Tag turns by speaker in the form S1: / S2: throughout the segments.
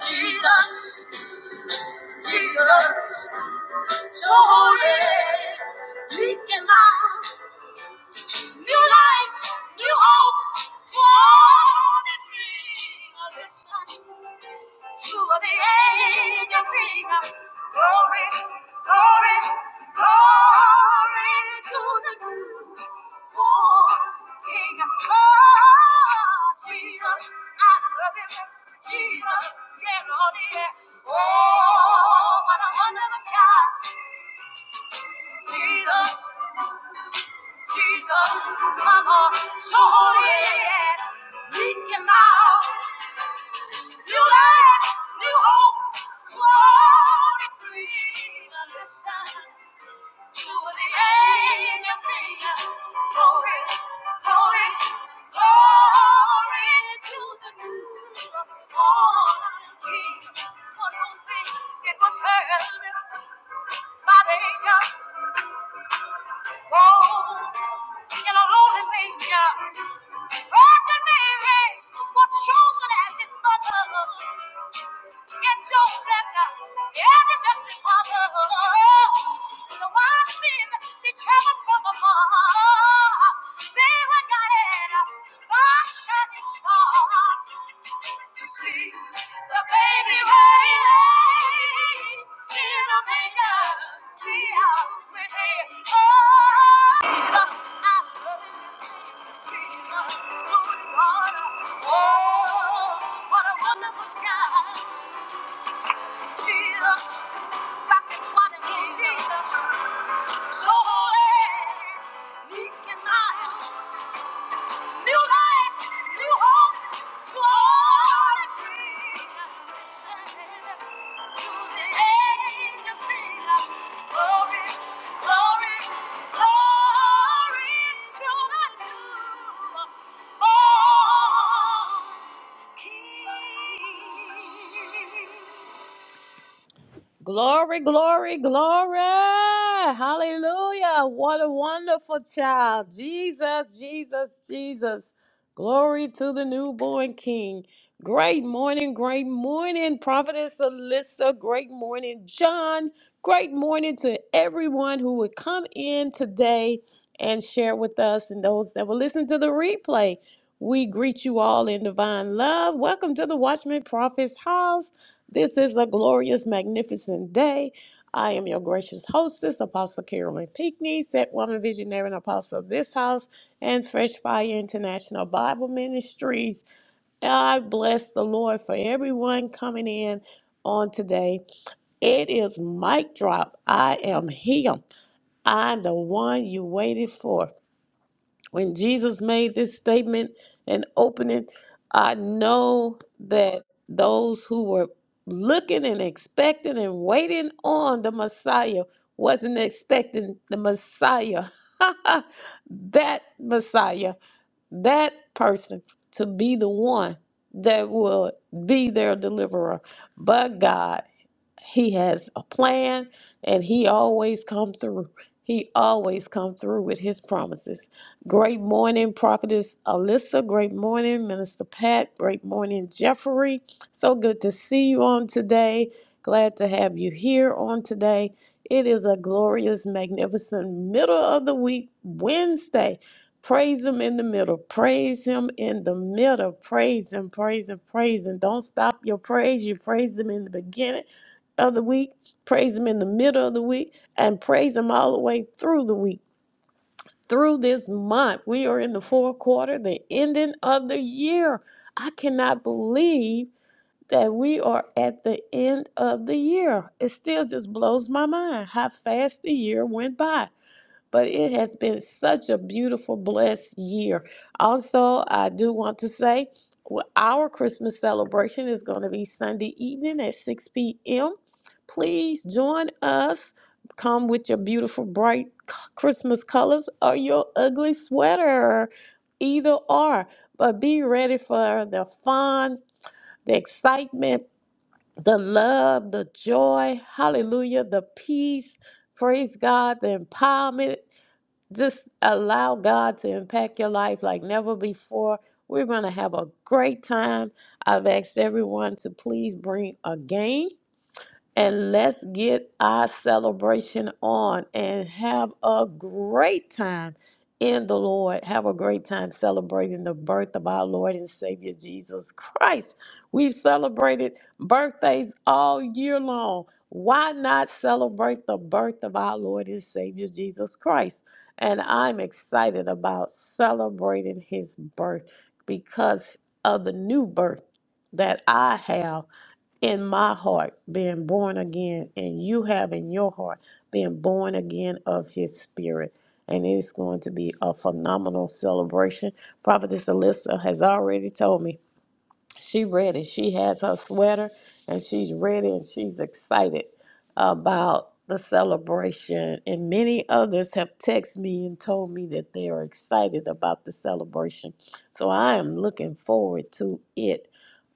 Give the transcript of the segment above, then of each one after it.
S1: Jesus, Jesus, so holy. Speaking life, new life, new hope to all that dream of the sun. To the angel sing, glory, glory, glory to the newborn King. Oh, Jesus, I love him. Jesus, yeah, Lord, yeah. Oh, what a wonderful child. Jesus, Jesus, come on, so holy, yeah. Meet him now. New life, new hope, floating free. Listen to the angels sing. Glory, glory, glory to the newborn King. One whole thing, it was heard by the angels. Oh, in a lonely manger, Virgin Mary was chosen as his mother. Get your every dusty father. The wise men, they traveled from afar. They were guided by shining star to see the baby radiate in a million tears. We say, Oh, Jesus, I love you, Jesus, Lord, what a- oh, what a wonderful child. Jesus, rockets wanting Jesus. So holy, meek and mild, new life, new hope, glory, glory, glory to the new King. Glory, glory, glory. Hallelujah. What a wonderful child. Jesus, Jesus, Jesus. Glory to the newborn King. Great morning, great morning, Prophetess Alyssa. Great morning, John. Great morning to everyone who would come in today and share with us and those that will listen to the replay. We greet you all in divine love. Welcome to the Watchman Prophet's house. This is a glorious, magnificent day. I am your gracious hostess, Apostle Carolyn Pinckney, set woman visionary and apostle of this house and Fresh Fire International Bible Ministries. I bless the Lord for everyone coming in on today. It is mic drop. I am here. I'm the one you waited for. When Jesus made this statement and opening, I know that those who were looking and expecting and waiting on the Messiah wasn't expecting the Messiah. that Messiah that person to be the one that will be their deliverer. But God, He has a plan and He always come through. He always come through with His promises. Great morning, Prophetess Alyssa. Great morning, Minister Pat. Great morning, Jeffrey. So good to see you on today. Glad to have you here on today. It is a glorious, magnificent middle of the week, Wednesday. Praise him in the middle. Praise him in the middle. Praise him, praise him, praise him. Don't stop your praise. You praise him in the beginning of the week, praise him in the middle of the week, and praise him all the way through the week, through this month. We are in the fourth quarter, the ending of the year. I cannot believe that we are at the end of the year. It still just blows my mind how fast the year went by but it has been such a beautiful, blessed year. Also, I do want to say well, our Christmas celebration is going to be Sunday evening at 6 p.m. Please join us. Come with your beautiful, bright c- Christmas colors or your ugly sweater, either or. But be ready for the fun, the excitement, the love, the joy, hallelujah, the peace, praise God, the empowerment just allow God to impact your life like never before. We're going to have a great time. I've asked everyone to please bring a game and let's get our celebration on and have a great time in the Lord. Have a great time celebrating the birth of our Lord and Savior Jesus Christ. We've celebrated birthdays all year long. Why not celebrate the birth of our Lord and Savior Jesus Christ? And I'm excited about celebrating his birth because of the new birth that I have in my heart being born again and you have in your heart being born again of his spirit and it's going to be a phenomenal celebration prophetess alyssa has already told me she ready she has her sweater and she's ready and she's excited about the celebration and many others have texted me and told me that they are excited about the celebration so i am looking forward to it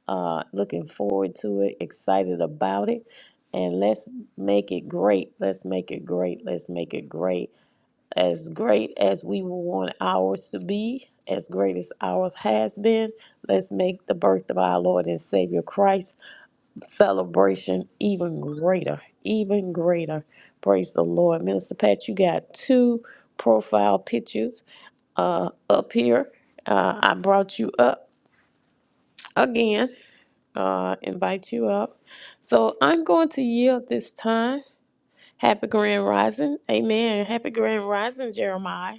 S1: uh, looking forward to it, excited about it, and let's make it great. Let's make it great. Let's make it great. As great as we want ours to be, as great as ours has been, let's make the birth of our Lord and Savior Christ celebration even greater, even greater. Praise the Lord. Minister Pat, you got two profile pictures uh, up here. Uh, I brought you up again uh, invite you up. So I'm going to yield this time. Happy Grand Rising. Amen. Happy Grand Rising, Jeremiah.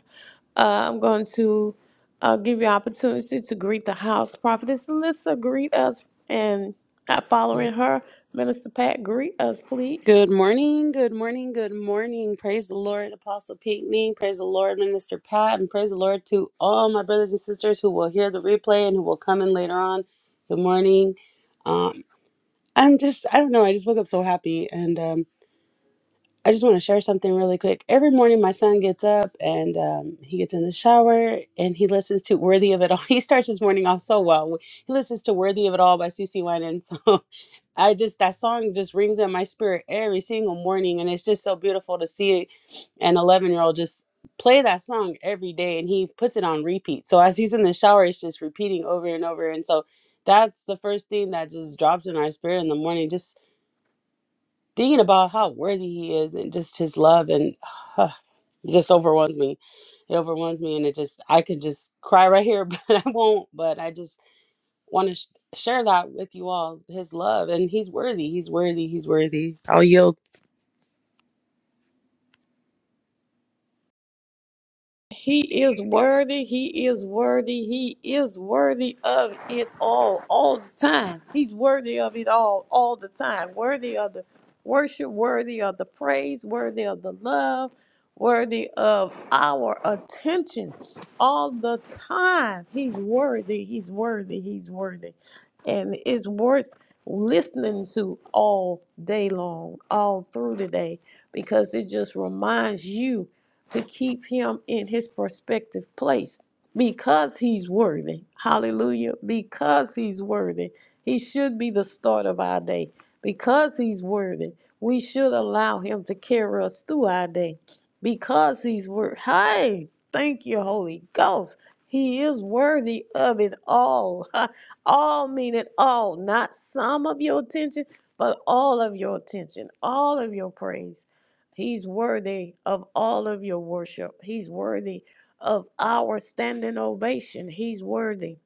S1: Uh, I'm going to uh, give you opportunity to greet the house. Prophetess Alyssa, greet us. And uh, following her, Minister Pat, greet us, please.
S2: Good morning, good morning, good morning. Praise the Lord, Apostle Pinckney. Praise the Lord, Minister Pat, and praise the Lord to all my brothers and sisters who will hear the replay and who will come in later on. Good morning. Um, I'm just, I don't know, I just woke up so happy, and um, I just want to share something really quick. Every morning, my son gets up and um, he gets in the shower and he listens to "Worthy of It All." He starts his morning off so well. He listens to "Worthy of It All" by C. C. Winans. I just that song just rings in my spirit every single morning, and it's just so beautiful to see an 11 year old just play that song every day, and he puts it on repeat. So as he's in the shower, it's just repeating over and over, and so that's the first thing that just drops in our spirit in the morning. Just thinking about how worthy he is, and just his love, and it just overwhelms me. It overwhelms me, and it just I could just cry right here, but I won't. But I just want to sh- share that with you all his love and he's worthy he's worthy he's worthy i'll yield
S1: He is worthy. He is worthy. He is worthy of it all, all the time. He's worthy of it all, all the time. Worthy of the worship, worthy of the praise, worthy of the love, worthy of our attention all the time. He's worthy. He's worthy. He's worthy. And it's worth listening to all day long, all through the day, because it just reminds you to keep him in his prospective place because he's worthy. Hallelujah. Because he's worthy. He should be the start of our day. Because he's worthy, we should allow him to carry us through our day. Because he's worthy. Hey, thank you, Holy Ghost. He is worthy of it all. all meaning all, not some of your attention, but all of your attention, all of your praise. He's worthy of all of your worship. He's worthy of our standing ovation. He's worthy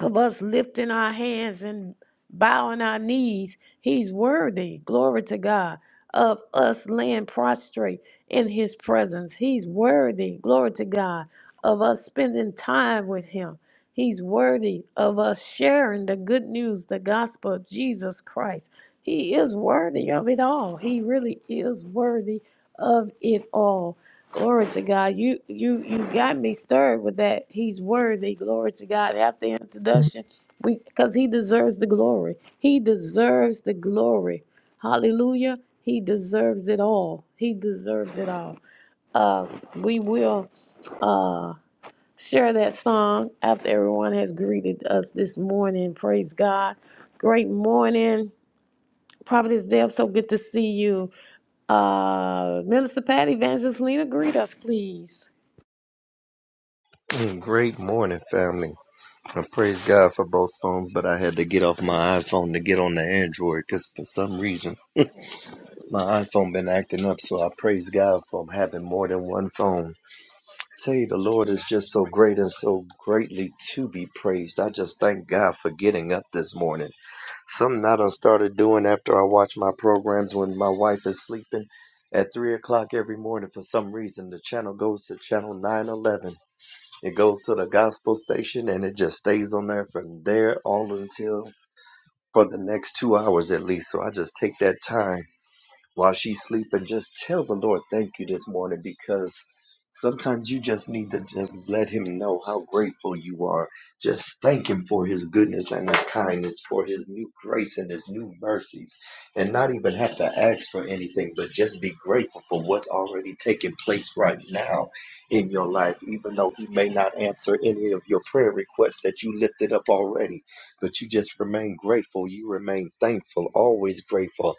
S1: of us lifting our hands and bowing our knees. He's worthy, glory to God, of us laying prostrate in His presence. He's worthy, glory to God, of us spending time with Him. He's worthy of us sharing the good news, the gospel of Jesus Christ. He is worthy of it all. He really is worthy of it all. Glory to God. You you you got me stirred with that. He's worthy. Glory to God. After introduction, we because he deserves the glory. He deserves the glory. Hallelujah. He deserves it all. He deserves it all. Uh, we will uh, share that song after everyone has greeted us this morning. Praise God. Great morning. Prophetess Deb, so good to see you. Uh, Minister Pat, Evangelist Lena, greet us, please.
S3: Mm, Great morning, family. I praise God for both phones, but I had to get off my iPhone to get on the Android because for some reason my iPhone been acting up. So I praise God for having more than one phone. Tell you, the Lord is just so great and so greatly to be praised. I just thank God for getting up this morning. Something I done started doing after I watch my programs when my wife is sleeping at three o'clock every morning. For some reason, the channel goes to channel nine eleven it goes to the gospel station and it just stays on there from there all until for the next two hours at least. So I just take that time while she's sleeping, just tell the Lord thank you this morning because sometimes you just need to just let Him know how grateful you are. Just thank Him for His goodness and His kindness, for His new grace and His new mercies, and not even have to ask for anything, but just be grateful for what's already taking place right now in your life, even though He may not answer any of your prayer requests that you lifted up already. But you just remain grateful, you remain thankful, always grateful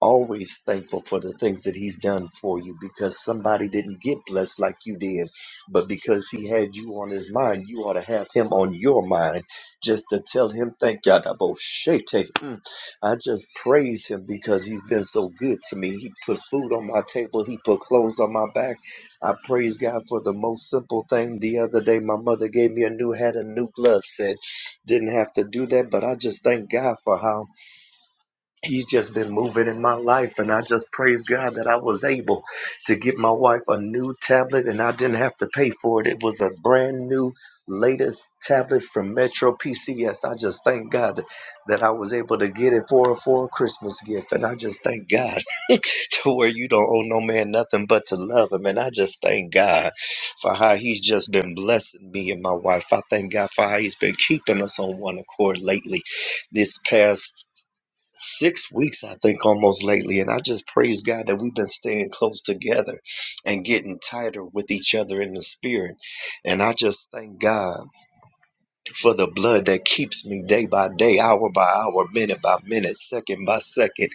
S3: always thankful for the things that he's done for you because somebody didn't get blessed like you did but because he had you on his mind you ought to have him on your mind just to tell him thank you Adaboshete. Mm. i just praise him because he's been so good to me he put food on my table he put clothes on my back i praise god for the most simple thing the other day my mother gave me a new hat and new gloves. Said didn't have to do that but i just thank god for how He's just been moving in my life, and I just praise God that I was able to get my wife a new tablet and I didn't have to pay for it. It was a brand new, latest tablet from Metro PCS. I just thank God that I was able to get it for her for a Christmas gift, and I just thank God to where you don't owe no man nothing but to love him. And I just thank God for how he's just been blessing me and my wife. I thank God for how he's been keeping us on one accord lately this past six weeks, I think, almost lately. And I just praise God that we've been staying close together and getting tighter with each other in the spirit. And I just thank God for the blood that keeps me day by day, hour by hour, minute by minute, second by second.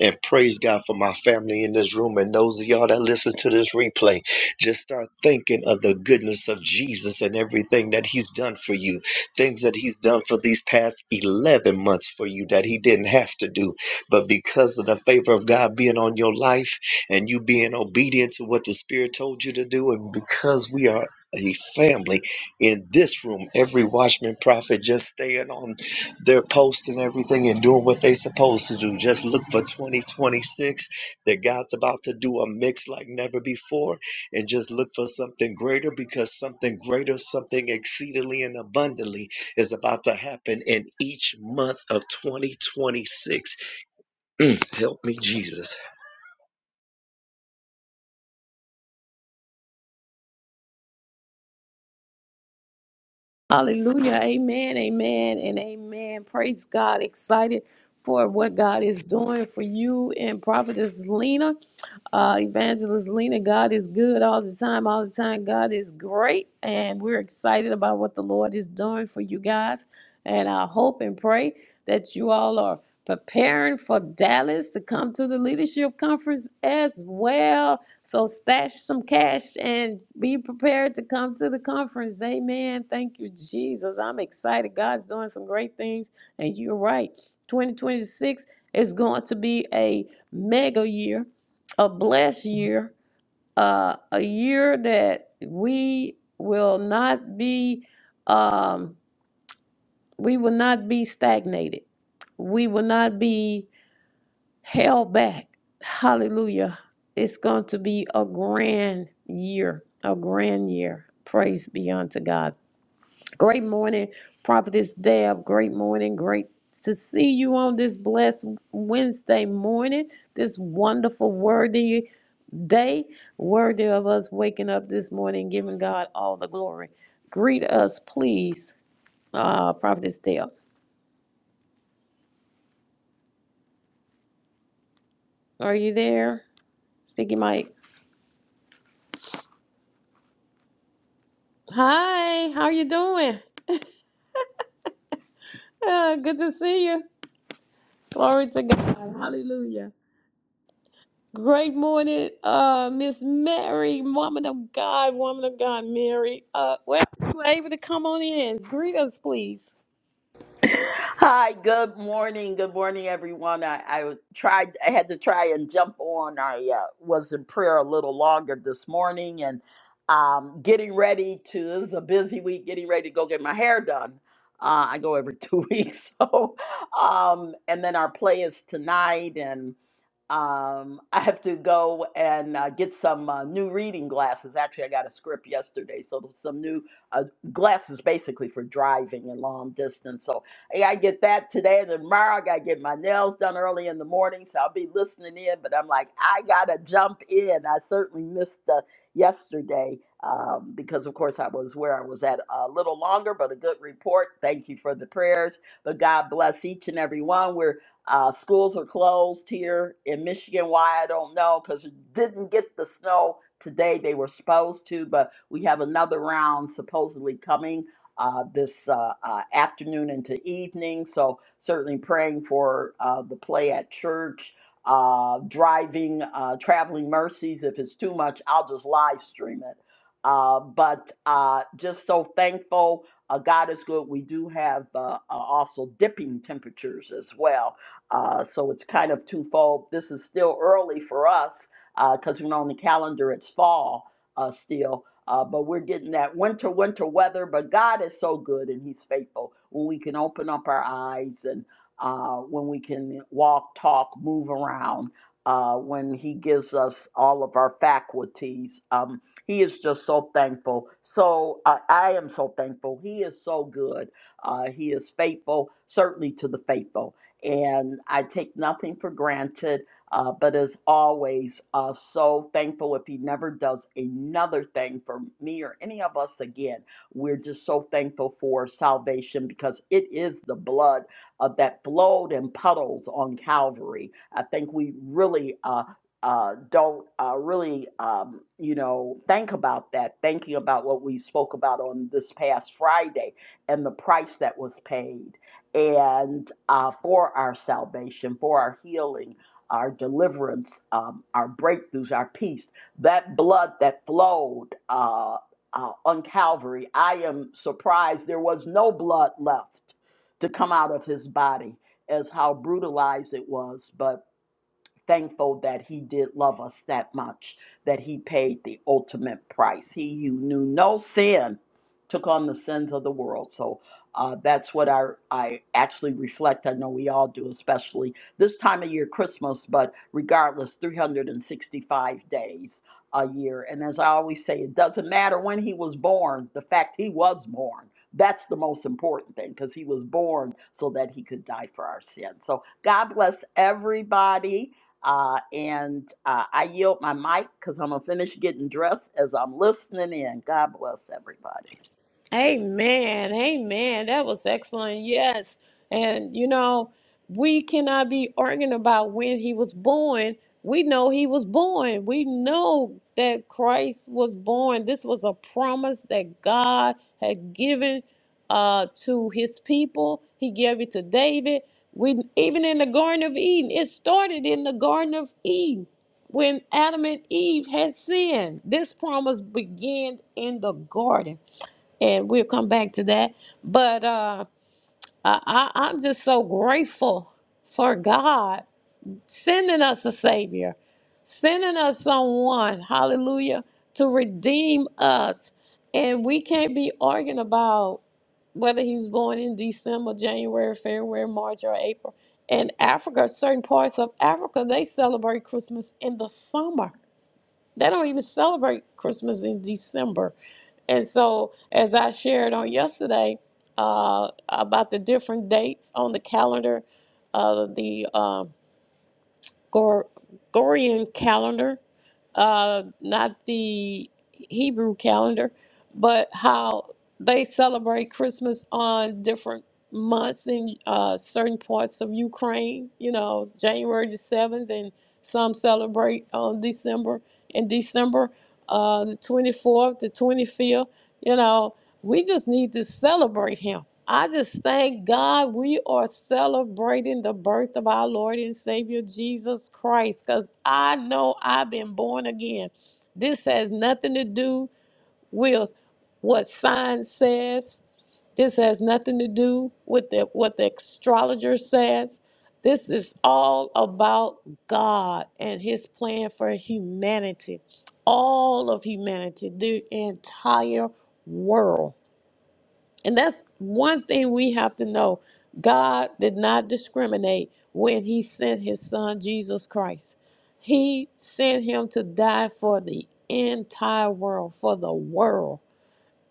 S3: And praise God for my family in this room and those of y'all that listen to this replay. Just start thinking of the goodness of Jesus and everything that He's done for you, things that He's done for these past 11 months for you that He didn't have to do. But because of the favor of God being on your life and you being obedient to what the Spirit told you to do, and because we are a family in this room, every watchman prophet just staying on their post and everything and doing what they supposed to do. Just look for 2026 that God's about to do a mix like never before and just look for something greater because something greater, something exceedingly and abundantly is about to happen in each month of 2026. Mm, help me, Jesus.
S1: Hallelujah. Amen. Amen. And amen. Praise God. Excited for what God is doing for you and Prophetess Lena, uh, Evangelist Lena. God is good all the time. All the time. God is great. And we're excited about what the Lord is doing for you guys. And I hope and pray that you all are preparing for Dallas to come to the leadership conference as well. So stash some cash and be prepared to come to the conference. Amen. Thank you, Jesus. I'm excited. God's doing some great things. And you're right. 2026 is going to be a mega year, a blessed year, uh, a year that we will not be um, we will not be stagnated. We will not be held back. Hallelujah. It's going to be a grand year, a grand year. Praise be unto God. Great morning, Prophetess Deb. Great morning. Great to see you on this blessed Wednesday morning, this wonderful, worthy day, worthy of us waking up this morning, giving God all the glory. Greet us, please, uh, Prophetess Deb. Are you there? Sticky Mike. Hi, how you doing? Ah, good to see you. Glory to God. Hallelujah. Great morning, uh, Miss Mary, woman of God, woman of God, Mary. Uh, well, you were able to come on in. Greet us, please.
S4: Hi, good morning. Good morning, everyone. I, I tried, I had to try and jump on. I uh, was in prayer a little longer this morning and um, getting ready to, this is a busy week, getting ready to go get my hair done. Uh, I go every two weeks. So, um, and then our play is tonight and um, I have to go and uh, get some uh, new reading glasses. Actually, I got a script yesterday, so some new uh, glasses basically for driving and long distance. So Hey, I gotta get that today and tomorrow. I gotta get my nails done early in the morning, so I'll be listening in. But I'm like, I gotta jump in. I certainly missed uh, yesterday um, because, of course, I was where I was at a little longer, but a good report. Thank you for the prayers. But God bless each and every one. We're uh, schools are closed here in Michigan. Why I don't know because it didn't get the snow today they were supposed to, but we have another round supposedly coming uh, this uh, uh, afternoon into evening. So, certainly praying for uh, the play at church, uh, driving, uh, traveling mercies. If it's too much, I'll just live stream it. Uh, but uh, just so thankful. Uh, God is good. We do have uh, uh, also dipping temperatures as well. Uh, so it's kind of twofold. This is still early for us because we're on the calendar, it's fall uh, still uh, but we're getting that winter, winter weather. But God is so good and He's faithful when we can open up our eyes and uh, when we can walk, talk, move around, uh, when He gives us all of our faculties. Um, he is just so thankful. So uh, I am so thankful. He is so good. Uh, he is faithful, certainly to the faithful. And I take nothing for granted. Uh, but as always, uh, so thankful if he never does another thing for me or any of us again. We're just so thankful for salvation because it is the blood uh, that flowed in puddles on Calvary. I think we really uh, uh, don't uh, really, um, you know, think about that, thinking about what we spoke about on this past Friday and the price that was paid and uh, for our salvation, for our healing our deliverance, um, our breakthroughs, our peace, that blood that flowed uh, uh, on Calvary. I am surprised there was no blood left to come out of his body, as how brutalized it was. But thankful that he did love us that much, that he paid the ultimate price. He who knew no sin took on the sins of the world. So uh, that's what I, I actually reflect. I know we all do, especially this time of year, Christmas, but regardless, 365 days a year. And as I always say, it doesn't matter when he was born, the fact he was born. That's the most important thing because he was born so that he could die for our sins. So God bless everybody. Uh, and uh, I yield my mic because I'm going to finish getting dressed as I'm listening in. God bless everybody.
S1: Amen. Amen. That was excellent. Yes. And you know, we cannot be arguing about when he was born. We know he was born. We know that Christ was born. This was a promise that God had given uh to his people. He gave it to David. We even in the Garden of Eden, it started in the Garden of Eden when Adam and Eve had sinned. This promise began in the garden and we'll come back to that. But uh, I, I- I'm just so grateful for God sending us a Savior, sending us someone, hallelujah, to redeem us. And we can't be arguing about whether he was born in December, January, February, March, or April. In Africa, certain parts of Africa, they celebrate Christmas in the summer. They don't even celebrate Christmas in December and so, as I shared on yesterday uh, about the different dates on the calendar, uh, the uh, Gor- Gorian calendar, uh, not the Hebrew calendar, but how they celebrate Christmas on different months in uh, certain parts of Ukraine, you know, January the 7th, and some celebrate on December, in December, uh, the 24th, the 25th, you know. We just need to celebrate him I just thank God we are celebrating the birth of our Lord and Savior Jesus Christ because I know I've been born again. This has nothing to do with what science says. This has nothing to do with the, what the astrologer says. This is all about God and His plan for humanity, all of humanity, the entire world. And that's one thing we have to know. God did not discriminate when he sent his son Jesus Christ. He sent him to die for the entire world, for the world.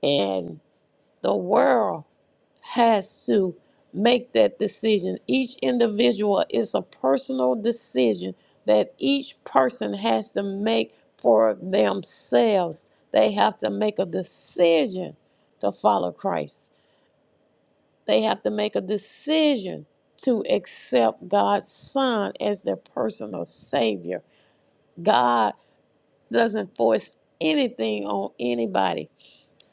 S1: And the world has to make that decision. Each individual is a personal decision that each person has to make for themselves. They have to make a decision to follow Christ. They have to make a decision to accept God's Son as their personal Savior. God doesn't force anything on anybody.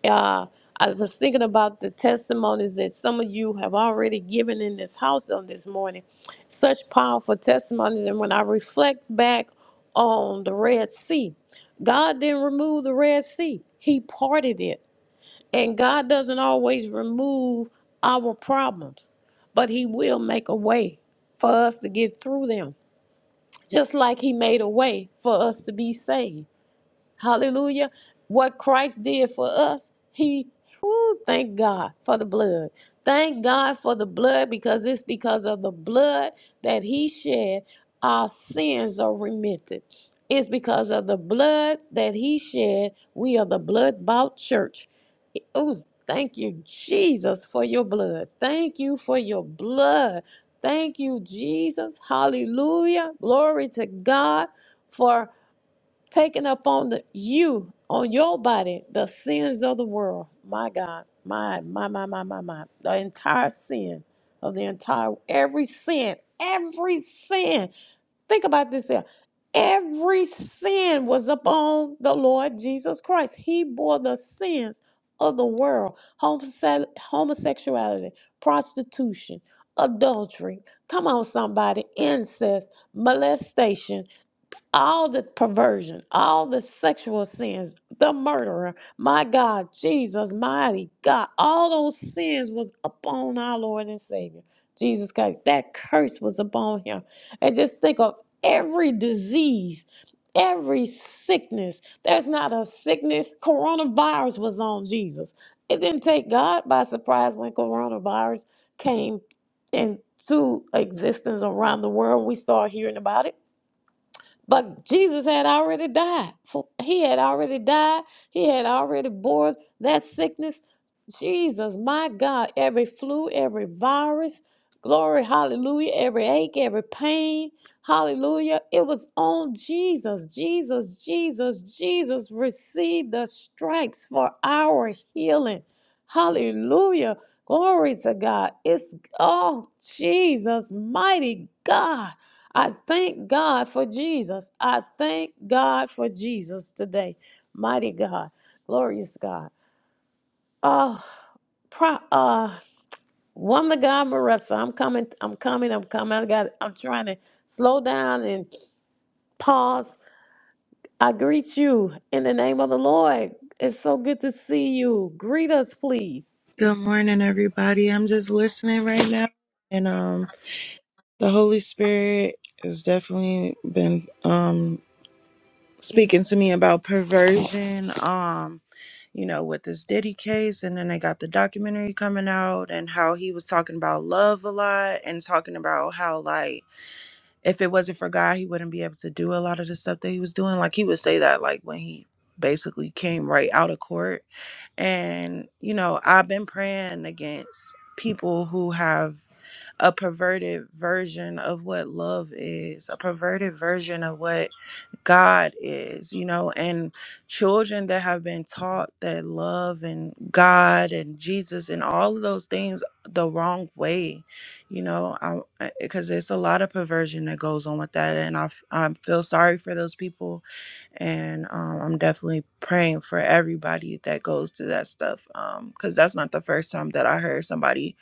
S1: Uh, I was thinking about the testimonies that some of you have already given in this house on this morning. Such powerful testimonies. And when I reflect back on the Red Sea, God didn't remove the Red Sea, He parted it. And God doesn't always remove our problems, but He will make a way for us to get through them, just like He made a way for us to be saved. Hallelujah. What Christ did for us, he whew, thank God for the blood. Thank God for the blood because it's because of the blood that he shed our sins are remitted. It's because of the blood that he shed we are the blood bought church. Oh, thank you Jesus for your blood. Thank you for your blood. Thank you Jesus. Hallelujah. Glory to God for taking up on the you on your body the sins of the world my god my my my my my my the entire sin of the entire every sin every sin think about this here every sin was upon the lord jesus christ he bore the sins of the world Homose- homosexuality prostitution adultery come on somebody incest molestation all the perversion, all the sexual sins, the murderer, my God, Jesus, mighty God, all those sins was upon our Lord and Savior, Jesus Christ. That curse was upon him. And just think of every disease, every sickness. There's not a sickness. Coronavirus was on Jesus. It didn't take God by surprise when coronavirus came into existence around the world. We start hearing about it but Jesus had already died. He had already died. He had already bore that sickness. Jesus, my God, every flu, every virus, glory, hallelujah, every ache, every pain, hallelujah. It was on Jesus. Jesus, Jesus, Jesus received the stripes for our healing. Hallelujah. Glory to God. It's, oh, Jesus, mighty God. I thank God for Jesus. I thank God for Jesus today. Mighty God, glorious God. Oh, pro, uh, woman of God, Marissa, I'm coming, I'm coming, I'm coming. I got, I'm trying to slow down and pause. I greet you in the name of the Lord. It's so good to see you. Greet us, please.
S5: Good morning, everybody. I'm just listening right now, and um, the Holy Spirit has definitely been um speaking to me about perversion. Um, you know, with this Diddy case, and then they got the documentary coming out, and how he was talking about love a lot, and talking about how like if it wasn't for God, he wouldn't be able to do a lot of the stuff that he was doing. Like he would say that like when he basically came right out of court and, you know, I've been praying against people who have a perverted version of what love is, a perverted version of what God is, you know, and children that have been taught that love and God and Jesus and all of those things the wrong way, you know, because there's a lot of perversion that goes on with that. And I, f- I feel sorry for those people. And um, I'm definitely praying for everybody that goes through that stuff because that's not the first time that I heard somebody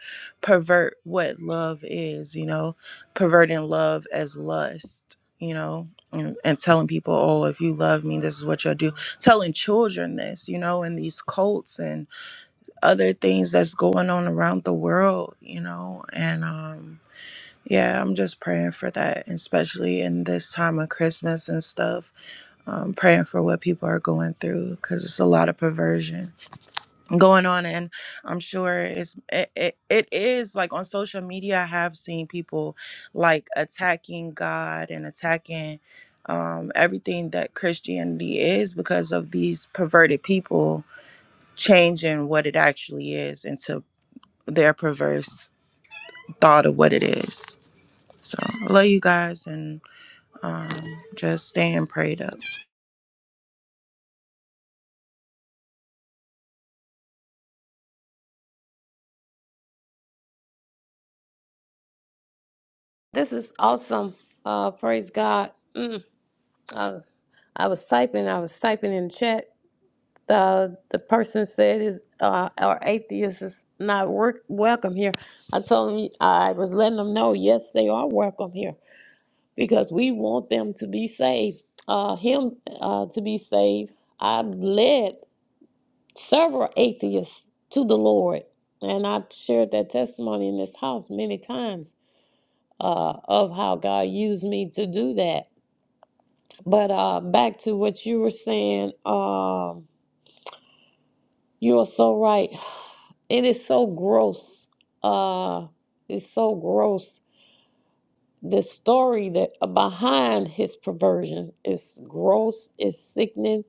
S5: pervert what love is, you know, perverting love as lust, you know, and, and telling people, oh, if you love me, this is what you'll do. Telling children this, you know, and these cults and other things that's going on around the world, you know, and, um, yeah, I'm just praying for that, especially in this time of Christmas and stuff. Um, praying for what people are going through because it's a lot of perversion going on and i'm sure it's it, it, it is like on social media i have seen people like attacking god and attacking um, everything that christianity is because of these perverted people changing what it actually is into their perverse thought of what it is so I love you guys and um, just staying prayed up
S1: This is awesome. Uh, praise God. Mm, I, I was typing, I was typing in the chat the the person said is uh, our atheist is not work, welcome here. I told him I was letting them know yes they are welcome here because we want them to be saved. Uh, him uh, to be saved. I've led several atheists to the Lord, and I've shared that testimony in this house many times uh, of how God used me to do that. But uh, back to what you were saying. Um, You are so right. It is so gross. Uh, it's so gross. The story that uh, behind his perversion is gross, is sickening.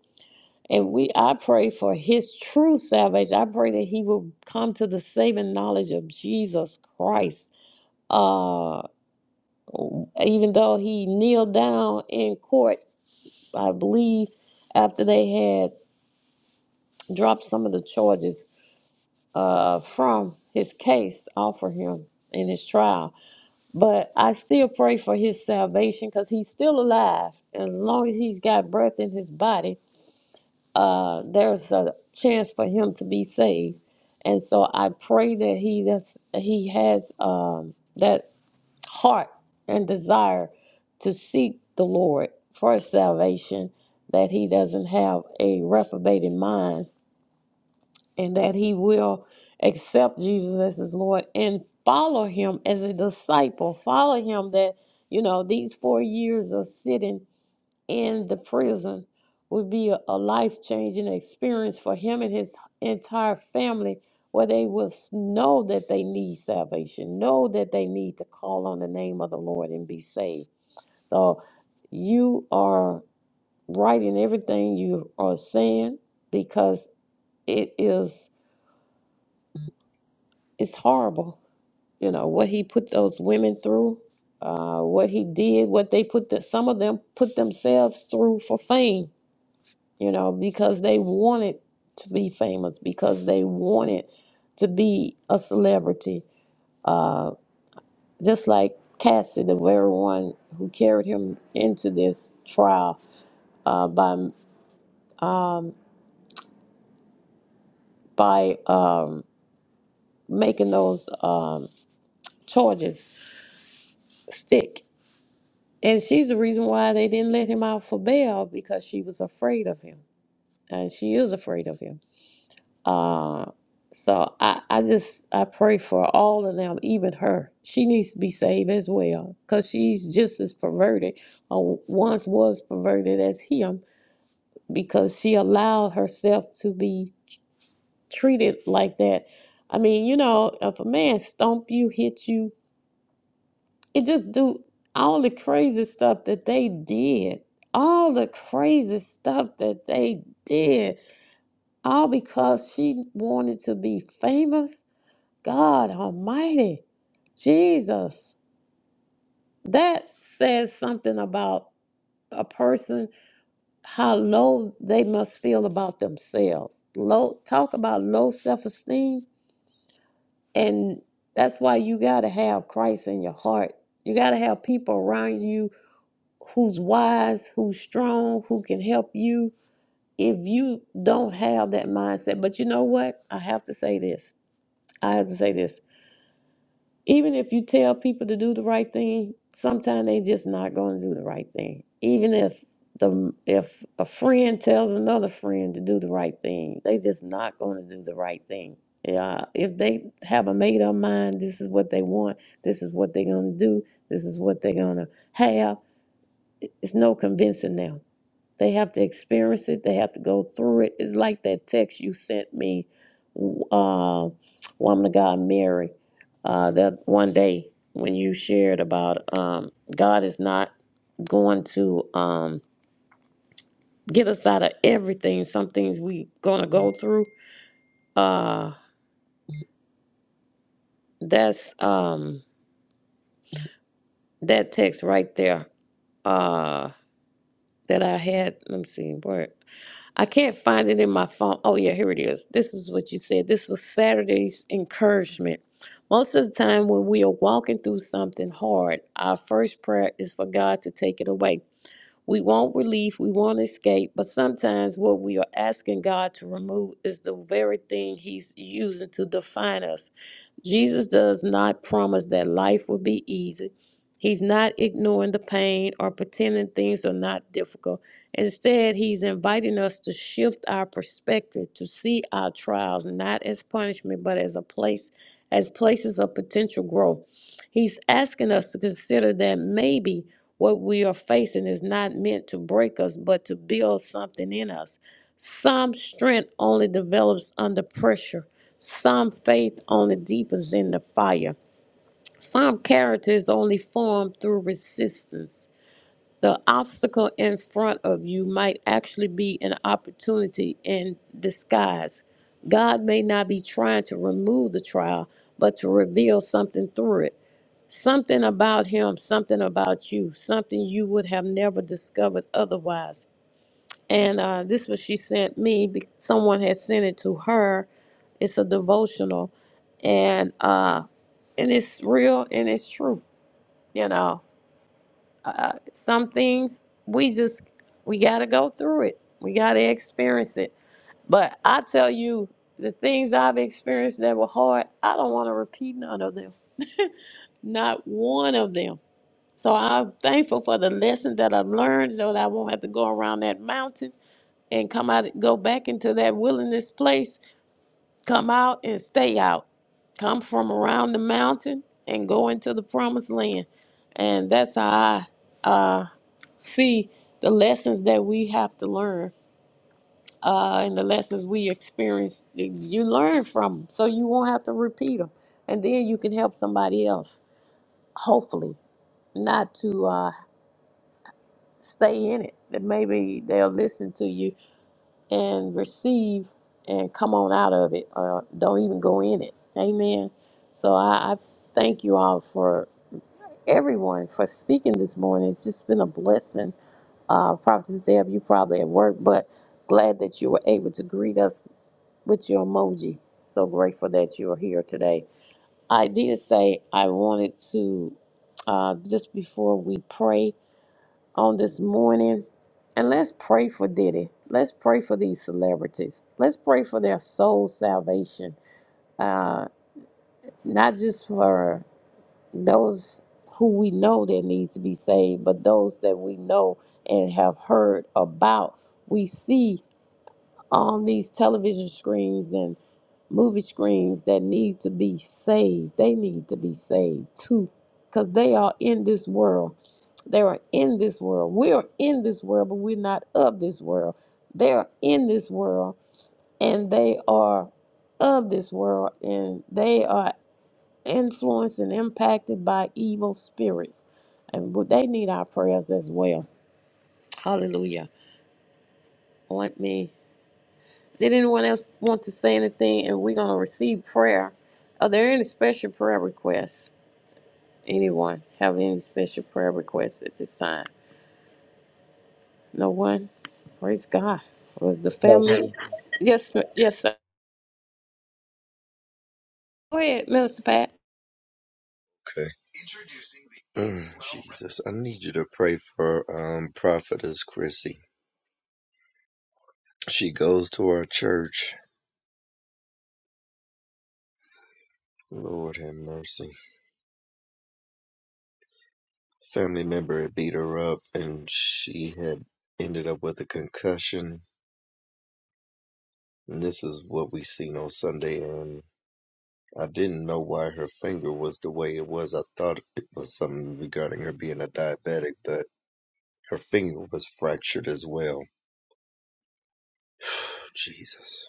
S1: And we I pray for his true salvation. I pray that he will come to the saving knowledge of Jesus Christ. Uh even though he kneeled down in court, I believe, after they had dropped some of the charges uh, from his case off for him in his trial. But I still pray for his salvation because he's still alive. And as long as he's got breath in his body, uh, there's a chance for him to be saved. And so I pray that he does, he has um, that heart and desire to seek the Lord for his salvation, that he doesn't have a reprobated mind and that he will accept Jesus as his Lord and follow him as a disciple. Follow him that, you know, these four years of sitting in the prison would be a, a life changing experience for him and his entire family, where they will s- know that they need salvation, know that they need to call on the name of the Lord and be saved. So you are right in everything you are saying because it is. it's horrible. You know what he put those women through, uh, what he did, what they put that some of them put themselves through for fame. You know because they wanted to be famous, because they wanted to be a celebrity. Uh, just like Cassie, the very one who carried him into this trial uh, by um, by um, making those um, charges stick And she's the reason why they didn't let him out for bail because she was afraid of him. And she is afraid of him. Uh, so I, I just I pray for all of them, even her. She needs to be saved as well because she's just as perverted or once was perverted as him because she allowed herself to be treated like that. I mean, you know, if a man stomp you, hit you, It just do all the crazy stuff that they did. All the crazy stuff that they did. All because she wanted to be famous. God Almighty. Jesus. That says something about a person, how low they must feel about themselves. Low talk about low self esteem. And that's why you gotta have Christ in your heart. You gotta have people around you who's wise, who's strong, who can help you. If you don't have that mindset, but you know what? I have to say this. I have to say this. Even if you tell people to do the right thing, sometimes they just not going to do the right thing. Even if the if a friend tells another friend to do the right thing, they just not going to do the right thing. Yeah, if they have a made up mind, this is what they want. This is what they're going to do. This is what they're going to have. It's no convincing them They have to experience it. They have to go through it. It's like that text you sent me, uh, woman of God, Mary, uh, that one day when you shared about um, God is not going to um, get us out of everything. Some things we gonna go through. Uh, that's um, that text right there. Uh, that I had. Let me see. Where? I can't find it in my phone. Oh, yeah, here it is. This is what you said. This was Saturday's encouragement. Most of the time, when we are walking through something hard, our first prayer is for God to take it away. We want relief, we want escape, but sometimes what we are asking God to remove is the very thing He's using to define us. Jesus does not promise that life will be easy. He's not ignoring the pain or pretending things are not difficult. Instead, He's inviting us to shift our perspective, to see our trials not as punishment, but as a place, as places of potential growth. He's asking us to consider that maybe. What we are facing is not meant to break us, but to build something in us. Some strength only develops under pressure. Some faith only deepens in the fire. Some character is only formed through resistance. The obstacle in front of you might actually be an opportunity in disguise. God may not be trying to remove the trial, but to reveal something through it. Something about Him, something about you, something you would have never discovered otherwise. And uh, this was she sent me. be- Someone had sent it to her. It's a devotional, and uh, and it's real and it's true. You know, uh, some things we just we got to go through it we got to experience it but i tell you the things i've experienced that were hard i don't want to repeat none of them not one of them so i'm thankful for the lesson that i've learned so that i won't have to go around that mountain and come out go back into that wilderness place Come out and stay out. Come from around the mountain and go into the promised land. And that's how I uh, see the lessons that we have to learn uh, and the lessons we experience. You learn from 'em, so you won't have to repeat them. And then you can help somebody else, hopefully, not to uh, stay in it. That maybe they'll listen to you and receive and come on out of it or don't even go in it. Amen. So I, I thank you all for everyone for speaking this morning. It's just been a blessing. Uh, Prophetess Deb, you probably at work, but glad that you were able to greet us with your emoji. So grateful that you are here today. I did say I wanted to, uh, just before we pray, on this morning. And let's pray for Diddy. Let's pray for these celebrities. Let's pray for their soul salvation. Uh, not just for those who we know that need to be saved, but those that we know and have heard about. We see on these television screens and movie screens that need to be saved. They need to be saved too, because they are in this world. They are in this world. We are in this world, but we're not of this world. They are in this world and they are of this world and they are influenced and impacted by evil spirits. And w- they need our prayers as well. Hallelujah. Oint me Did anyone else want to say anything? And we're going to receive prayer. Are there any special prayer requests? Anyone have any special prayer requests at this time? No one? Praise God. Was the family?
S3: Pastor.
S1: Yes, ma- yes, sir. Go ahead, Minister Pat.
S3: Okay. Mm, Jesus, I need you to pray for um, Prophetess Chrissy. She goes to our church. Lord have mercy. Family member had beat her up and she had ended up with a concussion. And this is what we seen on Sunday and I didn't know why her finger was the way it was. I thought it was something regarding her being a diabetic, but her finger was fractured as well. Oh, Jesus.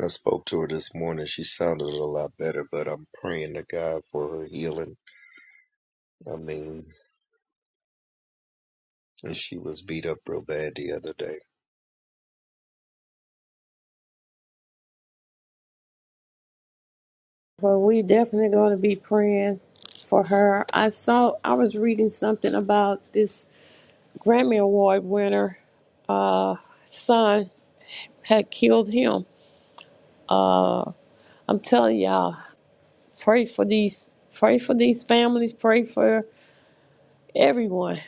S3: I spoke to her this morning. She sounded a lot better, but I'm praying to God for her healing. I mean, and she was beat up real bad the other day.
S1: Well, we definitely going to be praying for her. I saw, I was reading something about this Grammy Award winner, uh, son had killed him. Uh, I'm telling y'all. Pray for these pray for these families, pray for everyone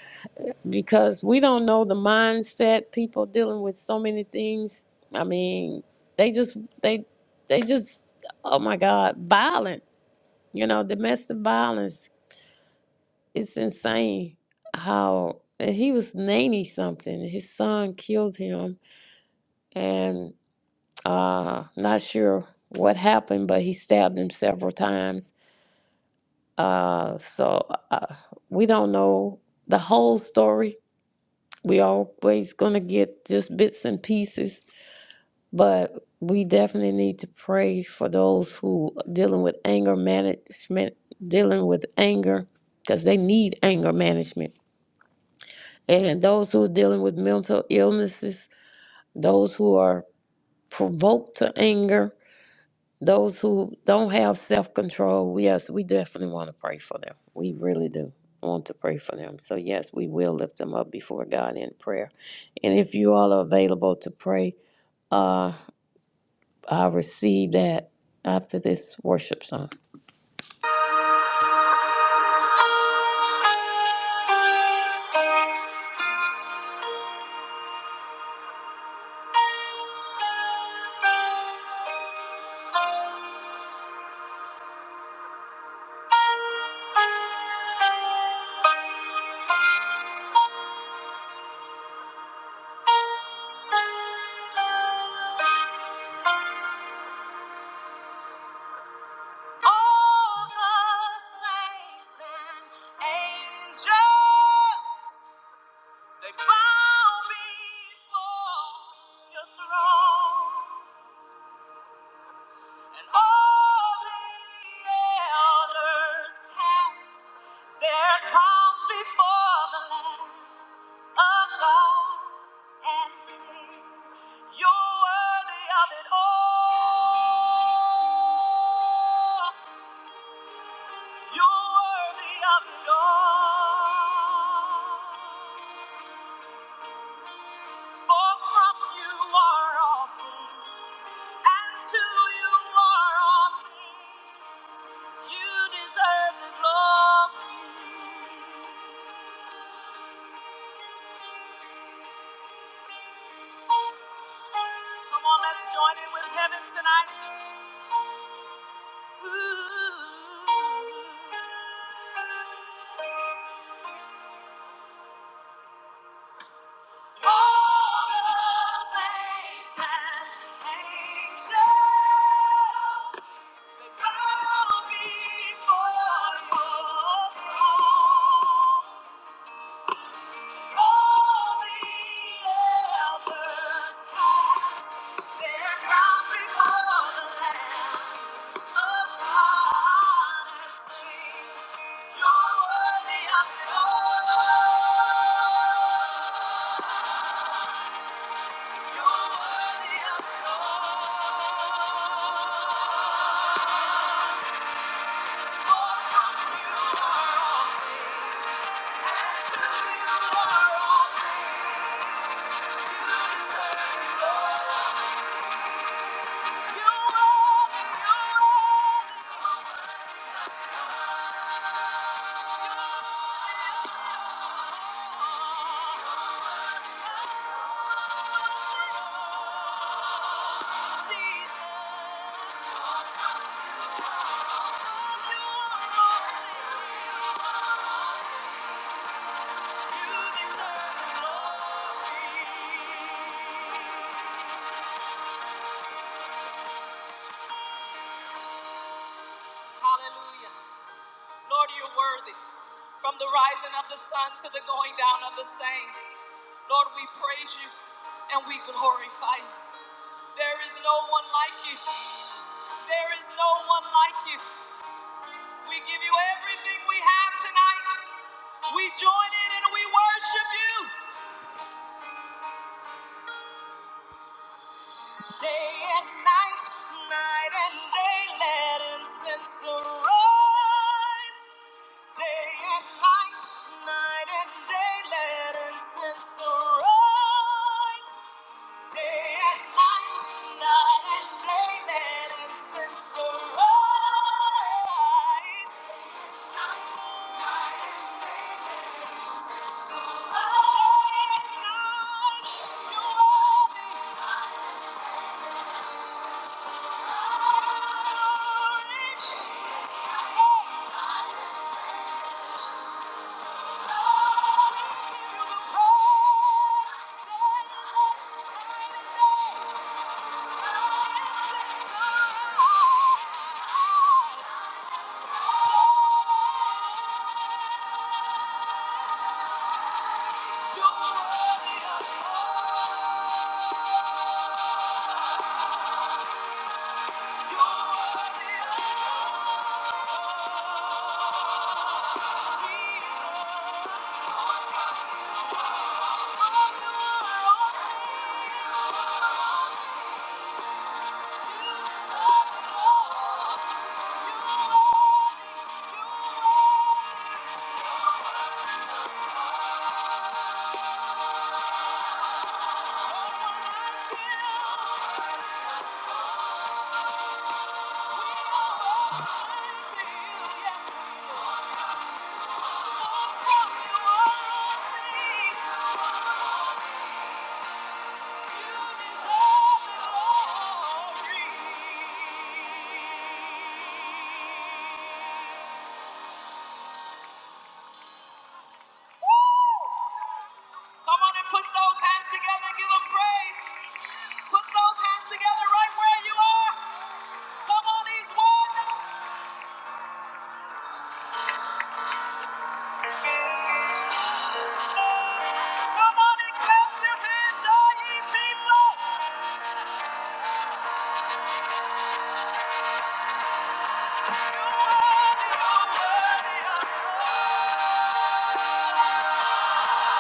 S1: because we don't know the mindset people dealing with so many things. I mean, they just they they just oh my god, violent. You know, domestic violence. It's insane how and he was 90 something. His son killed him and uh not sure what happened, but he stabbed him several times Uh, so uh, we don't know the whole story. We always gonna get just bits and pieces, but we definitely need to pray for those who dealing with anger management, dealing with anger, because they need anger management, and those who are dealing with mental illnesses, those who are provoked to anger, Those who don't have self control, yes, we definitely want to pray for them. We really do want to pray for them. So, yes, we will lift them up before God in prayer. And if you all are available to pray, uh, I'll receive that after this worship song. All the saints and angels, they bow before your throne. And all the elders cast their crowns before the Lamb of God and sing, You're worthy of it all. You're worthy of it all. For from you are all things, and to you are all things. You deserve the glory. Come on, let's join in with heaven tonight. Ooh. Thank you. You're Thank you deserve it all. Hallelujah. Lord, you're worthy. From the rising of the sun to the going down of the same. Lord, we praise you and we glorify you. There is no one like you. There is no one like you. We give you everything we have tonight. We join in and we worship you. Day and night, night and day, let incense arise. Day and night, night and day, let incense arise. Day and night, night and day, let incense arise. Night, night and day, let incense arise. You are the night and day, let incense arise. Night and day, let Jesus. Glory. Come on and put those hands together and give them praise. Put those hands together right where you are. Come on, he's one. Come on and clap your hands, all ye people. You are, you are worthy of praise.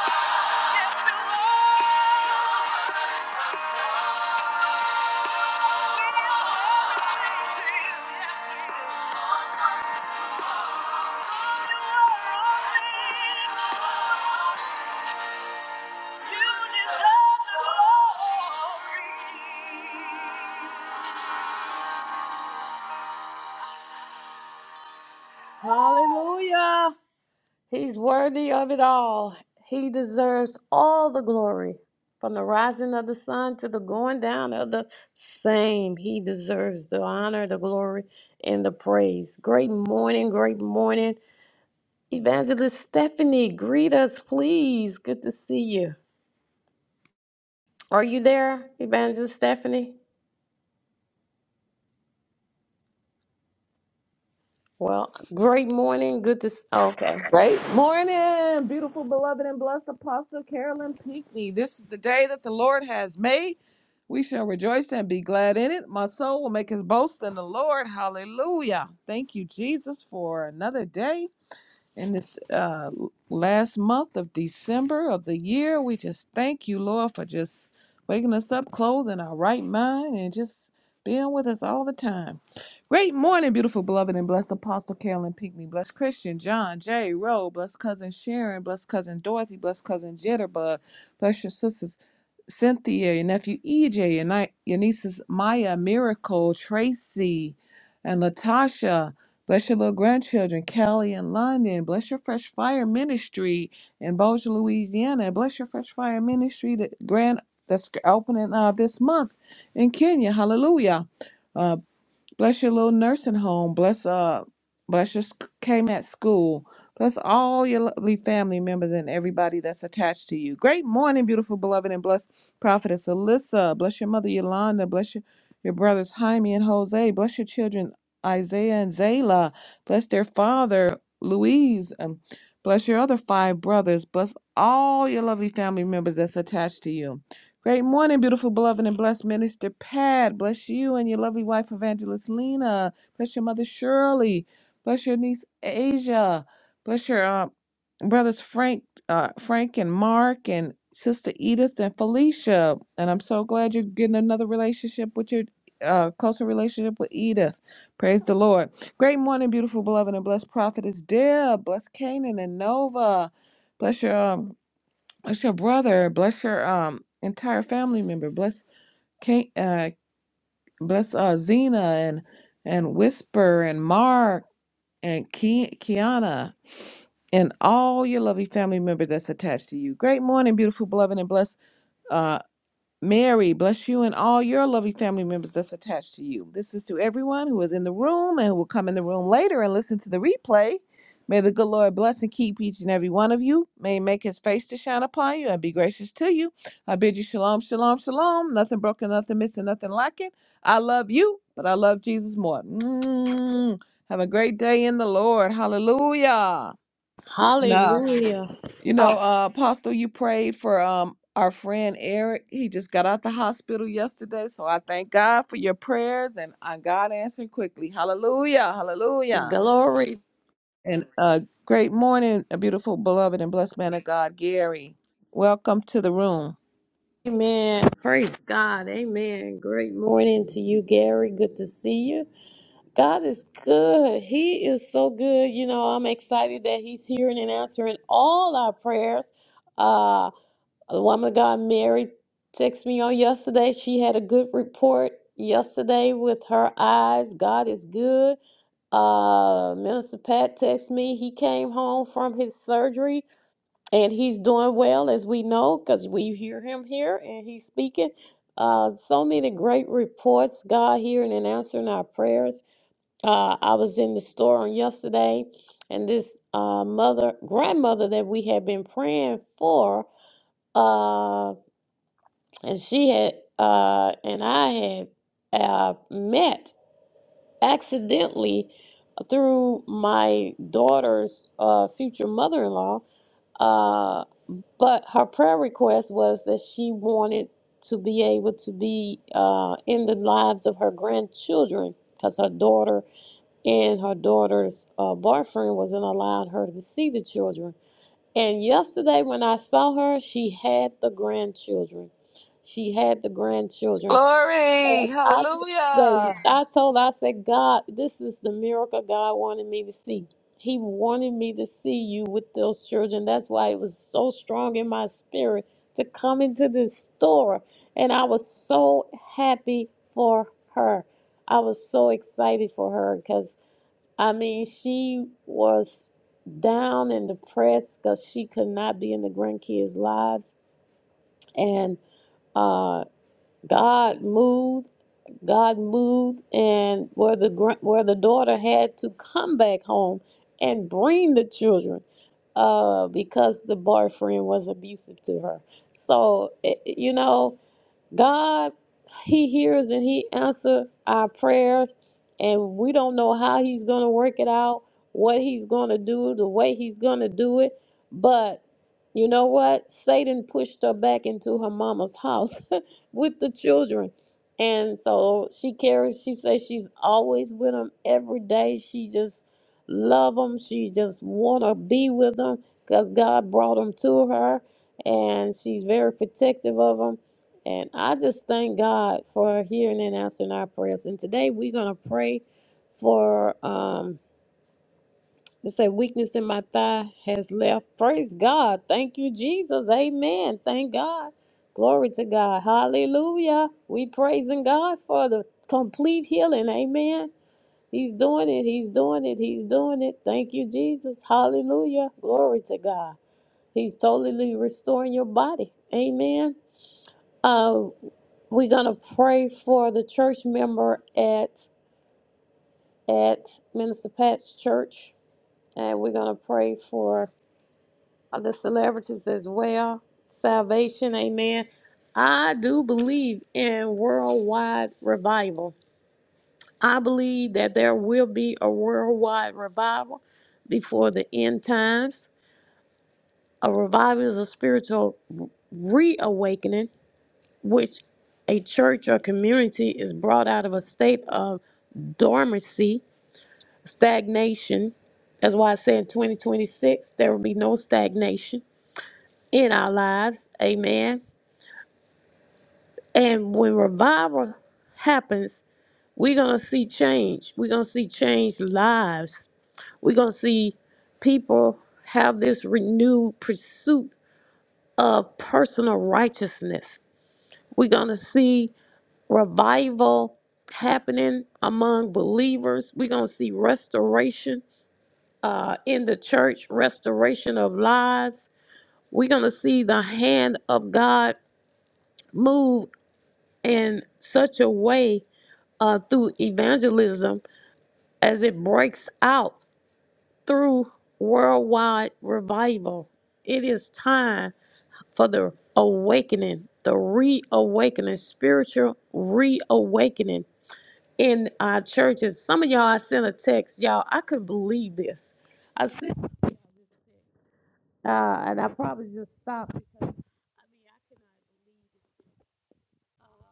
S1: Hallelujah, He's worthy of it all. He deserves all the glory. From the rising of the sun to the going down of the same, he deserves the honor, the glory, and the praise. Great morning, great morning. Evangelist Stephanie, greet us, please. Good to see you. Are you there, Evangelist Stephanie? Well, great morning. Good to. s- Okay.
S6: Great morning, beautiful, beloved, and blessed Apostle Carolyn Pinckney. This is the day that the Lord has made. We shall rejoice and be glad in it. My soul will make his boast in the Lord. Hallelujah. Thank you, Jesus, for another day in this uh, last month of December of the year. We just thank you, Lord, for just waking us up, clothing our right mind, and just being with us all the time. Great morning, beautiful beloved and blessed Apostle Carolyn Pinckney, blessed Christian John J. Rowe, blessed cousin Sharon, blessed cousin Dorothy, blessed cousin Jitterbug, bless your sisters Cynthia, your nephew EJ, your, ni- your nieces Maya, Miracle, Tracy, and Latasha. Bless your little grandchildren, Callie and London. Bless your Fresh Fire Ministry in Bossier, Louisiana. And bless your Fresh Fire Ministry that grand that's opening uh, this month in Kenya. Hallelujah. Uh, Bless your little nursing home. Bless uh, bless your sc- mat school. Bless all your lovely family members and everybody that's attached to you. Great morning, beautiful beloved, and bless prophetess Alyssa. Bless your mother Yolanda. Bless your, your brothers Jaime and Jose. Bless your children Isaiah and Zayla. Bless their father Louise. Um, bless your other five brothers. Bless all your lovely family members that's attached to you. Great morning, beautiful, beloved, and blessed Minister Pat. Bless you and your lovely wife, Evangelist Lena. Bless your mother, Shirley. Bless your niece, Asia. Bless your uh, brothers, Frank, uh, Frank and Mark, and sister Edith and Felicia. And I'm so glad you're getting another relationship with your uh, closer relationship with Edith. Praise the Lord. Great morning, beautiful, beloved, and blessed prophetess Deb. Bless Canaan and Nova. Bless your um, bless your brother, bless your um entire family member, bless Kate, uh, bless uh Zena and and Whisper and Mark and Ki- Kiana and all your lovely family member that's attached to you. Great morning, beautiful beloved, and bless. Mary, bless you and all your lovely family members that's attached to you. This is to everyone who is in the room and who will come in the room later and listen to the replay. May the good Lord bless and keep each and every one of you. May he make his face to shine upon you and be gracious to you. I bid you shalom, shalom, shalom. Nothing broken, nothing missing, nothing lacking. I love you, but I love Jesus more. Mm. Have a great day in the Lord. Hallelujah. And uh,
S1: Hallelujah.
S6: you
S1: Oh,
S6: know, uh, Apostle, you prayed for um our friend Eric. He just got out the hospital yesterday, so I thank God for your prayers and uh, God answered quickly. Hallelujah, hallelujah.
S1: glory
S6: And uh, great morning, a beautiful, beloved, and blessed man of God, Gary. Welcome to the room.
S1: Amen. Praise God. Amen. Great morning to you, Gary. Good to see you. God is good. He is so good. You know, I'm excited that He's hearing and answering all our prayers. Uh, the woman of God, Mary, texted me on yesterday. She had a good report yesterday with her eyes. God is good. Uh, Minister Pat texted me. He came home from his surgery and he's doing well as we know because we hear him here and he's speaking uh, so many great reports god hearing and answering our prayers uh, i was in the store on yesterday and this uh, mother grandmother that we had been praying for uh, and she had uh, and i had uh, met accidentally through my daughter's uh, future mother-in-law Uh, but her prayer request was that she wanted to be able to be uh, in the lives of her grandchildren because her daughter and her daughter's uh, boyfriend wasn't allowing her to see the children. And yesterday, when I saw her, she had the grandchildren. She had the grandchildren.
S6: Glory.
S1: And I just say,
S6: Hallelujah.
S1: I told, I said, God, this is the miracle God wanted me to see. He wanted me to see you with those children. That's why it was so strong in my spirit to come into this store. And I was so happy for her. I was so excited for her because, I mean, she was down and depressed because she could not be in the grandkids' lives. And uh, God moved God moved, and where the gr- where the daughter had to come back home and bring the children, uh, because the boyfriend was abusive to her. So it, you know, God, He hears and He answers our prayers, and we don't know how He's going to work it out, what He's going to do, the way He's going to do it. But you know what? Satan pushed her back into her mama's house with the children. And so she carries, she says she's always with them every day. She just love them. She just want to be with them because God brought them to her. And she's very protective of them and I just thank God for hearing and answering our prayers. And today we're going to pray for, um, it say weakness in my thigh has left. Praise God. Thank you, Jesus. Amen. Thank God. Glory to God. Hallelujah. We praising God for the complete healing. Amen. He's doing it. He's doing it. He's doing it. Thank you, Jesus. Hallelujah. Glory to God. He's totally restoring your body. Amen. Uh, we're gonna pray for the church member at at Minister Pat's church, and we're gonna pray for the celebrities as well. Salvation, Amen. I do believe in worldwide revival. I believe that there will be a worldwide revival before the end times. A revival is a spiritual reawakening, which a church or community is brought out of a state of dormancy, stagnation. That's why I say in 2026, there will be no stagnation in our lives. Amen. And when revival happens, we're going to see change. We're going to see changed lives. We're going to see people have this renewed pursuit of personal righteousness. We're going to see revival happening among believers. We're going to see restoration uh, in the church, restoration of lives. We're going to see the hand of God move in such a way uh, through evangelism as it breaks out through worldwide revival. It is time for the awakening, the reawakening, spiritual reawakening in our churches. Some of y'all, I sent a text. Y'all, I couldn't believe this. I sent Uh, and I probably just stopped because I mean I cannot believe it. Uh,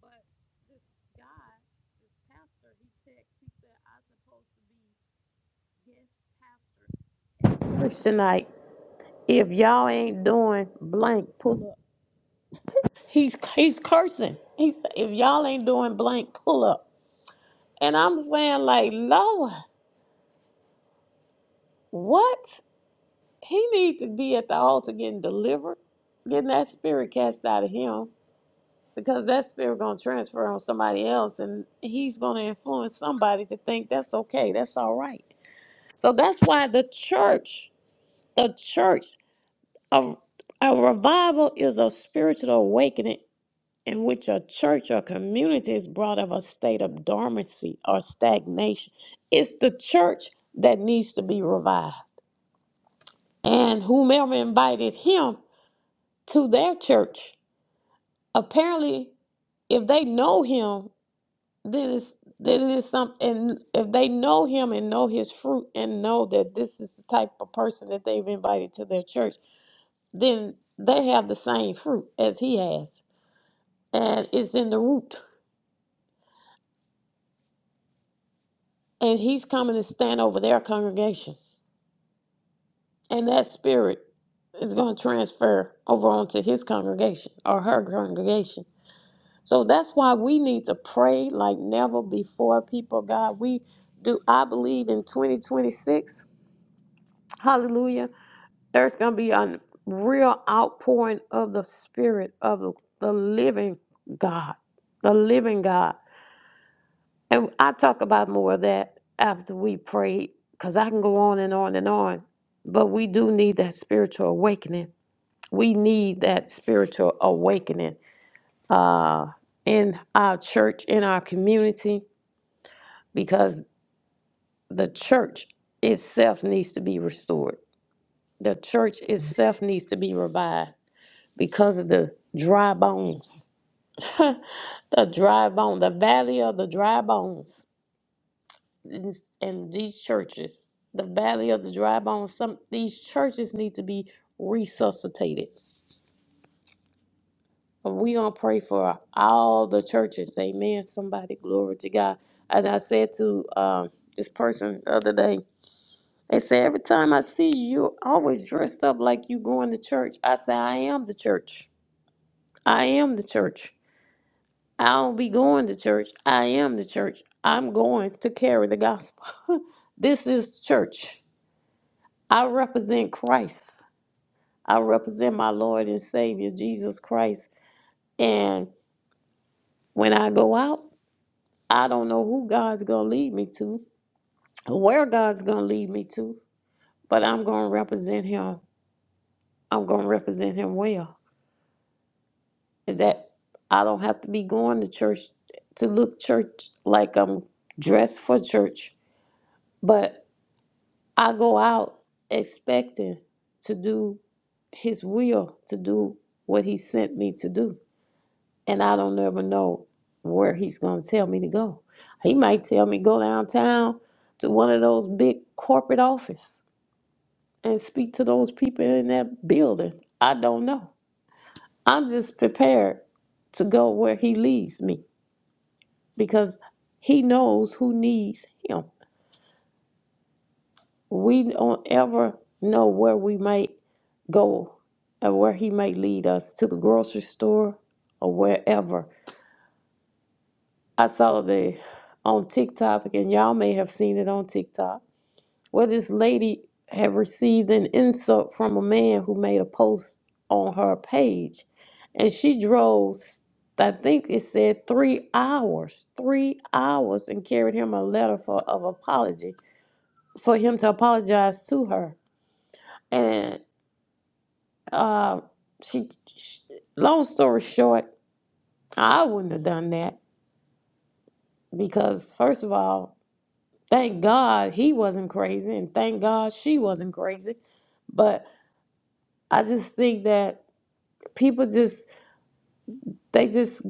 S1: but this guy, this pastor, he texted. He said I'm supposed to be guest pastor church tonight. If y'all ain't doing blank pull up, he's he's cursing. He said if y'all ain't doing blank pull up, and I'm saying like Lord, what? He needs to be at the altar getting delivered, getting that spirit cast out of him because that spirit gonna transfer on somebody else and he's gonna influence somebody to think that's okay that's all right so that's why the church the church a, a revival is a spiritual awakening in which a church or community is brought of a state of dormancy or stagnation it's the church that needs to be revived and whomever invited him to their church apparently if they know him Then it's then it's something. and if they know him and know his fruit and know that this is the type of person that they've invited to their church, then they have the same fruit as he has. And it's in the root. And he's coming to stand over their congregation. And that spirit is going to transfer over onto his congregation or her congregation. So that's why we need to pray like never before, people. of God, we do I believe in 2026. Hallelujah There's going to be a real outpouring of the Spirit of the the living God, the living God. And I talk about more of that after we pray, because I can go on and on and on. But we do need that spiritual awakening. We need that spiritual awakening uh, in our church, in our community, because the church itself needs to be restored. The church itself needs to be revived because of the dry bones. the dry bone, the valley of the dry bones in, in these churches. The valley of the dry bones. Some these churches need to be resuscitated. And we gonna pray for all the churches. Amen. Somebody, glory to God. And I said to um, this person the other day, they said every time I see you, you always dressed up like you going to church. I say I am the church. I am the church. I don't be going to church. I am the church. I'm going to carry the gospel. This is church. I represent Christ. I represent my Lord and Savior, Jesus Christ. And when I go out, I don't know who God's going to lead me to, where God's going to lead me to, but I'm going to represent Him. I'm going to represent Him well. And that I don't have to be going to church to look church like I'm dressed for church, but I go out expecting to do his will, to do what he sent me to do. And I don't ever know where he's going to tell me to go. He might tell me go downtown to one of those big corporate offices and speak to those people in that building. I don't know. I'm just prepared to go where he leads me because he knows who needs him. we don't ever know where we might go or where he might lead us to the grocery store or wherever. I saw the on TikTok, and y'all may have seen it on TikTok, where this lady had received an insult from a man who made a post on her page. And she drove, I think it said three hours, three hours, and carried him a letter for, of apology for him to apologize to her Uh, she, she, long story short, I wouldn't have done that because, first of all, thank God he wasn't crazy, and thank God she wasn't crazy. But I just think that people just, they just,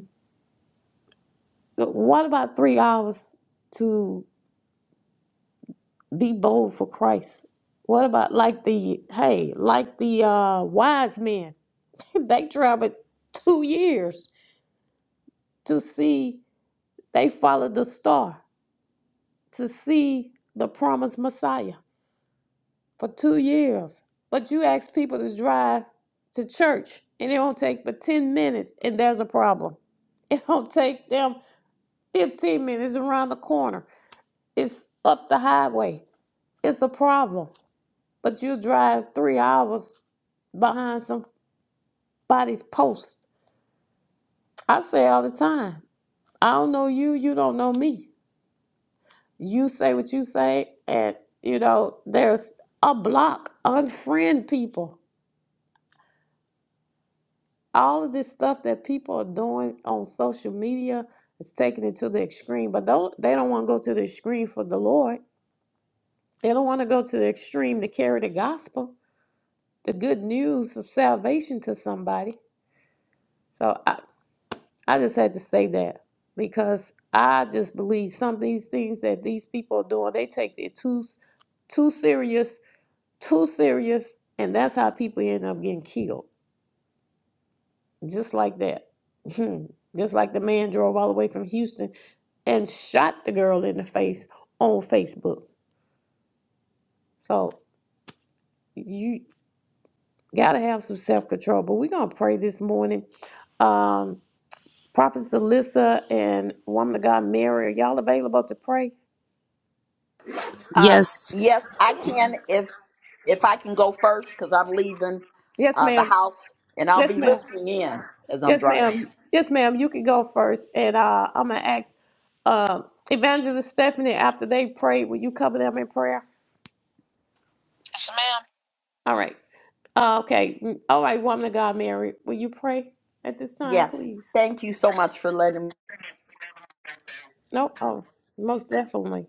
S1: what about three hours to be bold for Christ? What about like the, hey, like the uh, wise men? They traveled two years to see, they followed the star to see the promised Messiah for two years. But you ask people to drive to church and it don't take but 10 minutes and there's a problem. It don't take them 15 minutes around the corner. It's up the highway. It's a problem. But you drive three hours behind somebody's post. I say all the time, I don't know you, you don't know me. You say what you say, and you know, there's a block, unfriend people all of this stuff that people are doing on social media is taking it to the extreme. But though they don't want to go to the extreme for the Lord, they don't want to go to the extreme to carry the gospel, the good news of salvation to somebody. So I, I just had to say that because I just believe some of these things that these people are doing, they take it too too serious, too serious, and that's how people end up getting killed. Just like that. Just like the man drove all the way from Houston and shot the girl in the face on Facebook. So you gotta have some self control. But we're gonna pray this morning. Um, Prophet Alyssa and woman of God Mary, are y'all available to pray?
S4: Uh,
S2: yes
S4: yes, I can if if I can go first because I'm leaving
S1: Yes,
S4: uh, the
S1: ma'am.
S4: house and I'll
S1: Yes,
S4: be
S1: ma'am.
S4: listening in as I'm
S1: Yes,
S4: driving.
S1: ma'am. Yes, ma'am. You can go first, and uh, I'm gonna ask um, Evangelist Stephanie after they prayed. Will you cover them in prayer?
S6: Yes, ma'am.
S1: All right. Uh, okay. Mm, All right, woman of God, Mary, will you pray at this time,
S4: Yes,
S1: please?
S4: thank you so much for letting me.
S1: No, Oh, most definitely.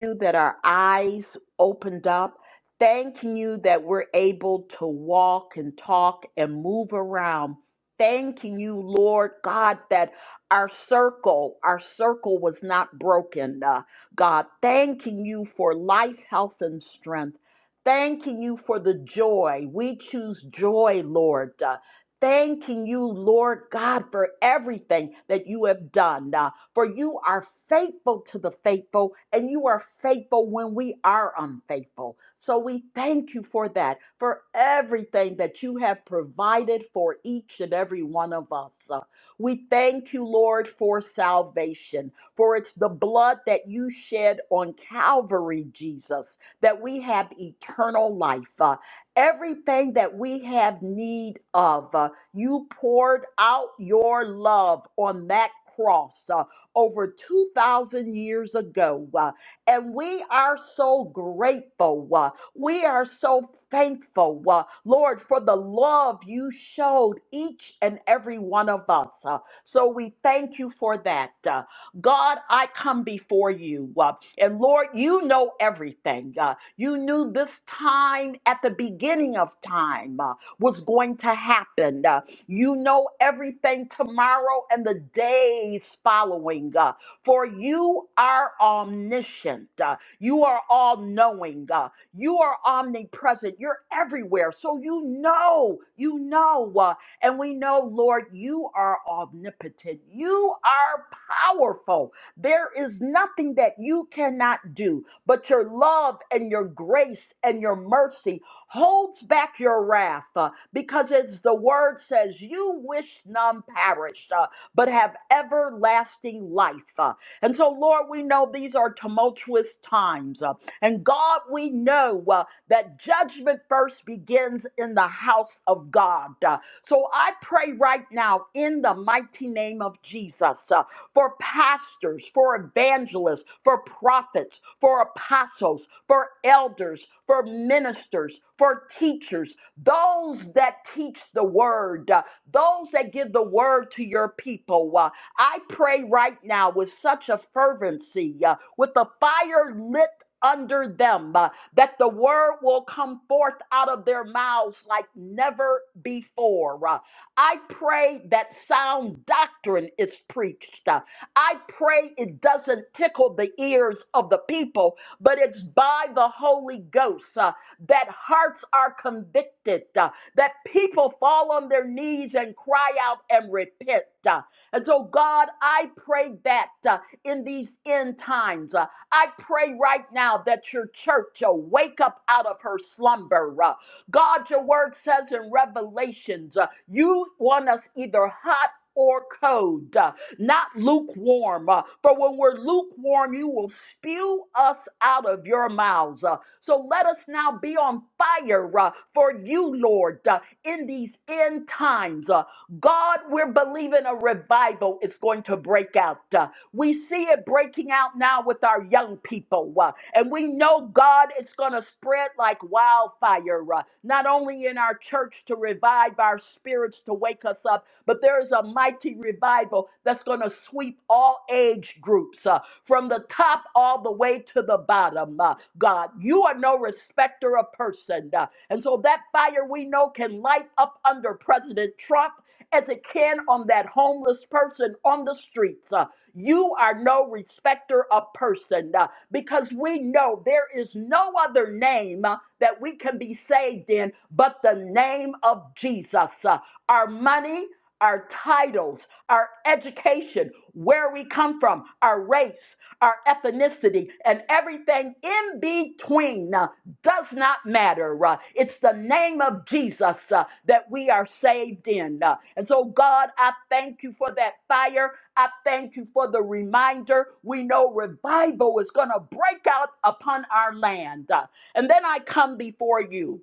S4: you that our eyes opened up. Thank you that we're able to walk and talk and move around. Thanking you, Lord God, that our circle, our circle was not broken, uh, God. Thanking you for life, health, and strength. Thanking you for the joy. We choose joy, Lord. Uh, thanking you, Lord God, for everything that you have done. Uh, for you are faithful to the faithful, and you are faithful when we are unfaithful. So we thank you for that, for everything that you have provided for each and every one of us. Uh, We thank you, Lord, for salvation, for it's the blood that you shed on Calvary, Jesus, that we have eternal life. Uh, everything that we have need of. Uh, You poured out your love on that cross. Uh, over 2,000 years ago. uh, and we are so grateful. uh, we are so thankful, uh, Lord, for the love you showed each and every one of us. uh, so we thank you for that. uh, God, I come before you. uh, and Lord, you know everything. uh, you knew this time at the beginning of time uh, was going to happen. uh, you know everything tomorrow and the days following, uh, for you are omniscient. uh, you are all knowing. uh, you are omnipresent. You're everywhere. So you know, you know. uh, and we know, Lord, you are omnipotent. You are powerful. There is nothing that you cannot do, but your love and your grace and your mercy holds back your wrath uh, because as the word says you wish none perished uh, but have everlasting life uh. and so lord we know these are tumultuous times uh, and god we know uh, that judgment first begins in the house of god uh. so i pray right now in the mighty name of jesus uh, for pastors, for evangelists, for prophets, for apostles, for elders, for ministers, for teachers, those that teach the word, uh, those that give the word to your people. Uh, I pray right now with such a fervency, uh, with the fire lit. Under them, uh, that the word will come forth out of their mouths like never before. Uh, I pray that sound doctrine is preached. Uh, I pray it doesn't tickle the ears of the people, but it's by the Holy Ghost uh, that hearts are convicted, uh, that people fall on their knees and cry out and repent. uh. and so, God, I pray that uh, in these end times, uh, I pray right now that your church will wake up out of her slumber. uh. God, your word says in Revelations, uh, you want us either hot or cold. Uh, not lukewarm. Uh, For when we're lukewarm, you will spew us out of your mouths. Uh, So let us now be on fire uh, for you, Lord, uh, in these end times. Uh, God, we're believing a revival is going to break out. Uh, we see it breaking out now with our young people. uh, and we know God it's going to spread like wildfire, uh, not only in our church to revive our spirits, to wake us up, but there is a mighty revival that's going to sweep all age groups uh, from the top all the way to the bottom. uh, God, you are no respecter of person. uh, and so that fire we know can light up under President Trump as it can on that homeless person on the streets. Uh, you are no respecter of person uh, because we know there is no other name uh, that we can be saved in but the name of Jesus. Uh, our money, our titles, our education, where we come from, our race, our ethnicity, and everything in between. uh, does not matter. Uh, It's the name of Jesus uh, that we are saved in. Uh, And so, God, I thank you for that fire. I thank you for the reminder. We know revival is going to break out upon our land. Uh, And then I come before you.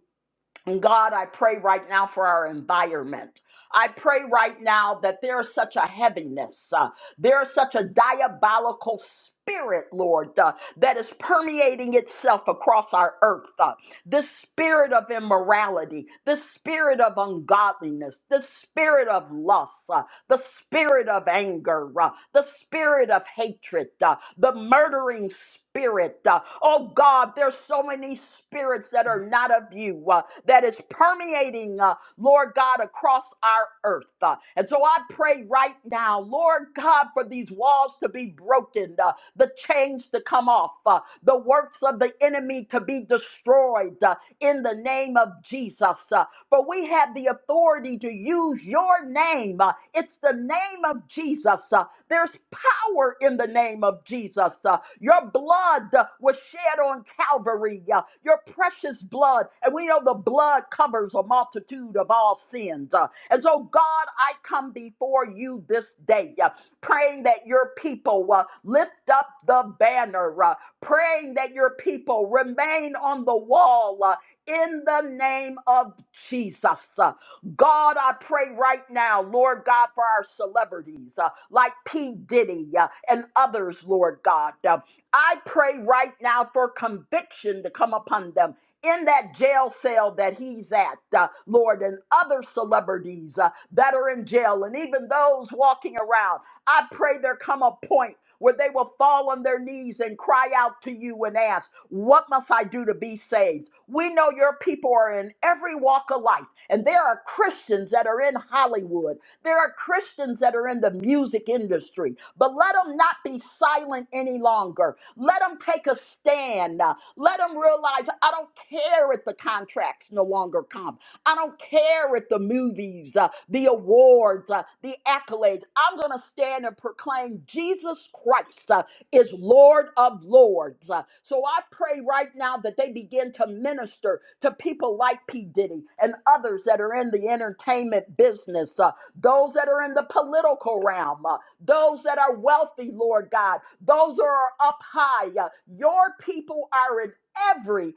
S4: And God, I pray right now for our environment. I pray right now that there is such a heaviness, uh, there is such a diabolical spirit, Lord, uh, that is permeating itself across our earth. Uh, the spirit of immorality, the spirit of ungodliness, the spirit of lust. uh, the spirit of anger, uh, the spirit of hatred, uh, the murdering spirit. uh, oh God, there's so many spirits that are not of you uh, that is permeating, uh, Lord God, across our earth. uh, and so I pray right now, Lord God, for these walls to be broken, uh, the chains to come off, uh, the works of the enemy to be destroyed uh, in the name of Jesus. uh, for we have the authority to use your name. Uh, It's the name of Jesus. Uh, There's power in the name of Jesus. Uh, Your blood uh, was shed on Calvary, uh, your precious blood. And we know the blood covers a multitude of all sins. Uh, And so, God, I come before you this day, uh, praying that your people uh, lift up the banner, uh, praying that your people remain on the wall, uh, in the name of Jesus. Uh, God, I pray right now, Lord God, for our celebrities uh, like P. Diddy uh, and others, Lord God. Uh, I pray right now for conviction to come upon them. In that jail cell that he's at, uh, Lord, and other celebrities uh, that are in jail, and even those walking around, I pray there come a point where they will fall on their knees and cry out to you and ask, What must I do to be saved? We know your people are in every walk of life, and there are Christians that are in Hollywood. There are Christians that are in the music industry, but let them not be silent any longer. Let them take a stand. Let them realize I don't care if the contract's no longer common. I don't care if the movies, uh, the awards, uh, the accolades. I'm going to stand and proclaim Jesus Christ uh, is Lord of Lords. Uh, so I pray right now that they begin to minister to people like P. Diddy and others that are in the entertainment business, uh, those that are in the political realm, uh, those that are wealthy, Lord God, those that are up high. uh, your people are in every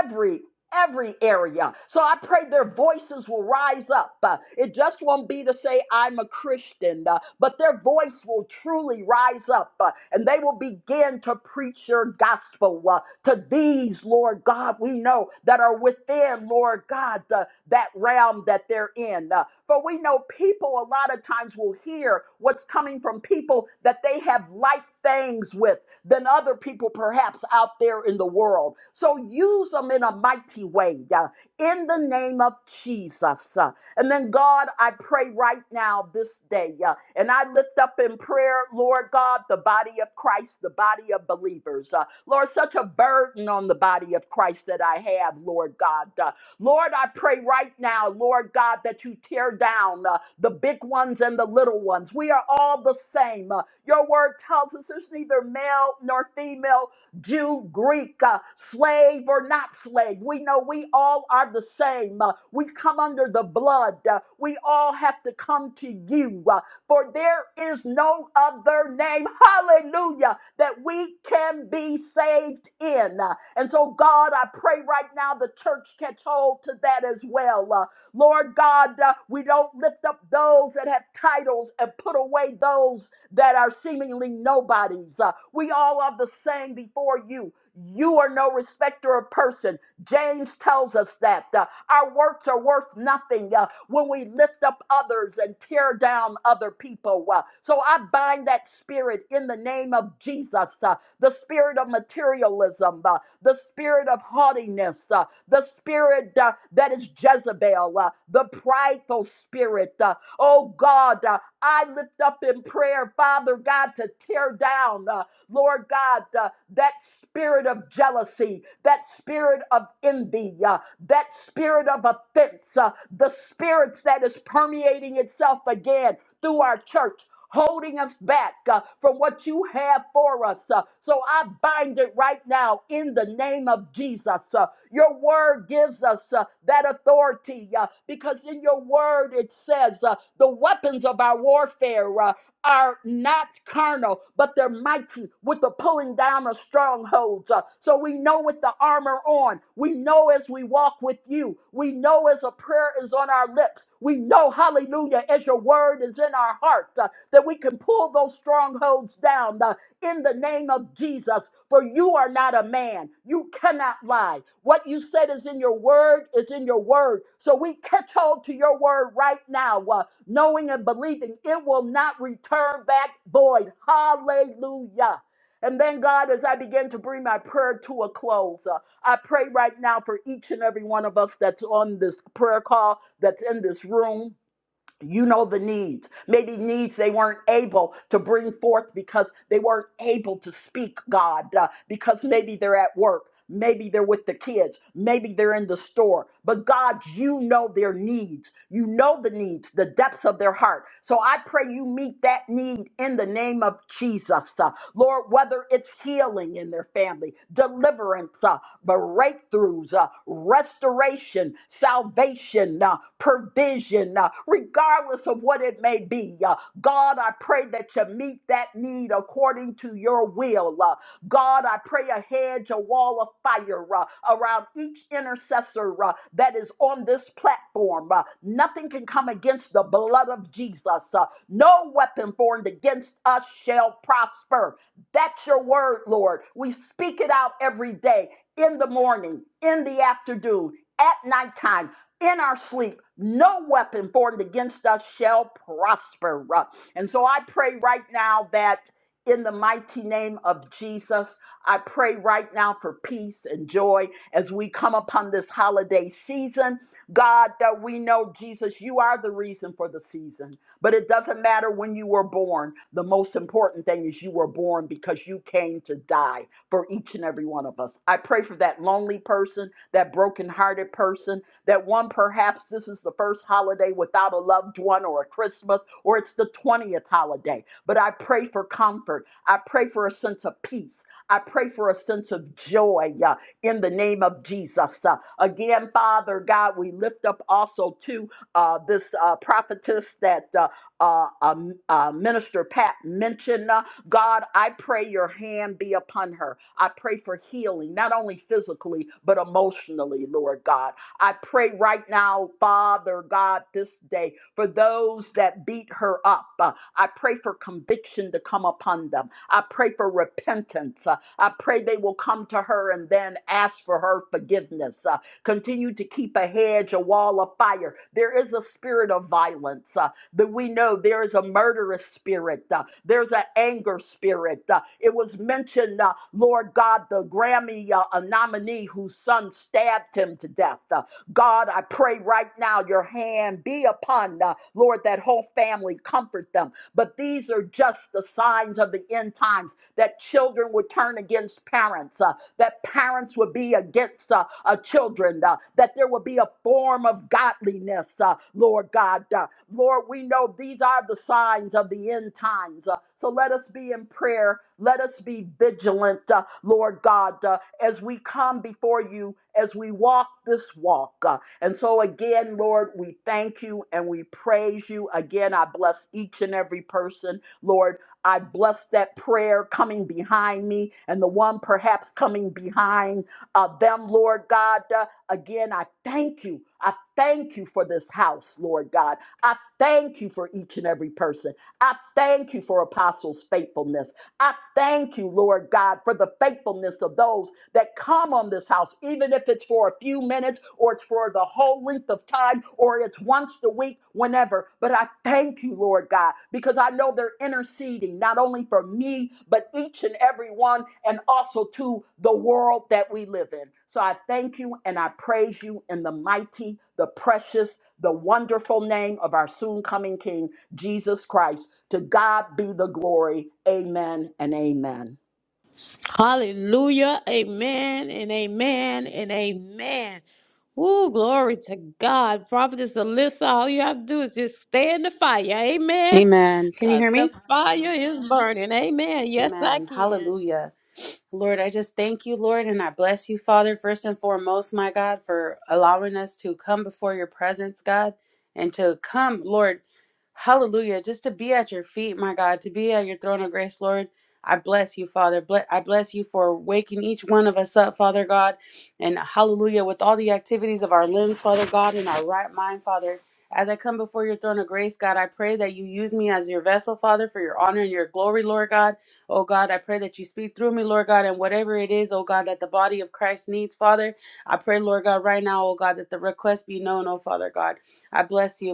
S4: every every area. So I pray their voices will rise up. Uh, it just won't be to say, I'm a Christian, uh, but their voice will truly rise up uh, and they will begin to preach your gospel uh, to these, Lord God, we know that are with within, Lord God, uh, that realm that they're in. Uh, for we know people a lot of times will hear what's coming from people that they have like things with than other people perhaps out there in the world. So use them in a mighty way. Uh, in the name of Jesus. Uh, And then, God, I pray right now this day, uh, and I lift up in prayer, Lord God, the body of Christ, the body of believers. Uh, Lord, such a burden on the body of Christ that I have, Lord God. Uh, Lord, I pray right now, Lord God, that you tear down uh, the big ones and the little ones. We are all the same. Uh, your word tells us there's neither male nor female, Jew, Greek, uh, slave or not slave. We know we all are the same. Uh, we come under the blood. Uh, we all have to come to you, uh, for there is no other name, hallelujah, that we can be saved in. Uh, and so, God, I pray right now the church catch hold to that as well. Uh, Lord God, uh, we don't lift up those that have titles and put away those that are seemingly nobodies. Uh, we all are the same before you. You are no respecter of person. James tells us that uh, our works are worth nothing uh, when we lift up others and tear down other people. uh. so I bind that spirit in the name of Jesus uh, the spirit of materialism, uh, the spirit of haughtiness, uh, the spirit uh, that is Jezebel, uh, the prideful spirit. uh. oh God, uh, I lift up in prayer, Father God, to tear down. uh, Lord God, uh, that spirit of jealousy, that spirit of envy, uh, that spirit of offense, uh, the spirits that is permeating itself again through our church. Holding us back uh, from what you have for us. uh, so I bind it right now in the name of Jesus. uh, your word gives us uh, that authority uh, because in your word it says uh, the weapons of our warfare. uh, are not carnal, but they're mighty with the pulling down of strongholds. Uh, so we know with the armor on, we know as we walk with you, we know as a prayer is on our lips, we know, hallelujah, as your word is in our heart, uh, that we can pull those strongholds strongholds down uh, in the name of Jesus. For you are not a man. You cannot lie. What you said is in your word, is in your word. So we catch hold to your word right now, uh, knowing and believing it will not return back void. Hallelujah. And then, God, as I begin to bring my prayer to a close, uh, I pray right now for each and every one of us that's on this prayer call, that's in this room. You know the needs, maybe needs they weren't able to bring forth because they weren't able to speak, God, uh, because maybe they're at work, maybe they're with the kids, maybe they're in the store. But God, you know their needs. You know the needs, the depths of their heart. So I pray you meet that need in the name of Jesus. uh, Lord, whether it's healing in their family, deliverance, uh, breakthroughs breakthroughs, uh, restoration, salvation, uh, provision, uh, regardless of what it may be. Uh, God, I pray that you meet that need according to your will. Uh, God, I pray a hedge, a wall of fire uh, around each intercessor uh, that is on this platform. Uh, nothing can come against the blood of Jesus. Uh, no weapon formed against us shall prosper. That's your word, Lord. We speak it out every day in the morning, in the afternoon, at nighttime, in our sleep. No weapon formed against us shall prosper. And so I pray right now that in the mighty name of Jesus, I pray right now for peace and joy as we come upon this holiday season. God, that we know, Jesus, you are the reason for the season. But it doesn't matter when you were born. The most important thing is you were born because you came to die for each and every one of us. I pray for that lonely person, that brokenhearted person, that one perhaps this is the first holiday without a loved one or a Christmas, or it's the 20th holiday. But I pray for comfort. I pray for a sense of peace. I pray for a sense of joy uh, in the name of Jesus. Uh, again, Father God, we lift up also to uh, this uh, prophetess that uh, uh, um, uh, Minister Pat mentioned. Uh, God, I pray your hand be upon her. I pray for healing, not only physically, but emotionally, Lord God. I pray right now, Father God, this day for those that beat her up. Uh, I pray for conviction to come upon them. I pray for repentance. Uh, I pray they will come to her and then ask for her forgiveness. Uh, Continue to keep a hedge, a wall of fire. There is a spirit of violence uh, that we know. There is a murderous spirit. uh, There's an anger spirit. Uh, It was mentioned, uh, Lord God, the Grammy uh, a nominee whose son stabbed him to death. Uh, God, I pray right now your hand be upon, uh, Lord, that whole family. Comfort them. But these are just the signs of the end times that children would turn against parents, uh, that parents would be against uh, uh, children, uh, that there would be a form of godliness, uh, Lord God. Uh, Lord, we know these are the signs of the end times. uh, so let us be in prayer. Let us be vigilant, uh, Lord God, uh, as we come before you, as we walk this walk. uh, and so, again, Lord, we thank you and we praise you. Again, I bless each and every person. Lord, I bless that prayer coming behind me and the one perhaps coming behind uh, them, Lord God. Uh, again, I thank you. I thank you for this house, Lord God. I thank you for each and every person. I thank you for apostles' faithfulness. I thank you, Lord God, for the faithfulness of those that come on this house, even if it's for a few minutes or it's for the whole length of time or it's once a week, whenever. But I thank you, Lord God, because I know they're interceding not only for me, but each and every one, and also to the world that we live in. So I thank you and I praise you in the mighty, the precious, the wonderful name of our soon coming King. Jesus Christ. To God be the glory. Amen and amen.
S1: Hallelujah. Amen and amen and amen. Ooh, glory to God. Prophetess Alyssa, all you have to do is just stay in the fire. Amen.
S2: amen can you hear
S1: Because the
S2: me
S1: fire is burning. Amen. Yes, I
S2: amen
S1: can.
S2: hallelujah Lord, I just thank you, Lord, and I bless you, Father, first and foremost, my God, for allowing us to come before your presence, God, and to come, Lord, hallelujah, just to be at your feet, my God, to be at your throne of grace, Lord. I bless you, Father. Ble- I bless you for waking each one of us up, Father God, and hallelujah, with all the activities of our limbs, Father God, and our right mind, Father. As I come before your throne of grace, God, I pray that you use me as your vessel, Father, for your honor and your glory, Lord God. Oh God, I pray that you speak through me, Lord God, and whatever it is, oh God, that the body of Christ needs, Father. I pray, Lord God, right now, oh God, that the request be known, oh Father God. I bless you.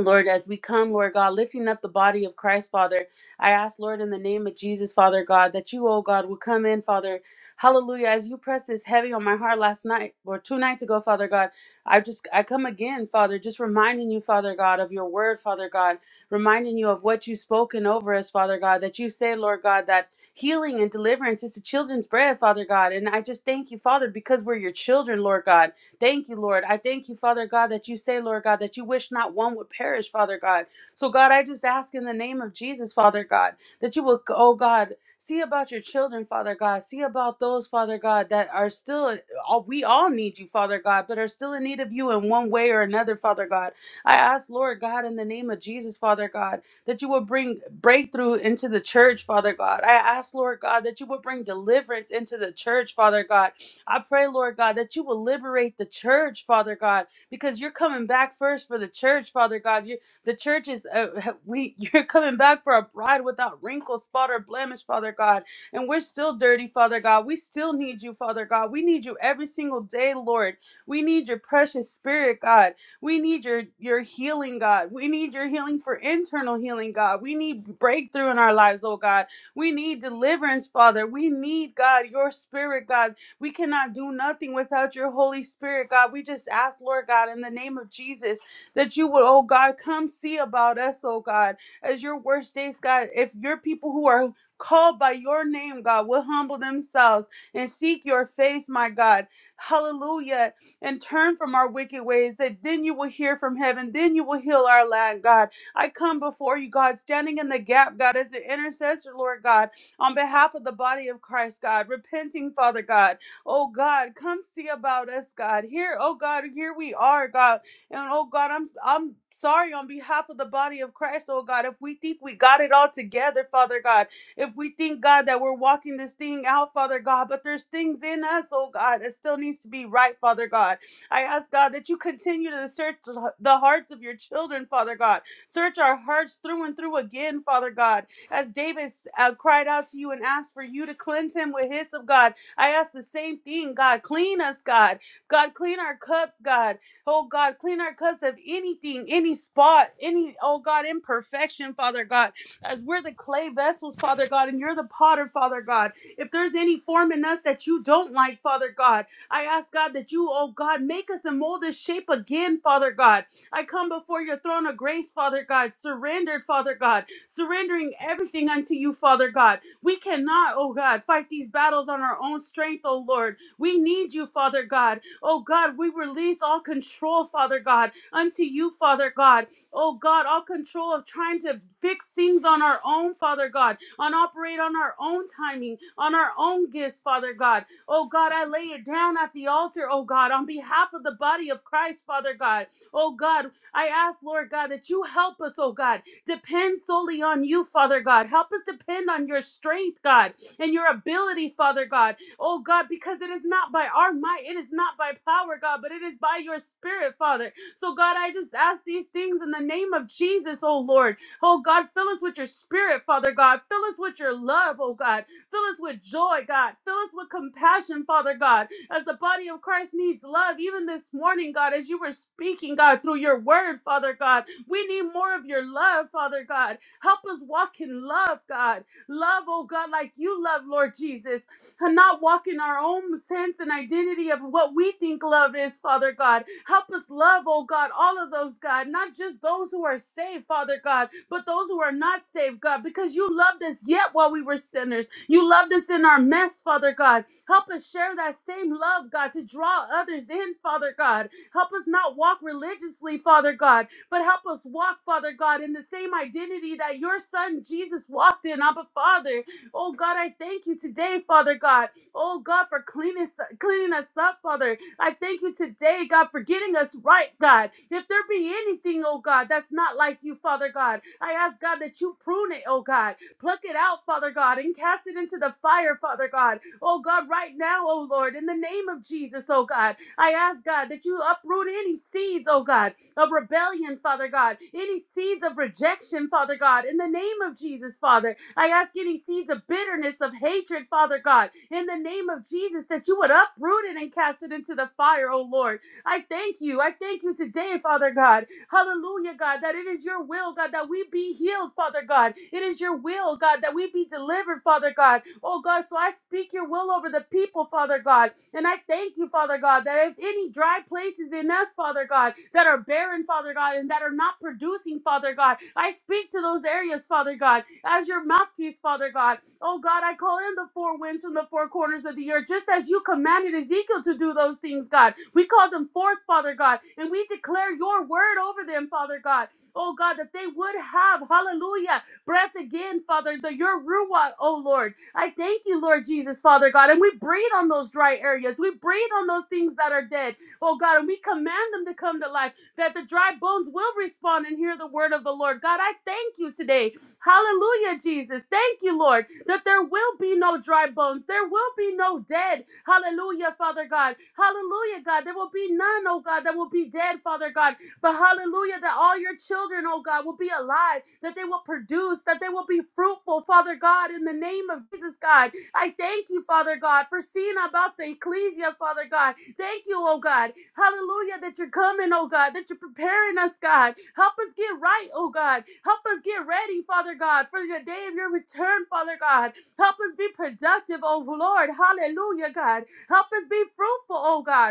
S2: Lord, as we come, Lord God, lifting up the body of Christ, Father, I ask, Lord, in the name of Jesus, Father God, that you, oh God, will come in, Father. Hallelujah. As you pressed this heavy on my heart last night or two nights ago, Father God, I just, I come again, Father, just reminding you, Father God, of your word, Father God, reminding you of what you've spoken over us, Father God, that you say, Lord God, that healing and deliverance is the children's bread, Father God. And I just thank you, Father, because we're your children, Lord God. Thank you, Lord. I thank you, Father God, that you say, Lord God, that you wish not one would perish, Father God. So, God, I just ask in the name of Jesus, Father God, that you will, oh God, see about your children, Father God. See about those, Father God, that are still, all- we all need you, Father God, but are still in need of you in one way or another, Father God. I ask, Lord God, in the name of Jesus, Father God, that you would bring breakthrough into the church, Father God. I ask, Lord God, that you would bring deliverance into the church, Father God. I pray, Lord God, that you will liberate the church, Father God, because you're coming back first for the church, Father God. You, the church is uh, we. You're coming back for a bride without wrinkle, spot, or blemish, Father God. And we're still dirty, Father God. We still need you, Father God. We need you every single day, Lord. We need your precious Spirit, God. We need your your healing, God. We need your healing for internal healing, God. We need breakthrough in our lives, oh God. We need deliverance, Father. We need, God, your spirit, God. We cannot do nothing without your Holy Spirit, God. We just ask, Lord God, in the name of Jesus, that you would, oh God, come see about us, oh God, as your word states, God. If your people who are called by your name, God, will humble themselves and seek your face, my God. Hallelujah. And turn from our wicked ways, that then you will hear from heaven, then you will heal our land, God. I come before you, God, standing in the gap, God, as an intercessor, Lord God, on behalf of the body of Christ, God, repenting, Father God. Oh God, come see about us, God. Here, oh God, here we are, God. And oh God, I'm I'm sorry on behalf of the body of Christ, oh God, if we think we got it all together, Father God. If we think, God, that we're walking this thing out, Father God, but there's things in us, oh God, that still needs to be right, Father God. I ask God that you continue to search the hearts of your children, Father God. Search our hearts through and through again, Father God. As David uh, cried out to you and asked for you to cleanse him with hyssop, God. I ask the same thing, God. Clean us, God. God, clean our cups, God. Oh, God, clean our cups of anything, any spot, any, oh, God, imperfection, Father God. As we're the clay vessels, Father God, and you're the potter, Father God. If there's any form in us that you don't like, Father God, I ask, God, that you, oh, God, make us and mold us shape again, Father God. I come before your throne of grace, Father God, surrendered, Father God, surrendering everything unto you, Father God. We cannot, oh God, fight these battles on our own strength, oh Lord. We need you, Father God. Oh God, we release all control, Father God, unto you, Father God. Oh God, all control of trying to fix things on our own, Father God, on operate on our own timing, on our own gifts, Father God. Oh God, I lay it down at the altar, oh God, on behalf of the body of Christ, Father God. Oh God, I ask, Lord God, that you help us, oh God, depend solely on you, Father God. Help us depend on your strength, God, and your ability, Father God. Oh, God, because it is not by our might, it is not by power, God, but it is by your spirit, Father. So, God, I just ask these things in the name of Jesus, oh Lord. Oh, God, fill us with your spirit, Father God. Fill us with your love, oh God. Fill us with joy, God. Fill us with compassion, Father God. As the body of Christ needs love, even this morning, God, as you were speaking, God, through your word, Father God. We need more of your love, Father God. Help us walk in love, God. Love, oh God, like you love, Lord Jesus, and not walk in our own sense and identity of what we think love is, Father God. Help us love, oh God, all of those, God, not just those who are saved, Father God, but those who are not saved, God, because you loved us yet while we were sinners. You loved us in our mess, Father God. Help us share that same love, God, to draw others in, Father God. Help us not walk religiously, Father God, but help us walk, Father God, in the same identity that your son Jesus walked in. Abba, Father. Oh, God, I thank you today, Father God. Oh, God, for cleaning, us- cleaning us up, Father. I thank you today, God, for getting us right, God. If there be anything, oh, God, that's not like you, Father God, I ask, God, that you prune it, oh, God. Pluck it out, Father God, and cast it into the fire, Father God. Oh, God, right now, oh, Lord, in the name of Jesus, oh, God, I ask, God, that you uproot any seeds, oh, God, of rebellion, Father God, any seeds of rejection, Father God, in the name of Jesus, Father. I ask any seeds of bitterness, of hatred, Father God, in the name of Jesus, that you would uproot it and cast it into the fire, oh Lord. I thank you. I thank you today, Father God. Hallelujah, God, that it is your will, God, that we be healed, Father God. It is your will, God, that we be delivered, Father God. Oh, God, so I speak your will over the people, Father God. And I thank you, Father God, that if any dry places in us, Father God, that are barren, Father God, and that are not producing, Father God, I speak to those areas, Father God, as your mouthpiece, Father God. Oh God, I call in the four winds from the four corners of the earth, just as you commanded Ezekiel to do those things, God. We call them forth, Father God, and we declare your word over them, Father God. Oh God, that they would have, hallelujah, breath again, Father, the, your Ruah, oh Lord. I thank you, Lord Jesus, Father God, and we breathe on those dry areas. We breathe on those things that are dead, oh God, and we command them to come to life, that the dry bones will respond and hear the word of the Lord. God, I thank you today Hallelujah, Jesus. Thank you, Lord, that there will be no dry bones. There will be no dead. Hallelujah, Father God. Hallelujah, God. There will be none, oh God, that will be dead, Father God. But hallelujah, that all your children, oh God, will be alive, that they will produce, that they will be fruitful, Father God, in the name of Jesus, God. I thank you, Father God, for seeing about the ecclesia, Father God. Thank you, oh God. Hallelujah, that you're coming, oh God, that you're preparing us, God. Help us get right, oh God. Help us get ready, Father God, for the day of your return, Father God. Help us be productive, oh Lord. Hallelujah, God. Help us be fruitful, oh God.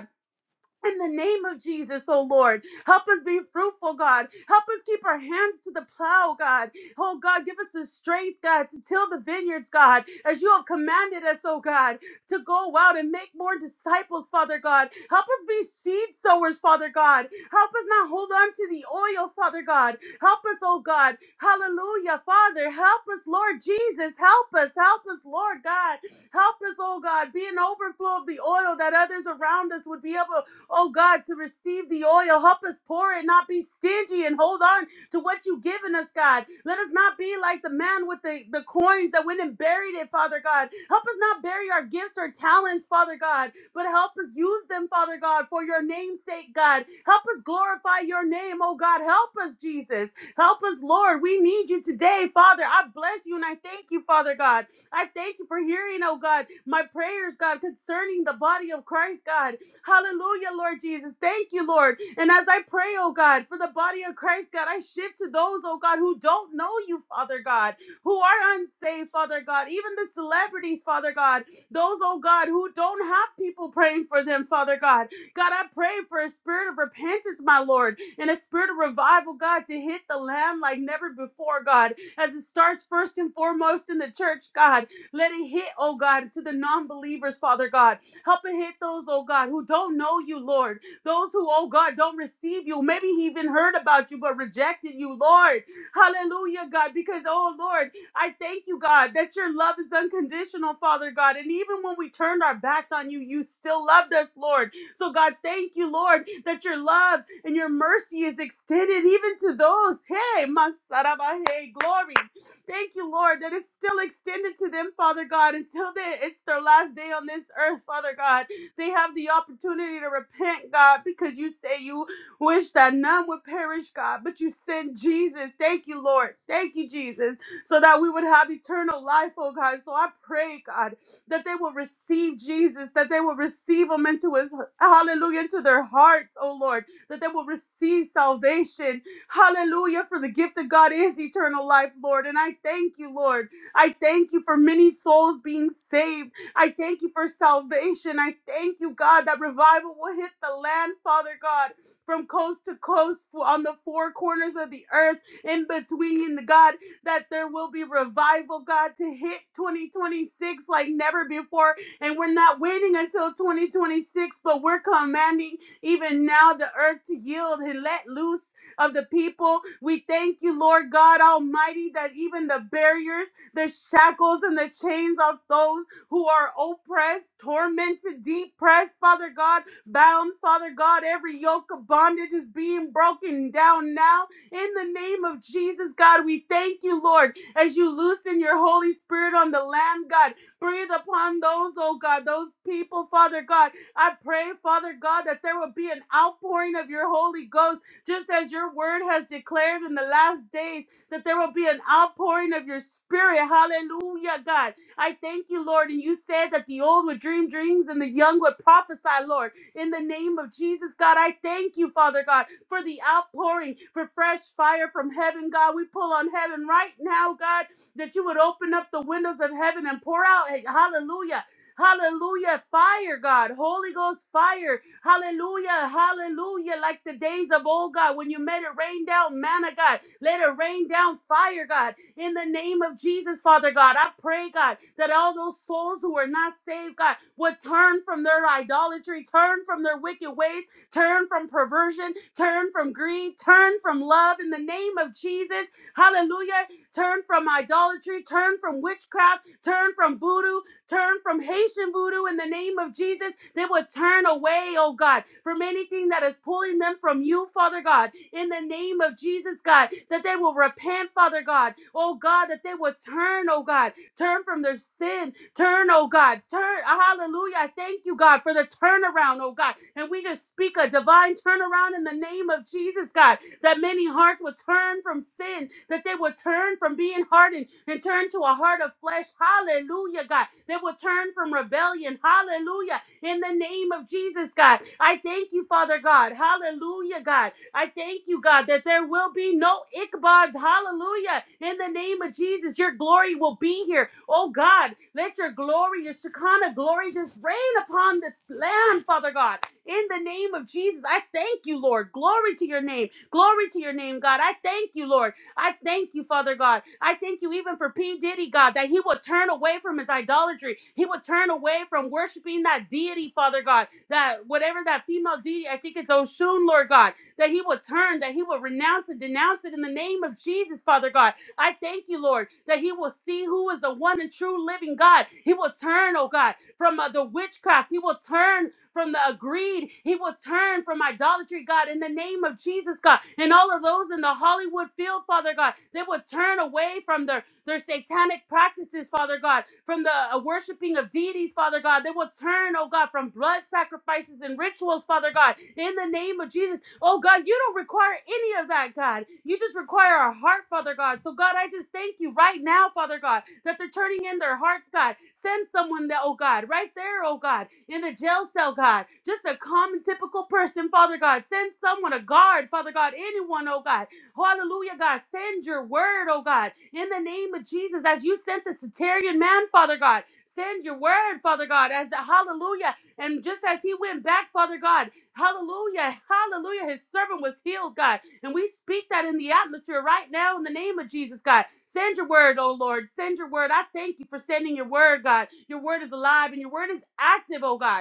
S2: In the name of Jesus, oh Lord, help us be fruitful, God. Help us keep our hands to the plow, God. Oh God, give us the strength, God, to till the vineyards, God, as you have commanded us, oh God, to go out and make more disciples, Father God. Help us be seed sowers, Father God. Help us not hold on to the oil, Father God. Help us, oh God. Hallelujah, Father. Help us, Lord Jesus. Help us, help us, Lord God. Help us, oh God, be an overflow of the oil that others around us would be able oh God, to receive the oil. Help us pour it, not be stingy and hold on to what you've given us, God. Let us not be like the man with the, the coins that went and buried it, Father God. Help us not bury our gifts or talents, Father God, but help us use them, Father God, for your name's sake, God. Help us glorify your name, oh God. Help us, Jesus. Help us, Lord. We need you today, Father. I bless you and I thank you, Father God. I thank you for hearing, oh God, my prayers, God, concerning the body of Christ, God. Hallelujah, Lord Jesus. Thank you, Lord. And as I pray, oh God, for the body of Christ, God, I shift to those, oh God, who don't know you, Father God, who are unsaved, Father God, even the celebrities, Father God, those, oh God, who don't have people praying for them, Father God. God, I pray for a spirit of repentance, my Lord, and a spirit of revival, God, to hit the land like never before, God, as it starts first and foremost in the church, God. Let it hit, oh God, to the non believers, Father God. Help and hit those, oh God, who don't know you, Lord. Those who, oh God, don't receive you. Maybe he even heard about you but rejected you, Lord. Hallelujah, God, because, oh Lord, I thank you, God, that your love is unconditional, Father God. And even when we turned our backs on you, you still loved us, Lord. So, God, thank you, Lord, that your love and your mercy is extended even to those. Hey, Masarabahe, glory. Thank you, Lord, that it's still extended to them, Father God, until they, it's their last day on this earth, Father God. They have the opportunity to repent, God, because you say you wish that none would perish, God, but you sent Jesus. Thank you, Lord. Thank you, Jesus, so that we would have eternal life, oh God. So I pray, God, that they will receive Jesus, that they will receive him into his, hallelujah, into their hearts, oh Lord, that they will receive salvation, Hallelujah. For the gift of God is eternal life, Lord. And I thank you, Lord. I thank you for many souls being saved. I thank you for salvation. I thank you, God, that revival will hit the land, Father God, from coast to coast, on the four corners of the earth, in between, God, that there will be revival, God, to hit 2026 like never before. And we're not waiting until 2026, but we're commanding even now the earth to yield and let loose of the people. We thank you, Lord God Almighty, that even the barriers, the shackles, and the chains of those who are oppressed, tormented, depressed, Father God, bound, Father God, every yoke of bondage is being broken down now in the name of Jesus, God. We thank you, Lord, as you loosen your Holy Spirit on the land, God. Breathe upon those, oh God, those people, Father God. I pray, Father God, that there will be an outpouring of your Holy Ghost just as your word has declared in the last days that there will be an outpouring of your spirit. Hallelujah, God. I thank you, Lord. And you said that the old would dream dreams and the young would prophesy, Lord. In the name of Jesus, God, I thank you, Father God, for the outpouring, for fresh fire from heaven, God. We pull on heaven right now, God, that you would open up the windows of heaven and pour out, hey, hallelujah. Hallelujah. Fire, God. Holy Ghost fire Hallelujah. Hallelujah. Like the days of old, God, when you made it rain down manna, God, let it rain down fire, God. In the name of Jesus, Father God, I pray, God, that all those souls who are not saved, God, would turn from their idolatry, turn from their wicked ways, turn from perversion, turn from greed, turn from love. In the name of Jesus, hallelujah. Turn from idolatry, turn from witchcraft, turn from voodoo, Turn from Haitian voodoo in the name of Jesus. They will turn away, oh God, from anything that is pulling them from you, Father God, in the name of Jesus, God, that they will repent, Father God, oh God, that they will turn, oh God, turn from their sin, turn, oh God, turn, hallelujah. I thank you, God, for the turnaround, oh God, and we just speak a divine turnaround in the name of Jesus, God that many hearts would turn from sin, that they would turn from being hardened and turn to a heart of flesh. Hallelujah, God. They would turn from rebellion. Hallelujah. In the name of Jesus, God. I thank you, Father God. Hallelujah, God. I thank you, God, that there will be no Ichabod's. Hallelujah. In the name of Jesus, your glory will be here. Oh, God, let your glory, your Shekinah glory, just rain upon the land, Father God. In the name of Jesus, I thank you, Lord. Glory to your name. Glory to your name, God. I thank you, Lord. I thank you, Father God. I thank you even for P. Diddy, God, that he would turn away from his idolatry. He would turn away from worshiping that deity, Father God, that whatever that female deity, I think it's Oshun, Lord God, that he would turn, that he would renounce and denounce it in the name of Jesus, Father God. I thank you, Lord, that he will see who is the one and true living God. He will turn, oh God, from uh, the witchcraft. He will turn, from the greed. He will turn from idolatry, God, in the name of Jesus, God. And all of those in the Hollywood field, Father God, they will turn away from their, their satanic practices, Father God, from the uh, worshiping of deities, Father God. They will turn, oh God, from blood sacrifices and rituals, Father God, in the name of Jesus. Oh God, you don't require any of that, God. You just require a heart, Father God. So God, I just thank you right now, Father God, that they're turning in their hearts, God. Send someone that, oh God, right there, oh God, in the jail cell, God. Just a common typical person, Father God. Send someone, a guard, Father God, anyone, oh God. Hallelujah, God. Send your word, oh God, in the name of Jesus, as you sent the Satarian man, Father God. Send your word, Father God, as the hallelujah. And just as he went back, Father God, Hallelujah. Hallelujah. His servant was healed, God. And we speak that in the atmosphere right now in the name of Jesus, God. Send your word, oh Lord. Send your word. I thank you for sending your word, God. Your word is alive and your word is active, oh God.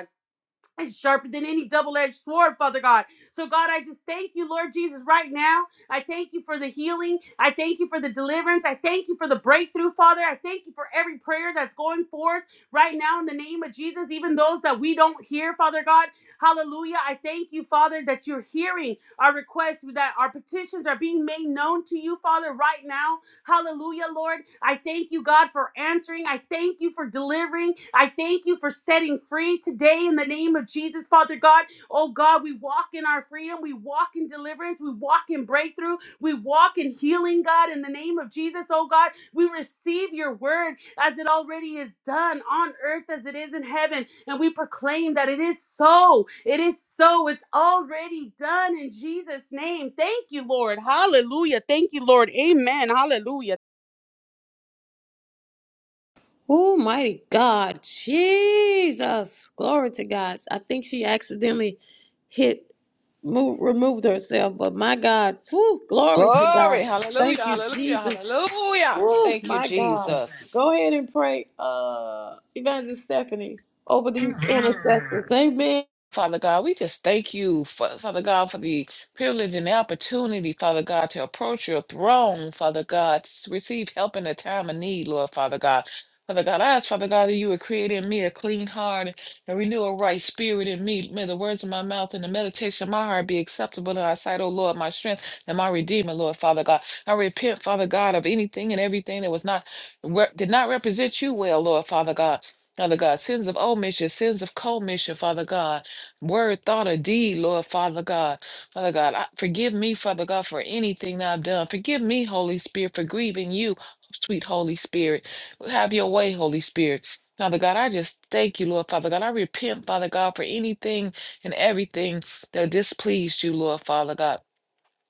S2: It's sharper than any double edged sword, Father God. So, God, I just thank you, Lord Jesus, right now. I thank you for the healing. I thank you for the deliverance. I thank you for the breakthrough, Father. I thank you for every prayer that's going forth right now in the name of Jesus, even those that we don't hear, Father God. Hallelujah. I thank you, Father, that you're hearing our requests, that our petitions are being made known to you, Father, right now Hallelujah, Lord. I thank you, God, for answering. I thank you for delivering. I thank you for setting free today in the name of Jesus, Father God. Oh, God, we walk in our freedom. We walk in deliverance. We walk in breakthrough. We walk in healing, God, in the name of Jesus, oh, God. We receive your word as it already is done on earth as it is in heaven. And we proclaim that it is so. It is so. It's already done in Jesus' name. Thank you, Lord. Hallelujah. Thank you, Lord. Amen. Hallelujah.
S1: Oh, mighty God. Jesus. Glory to God. I think she accidentally hit, moved, removed herself, but my God. Woo, glory to God.
S6: Glory. Hallelujah.
S1: Thank you,
S6: Hallelujah.
S1: Jesus.
S6: Hallelujah.
S1: Woo,
S6: Thank you,
S1: my God.
S6: Jesus.
S1: Go ahead and pray, uh, Evangelist Stephanie, over these intercessors. Amen.
S6: Father God, we just thank you, Fa- Father God, for the privilege and the opportunity, Father God, to approach your throne, Father God, to receive help in a time of need, Lord, Father God. Father God, I ask, Father God, that you would create in me a clean heart and renew a right spirit in me. May the words of my mouth and the meditation of my heart be acceptable in our sight, O Lord, my strength and my redeemer, Lord, Father God. I repent, Father God, of anything and everything that was not did not represent you well, Lord, Father God. Father God, sins of omission, sins of commission, Father God word, thought, or deed, Lord Father God. Father God, I, forgive me, Father God, for anything that I've done. Forgive me, Holy Spirit, for grieving you, sweet Holy Spirit. Have your way, Holy Spirit. Father God, I just thank you, Lord Father God. I repent, Father God, for anything and everything that displeased you, Lord Father God.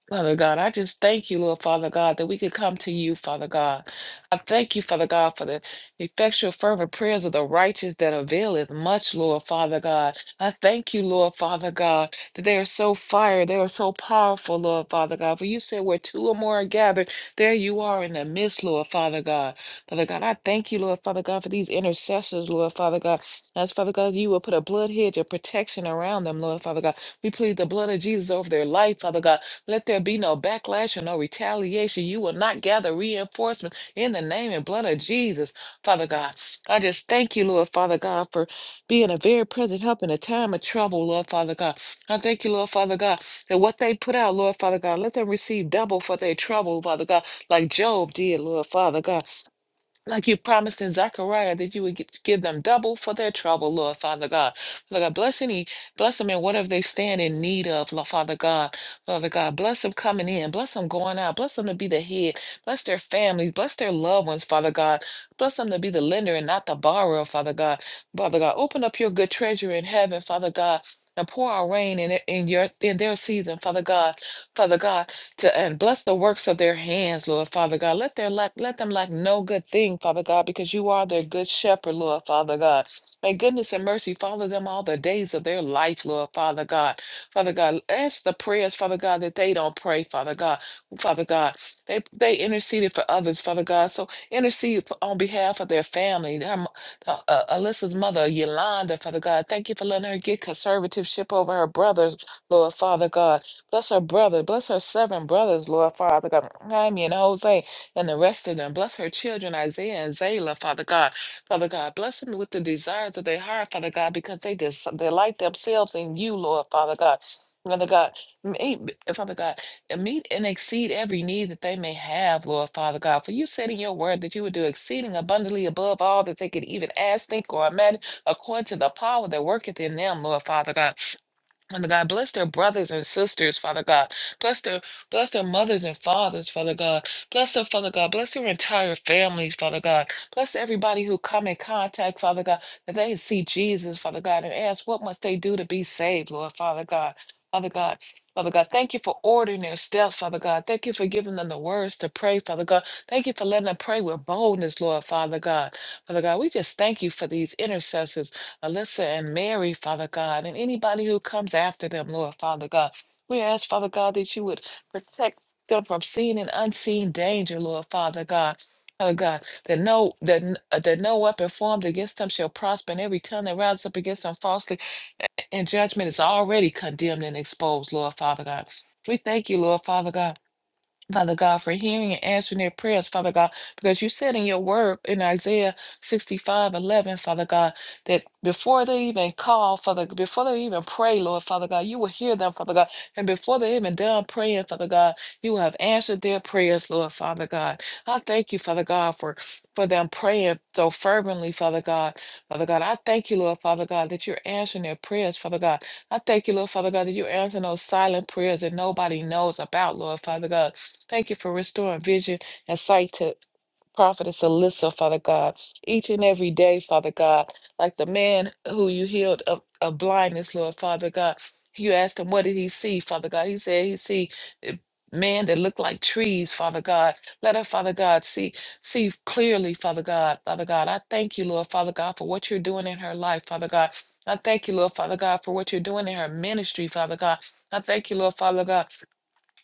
S6: Father God, I just thank you, Lord Father God, that we could come to you, Father God. I thank you, Father God, for the effectual, fervent prayers of the righteous that availeth much, Lord Father God. I thank you, Lord Father God, that they are so fire, they are so powerful, Lord Father God. For you said where two or more are gathered, there you are in the midst, Lord Father God. Father God, I thank you, Lord Father God, for these intercessors, Lord Father God. As Father God, you will put a blood hedge of protection around them, Lord Father God. We plead the blood of Jesus over their life, Father God. Let there be no backlash and no retaliation. You will not gather reinforcements in the name and blood of Jesus, Father God. I just thank you, Lord, Father God, for being a very present help in a time of trouble, Lord, Father God. I thank you, Lord, Father God, that what they put out, Lord, Father God, let them receive double for their trouble, Father God, like Job did, Lord, Father God. Like you promised in Zechariah that you would gi- give them double for their trouble, Lord Father God. Father God, bless any, bless them in whatever they stand in need of, Lord Father God. Father God, bless them coming in, bless them going out, bless them to be the head, bless their families, bless their loved ones, Father God. Bless them to be the lender and not the borrower, Father God. Father God, open up your good treasure in heaven, Father God. And pour our rain in, it- in your in their season, Father God. Father God to and bless the works of their hands, Lord Father God. Let their lack let them lack no good thing, Father God, because you are their good shepherd, Lord Father God. May goodness and mercy follow them all the days of their life, Lord Father God. Father God, answer the prayers, Father God, that they don't pray, Father God. Father God, they they interceded for others, Father God. So intercede for, on behalf of their family. Their, mo- uh, uh, Alyssa's mother, Yolanda, Father God, thank you for letting her get conservativeship over her brothers, Lord Father God. Bless her brother. Bless her seven brothers, Lord Father God. Jaime and Jose and the rest of them. Bless her children, Isaiah and Zayla, Father God. Father God, bless them with the desires of their heart, Father God, because they des- delight themselves in you, Lord Father God. Father God, meet, Father God, and meet and exceed every need that they may have, Lord Father God. For you said in your word that you would do exceeding abundantly above all that they could even ask, think, or imagine, according to the power that worketh in them, Lord Father God. Father God, bless their brothers and sisters, Father God. Bless their bless their mothers and fathers, Father God. Bless their Father God. Bless their entire families, Father God. Bless everybody who come in contact, Father God, that they see Jesus, Father God, and ask what must they do to be saved, Lord, Father God. Father God, Father God, thank you for ordering their steps, Father God. Thank you for giving them the words to pray, Father God. Thank you for letting them pray with boldness, Lord, Father God. Father God, we just thank you for these intercessors. Alyssa and Mary, Father God, and anybody who comes after them, Lord Father God. We ask, Father God, that you would protect them from seen and unseen danger, Lord Father God. Father God, that no that, n- uh, that no weapon formed against them shall prosper, and every tongue that rises up against them falsely in judgment is already condemned and exposed, Lord Father God. We thank you, Lord Father God. Father God, for hearing and answering their prayers, Father God, because you said in your word in Isaiah 65 11, Father God, that before they even call, Father, before they even pray, Lord, Father God, you will hear them, Father God, and before they even done praying, Father God, you have answered their prayers, Lord, Father God. I thank you, Father God, for, for them praying so fervently, Father God. Father God, I thank you, Lord, Father God, that you're answering their prayers, Father God. I thank you, Lord, Father God, that you're answering those silent prayers that nobody knows about, Lord, Father God. Thank you for restoring vision and sight to Prophetess Alyssa, Father God, each and every day, Father God, like the man who you healed of, of blindness, Lord, Father God. You asked him, what did he see, Father God? He said he see eh, men that looked like trees, Father God. Let her, Father God, see see clearly, Father God, Father God. I thank you, Lord, Father God, for what you're doing in her life, Father God. I thank you, Lord, Father God, for what you're doing in her ministry, Father God. I thank you, Lord, Father God.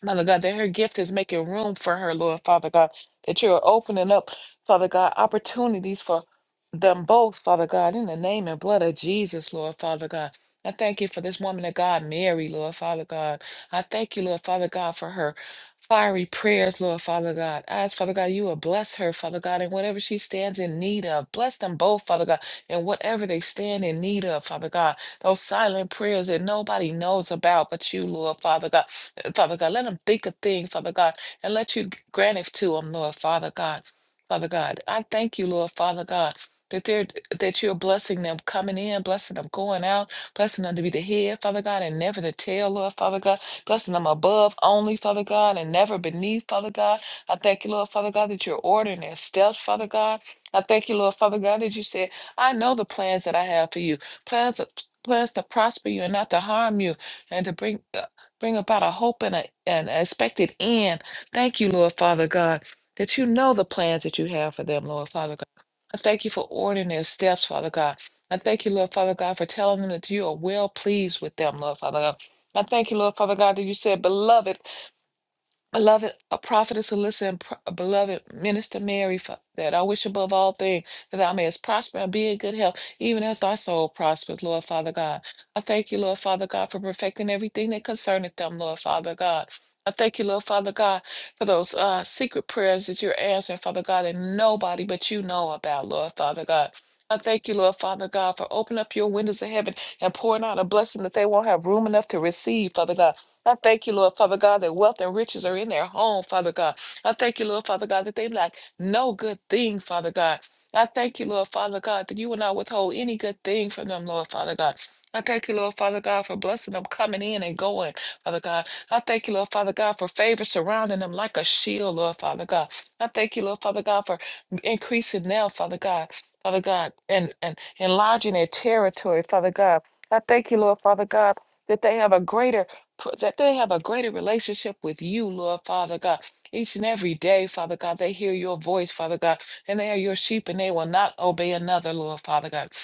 S6: Mother God, that her gift is making room for her, Lord Father God, that you're opening up, Father God, opportunities for them both, Father God, in the name and blood of Jesus, Lord Father God. I thank you for this woman of God, Mary, Lord Father God. I thank you, Lord Father God, for her fiery prayers, Lord Father God. I ask, Father God, you will bless her, Father God, in whatever she stands in need of. Bless them both, Father God, in whatever they stand in need of, Father God those silent prayers that nobody knows about but you, Lord Father God. Uh, Father God, let them think a thing, Father God, and let you g- grant it to them, Lord Father God. Father God, I thank you, Lord Father God. That they're that you're blessing them coming in, blessing them going out, blessing them to be the head, Father God, and never the tail, Lord Father God, blessing them above only, Father God, and never beneath, Father God. I thank you, Lord Father God, that you're ordering their steps, Father God. I thank you, Lord Father God, that you said, I know the plans that I have for you. Plans plans to prosper you and not to harm you and to bring uh, bring about a hope and a, an expected end. Thank you, Lord Father God, that you know the plans that you have for them, Lord Father God. I thank you for ordering their steps, Father God. I thank you, Lord Father God, for telling them that you are well pleased with them, Lord Father God. I thank you, Lord Father God, that you said, Beloved, Beloved uh, prophetess Alyssa and pro- uh, beloved minister Mary, fa- that I wish above all things that thou mayest prosper and be in good health, even as thy soul prospers, Lord Father God. I thank you, Lord Father God, for perfecting everything that concerneth them, Lord Father God. I thank you, Lord Father God, for those uh, secret prayers that you're answering, Father God, that nobody but you know about, Lord Father God. I thank you, Lord Father God, for opening up your windows of heaven and pouring out a blessing that they won't have room enough to receive, Father God. I thank you, Lord Father God, that wealth and riches are in their home, Father God. I thank you, Lord Father God, that they lack no good thing, Father God. I thank you, Lord Father God, that you will not withhold any good thing from them, Lord Father God. I thank you, Lord Father God, for blessing them coming in and going, Father God. I thank you, Lord Father God, for favor surrounding them like a shield, Lord Father God. I thank you, Lord Father God, for increasing now, Father God, Father God, and, and enlarging their territory, Father God. I thank you, Lord Father God, that they have a greater pr- that they have a greater relationship with you, Lord Father God. Each and every day, Father God, they hear your voice, Father God, and they are your sheep and they will not obey another, Lord Father God.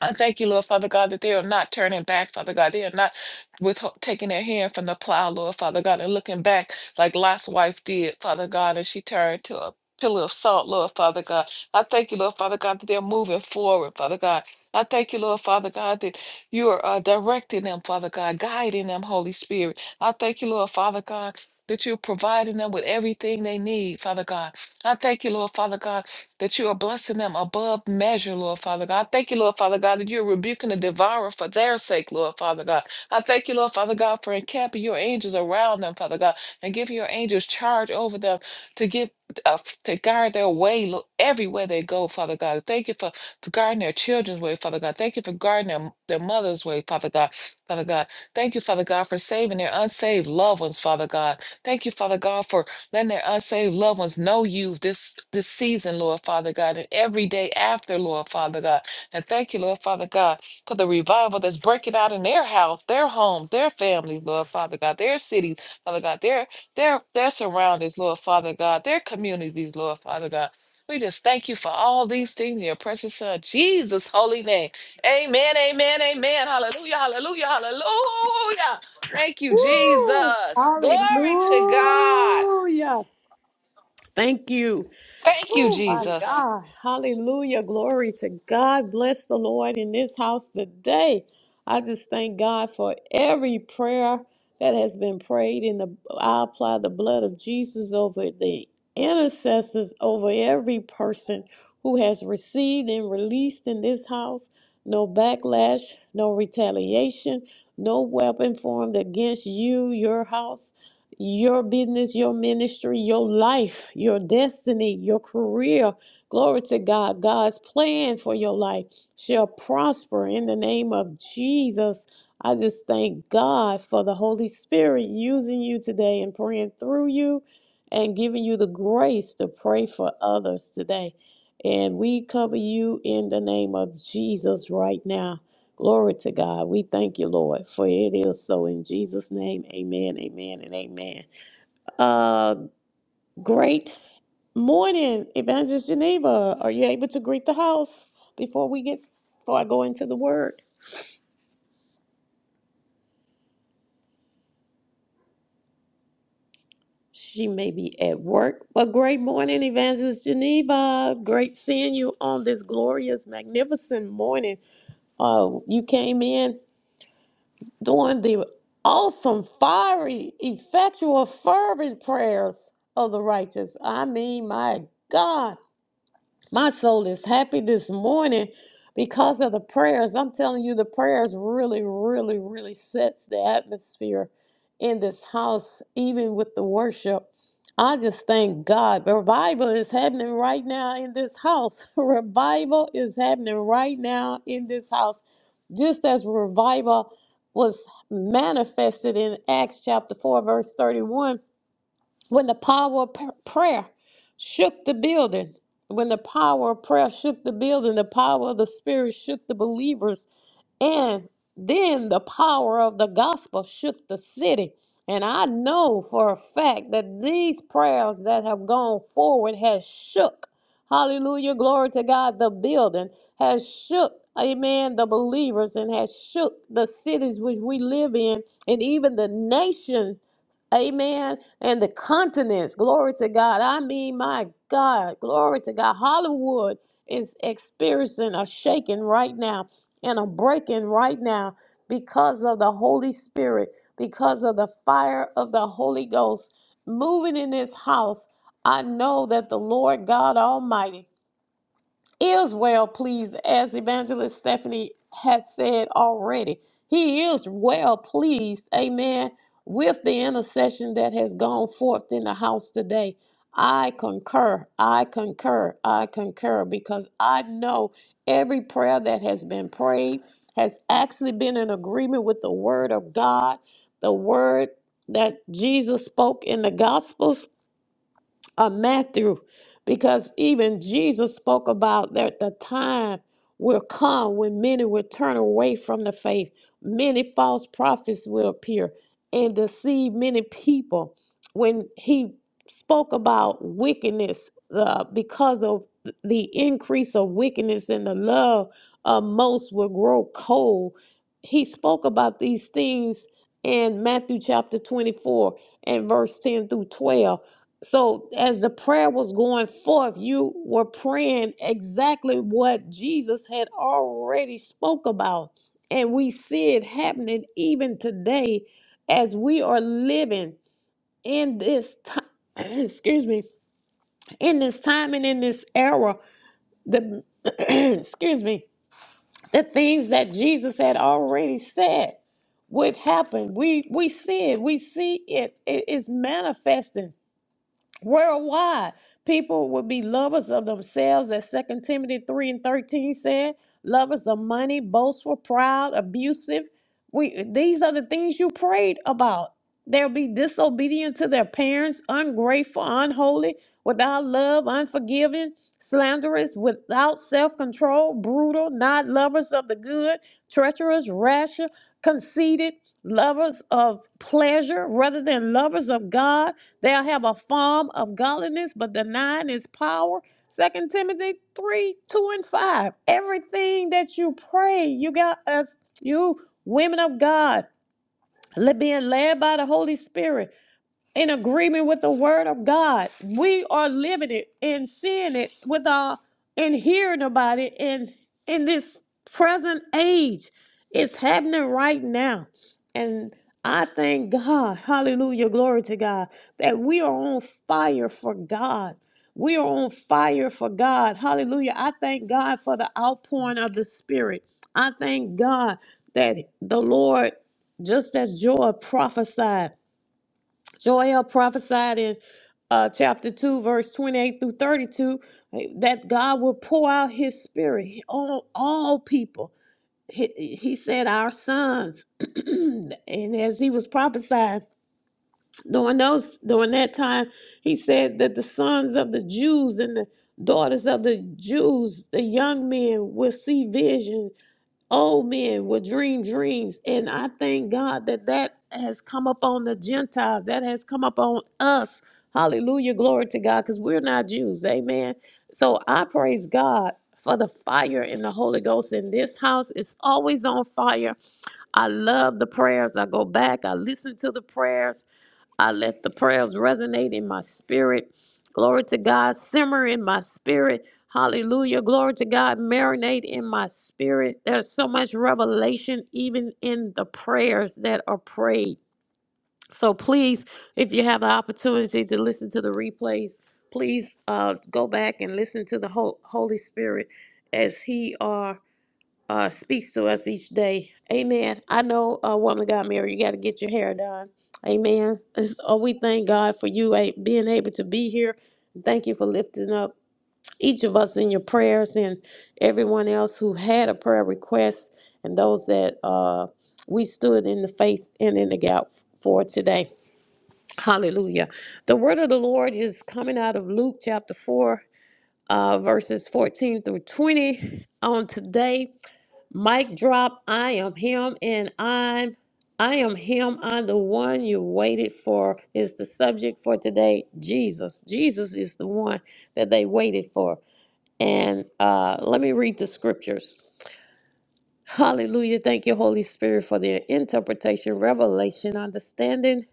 S6: I thank you, Lord Father God, that they are not turning back, Father God. They are not with taking their hand from the plow, Lord Father God, and looking back like Lot's wife did, Father God, and she turned to a pillar of salt, Lord Father God. I thank you, Lord Father God, that they're moving forward, Father God. I thank you, Lord Father God, that you are uh, directing them, Father God, guiding them, Holy Spirit. I thank you, Lord Father God. That you're providing them with everything they need, Father God. I thank you, Lord Father God that you are blessing them above measure, Lord Father God. I Thank you, Lord Father God, that you're rebuking the devourer for their sake, Lord Father God. I thank you, Lord Father God, for encamping your angels around them, Father God, and giving your angels charge over them to give. Uh, to guard their way Lord, everywhere they go, Father God. Thank you for, for guarding their children's way, Father God. Thank you for guarding their, their mother's way, Father God. Father God. Thank you, Father God, for saving their unsaved loved ones, Father God. Thank you, Father God, for Letting their unsaved loved ones know you this this season, Lord Father God, and every day after, Lord Father God. And thank you, Lord Father God, for the revival that's breaking out in their house, their homes, their families, Lord Father God, their cities, Father God, their their their surroundings, Lord Father God, their communities, Lord Father God. We just thank you for all these things in your precious son, Jesus' holy name. Amen, amen, amen. Hallelujah, hallelujah, hallelujah. Thank you,
S1: Woo,
S6: Jesus. Glory to God.
S1: hallelujah. Thank you.
S6: Thank you,
S1: Oh my
S6: Jesus.
S1: God. Hallelujah. Glory to God. Bless the Lord in this house today. I just thank God for every prayer that has been prayed in the I apply the blood of Jesus over the intercessors over every person who has received and released in this house. No backlash, no retaliation, no weapon formed against you, your house, your business, your ministry, your life, your destiny, your career. Glory to God. God's plan for your life shall prosper in the name of Jesus. I just thank God for the Holy Spirit using you today and praying through you and giving you the grace to pray for others today. And we cover you in the name of Jesus right now. Glory to God. We thank you, Lord, for it is so in Jesus' name. Amen, amen, and amen. Uh, great morning, Evangelist Geneva. Are you able to greet the house before we get before I go into the word? She may be at work, but great morning, Evangelist Geneva. Great seeing you on this glorious, magnificent morning. Uh, you came in. doing the awesome, fiery, effectual, fervent prayers of the righteous. I mean, my God, my soul is happy this morning because of the prayers. I'm telling you, the prayers really, really, really sets the atmosphere in this house, even with the worship. I just thank God. Revival is happening right now in this house. Revival is happening right now in this house just as revival was manifested in Acts chapter 4, verse 31, when the power of p- prayer shook the building. When the power of prayer shook the building, the power of the Spirit shook the believers and then the power of the gospel shook the city. And I know for a fact that these prayers that have gone forward has shook. Hallelujah. Glory to God. The building has shook. Amen. The believers and has shook the cities which we live in and even the nation. Amen. And the continents. Glory to God. I mean, my God. Glory to God. Hollywood is experiencing a shaking right now and I'm breaking right now because of the Holy Spirit, because of the fire of the Holy Ghost moving in this house. I know that the Lord God Almighty is well pleased, as Evangelist Stephanie has said already. He is well pleased, amen, with the intercession that has gone forth in the house today. I concur, I concur, I concur, because I know every prayer that has been prayed has actually been in agreement with the word of God, the word that Jesus spoke in the Gospels uh, Matthew, because even Jesus spoke about that the time will come when many will turn away from the faith. Many false prophets will appear and deceive many people. When he spoke about wickedness, uh, because of the increase of wickedness and the love of most will grow cold, he spoke about these things in Matthew chapter 24 and verse 10 through 12 so, as the prayer was going forth, you were praying exactly what Jesus had already spoke about. And we see it happening even today as we are living in this time, excuse me, in this time and in this era. The excuse me, the things that Jesus had already said would happen. We we see it, we see it, it is manifesting Worldwide, people will be lovers of themselves, as Second Timothy 3 and 13 said, lovers of money, boastful, proud, abusive. We, these are the things you prayed about. They'll be disobedient to their parents, ungrateful, unholy, without love, unforgiving, slanderous, without self control, brutal, not lovers of the good, treacherous, rash, conceited, lovers of pleasure rather than lovers of God They'll have a form of godliness, but denying its power. Second Timothy 3, 2 and 5. Everything that you pray, you got us, you women of God, being led by the Holy Spirit in agreement with the word of God. We are living it and seeing it with our and hearing about it in in this present age. It's happening right now. And I thank God, hallelujah, glory to God, that we are on fire for God. We are on fire for God. Hallelujah. I thank God for the outpouring of the Spirit. I thank God that the Lord, just as Joel prophesied, Joel prophesied in uh, chapter 2, verse 28 through 32, eh, that God will pour out his spirit on all people. He, he said, Our sons. and as he was prophesying during, those, during that time, he said that the sons of the Jews and the daughters of the Jews, the young men, will see visions old men will dream dreams and i thank god that that has come upon the gentiles that has come upon us hallelujah glory to god because we're not jews amen so i praise god for the fire in the Holy Ghost in this house It's always on fire. I love the prayers. I go back, I listen to the prayers. I let the prayers resonate in my spirit. Glory to God, simmer in my spirit. Hallelujah. Glory to God, marinate in my spirit. There's so much revelation even in the prayers that are prayed. So please, if you have the opportunity to listen to the replays, please uh, go back and listen to the Hol- Holy Spirit as He are uh, speaks to us each day. Amen. I know a uh, woman got married. You got to get your hair done. Amen. And so we thank God for you eh, being able to be here. Thank you for lifting up each of us in your prayers and everyone else who had a prayer request and those that uh, we stood in the faith and in the gap for today. Hallelujah. The word of the Lord is coming out of Luke chapter 4, uh, verses 14 through 20 on today. Mic drop. I am him and I'm I am him. I'm the one you waited for is the subject for today. Jesus. Jesus is the one that they waited for. And uh let me read the scriptures. Hallelujah. Thank you, Holy Spirit, for the interpretation, revelation, understanding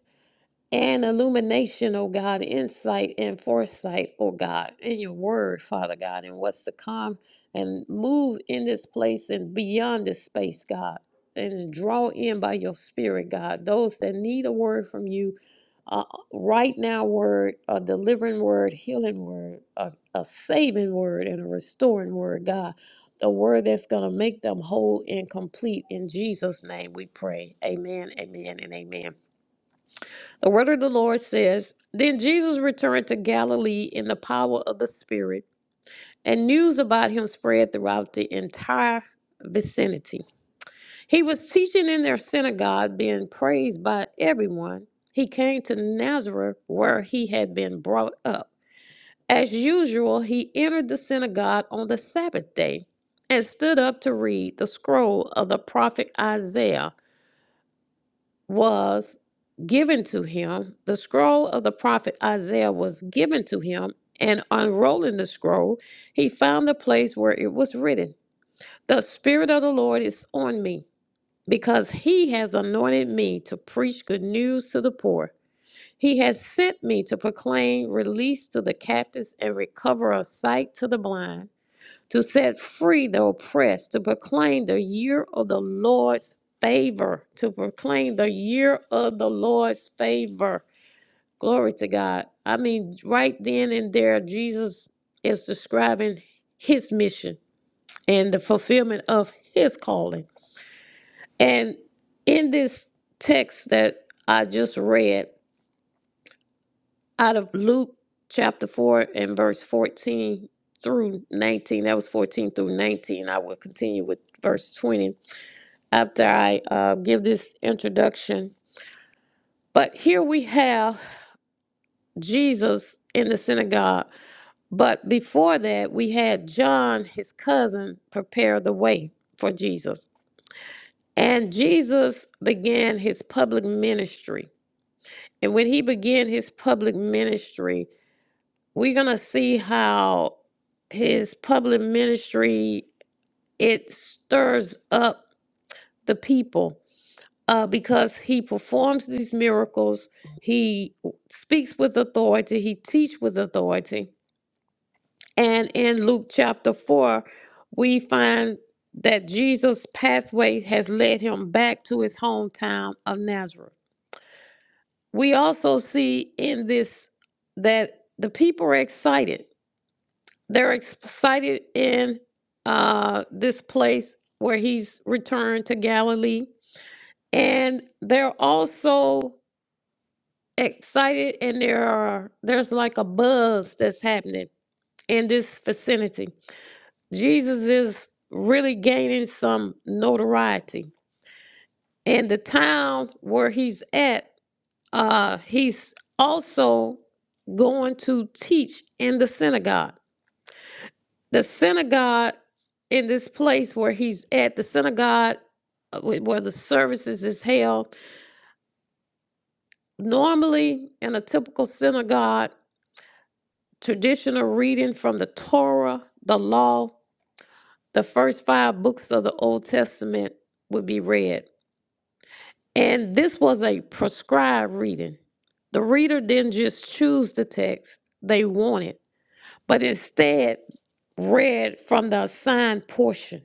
S1: and illumination, oh God, insight and foresight, oh God, in your word, Father God, and what's to come and move in this place and beyond this space, God, and draw in by your spirit, God, those that need a word from you. Uh, right now, word, a delivering word, healing word, a, a saving word, and a restoring word, God. A word that's going to make them whole and complete. In Jesus' name we pray. Amen, amen, and amen. The word of the Lord says Then Jesus returned to Galilee in the power of the Spirit, and news about him spread throughout the entire vicinity. He was teaching in their synagogue, being praised by everyone. He came to Nazareth, where he had been brought up. As usual, he entered the synagogue on the Sabbath day and stood up to read the scroll of the prophet Isaiah. was given to him. The scroll of the prophet Isaiah was given to him, and unrolling the scroll, he found the place where it was written The Spirit of the Lord is on me, because he has anointed me to preach good news to the poor. He has sent me to proclaim release to the captives and recovery of sight to the blind to set free the oppressed, to proclaim the year of the Lord's favor, to proclaim the year of the Lord's favor. Glory to God. I mean, right then and there, Jesus is describing his mission and the fulfillment of his calling. And in this text that I just read out of Luke chapter 4 and verse 14 through 19, that was 14 through 19. I will continue with verse 20 after I uh, give this introduction. But here we have Jesus in the synagogue. But before that, we had John, his cousin, prepare the way for Jesus. And Jesus began his public ministry. And when he began his public ministry, we're going to see how his public ministry it stirs up the people uh, because he performs these miracles. He speaks with authority. He teaches with authority. And in Luke chapter 4, we find that Jesus' pathway has led him back to his hometown of Nazareth. We also see in this that the people are excited. They're excited in uh, this place where he's returned to Galilee. And they're also excited and there are there's like a buzz that's happening in this vicinity. Jesus is really gaining some notoriety. And the town where he's at, uh, he's also going to teach in the synagogue. The synagogue in this place where he's at, the synagogue uh, where the services is held, normally in a typical synagogue, traditional reading from the Torah, the law, the first five books of the Old Testament would be read. And this was a prescribed reading. The reader didn't just choose the text they wanted, but instead read from the assigned portion.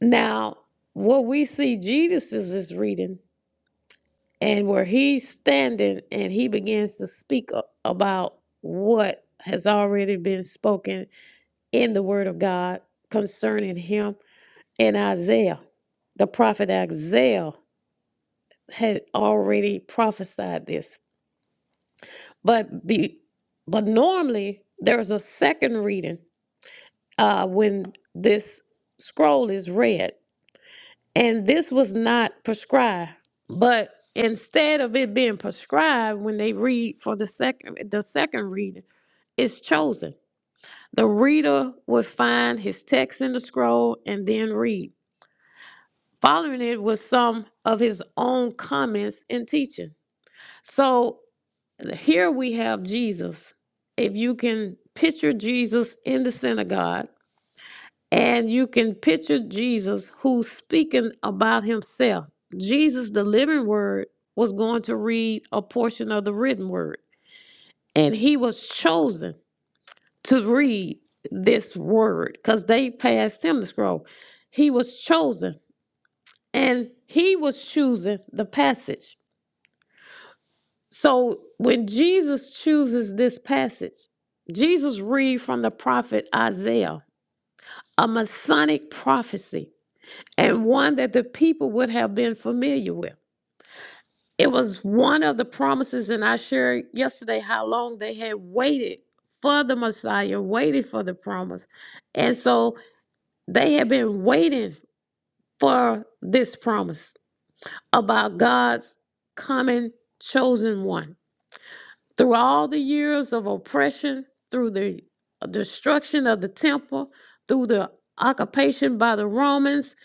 S1: Now, what we see Jesus is this reading, and where he's standing and he begins to speak about what has already been spoken in the word of God concerning him and Isaiah. The prophet Isaiah had already prophesied this. But be, but normally there's a second reading uh, when this scroll is read. And this was not prescribed. But instead of it being prescribed when they read for the second the second reading, it's chosen. The reader would find his text in the scroll and then read. following it with some of his own comments and teaching. So here we have Jesus. If you can picture Jesus in the synagogue, and you can picture Jesus who's speaking about himself. Jesus, the living word, was going to read a portion of the written word, and he was chosen to read this word because they passed him the scroll. He was chosen, and he was choosing the passage. So when Jesus chooses this passage, Jesus read from the prophet Isaiah, a Masonic prophecy, and one that the people would have been familiar with. It was one of the promises, and I shared yesterday how long they had waited for the Messiah, waited for the promise. And so they had been waiting for this promise about God's coming chosen one. Through all the years of oppression, through the uh, destruction of the temple, through the occupation by the Romans,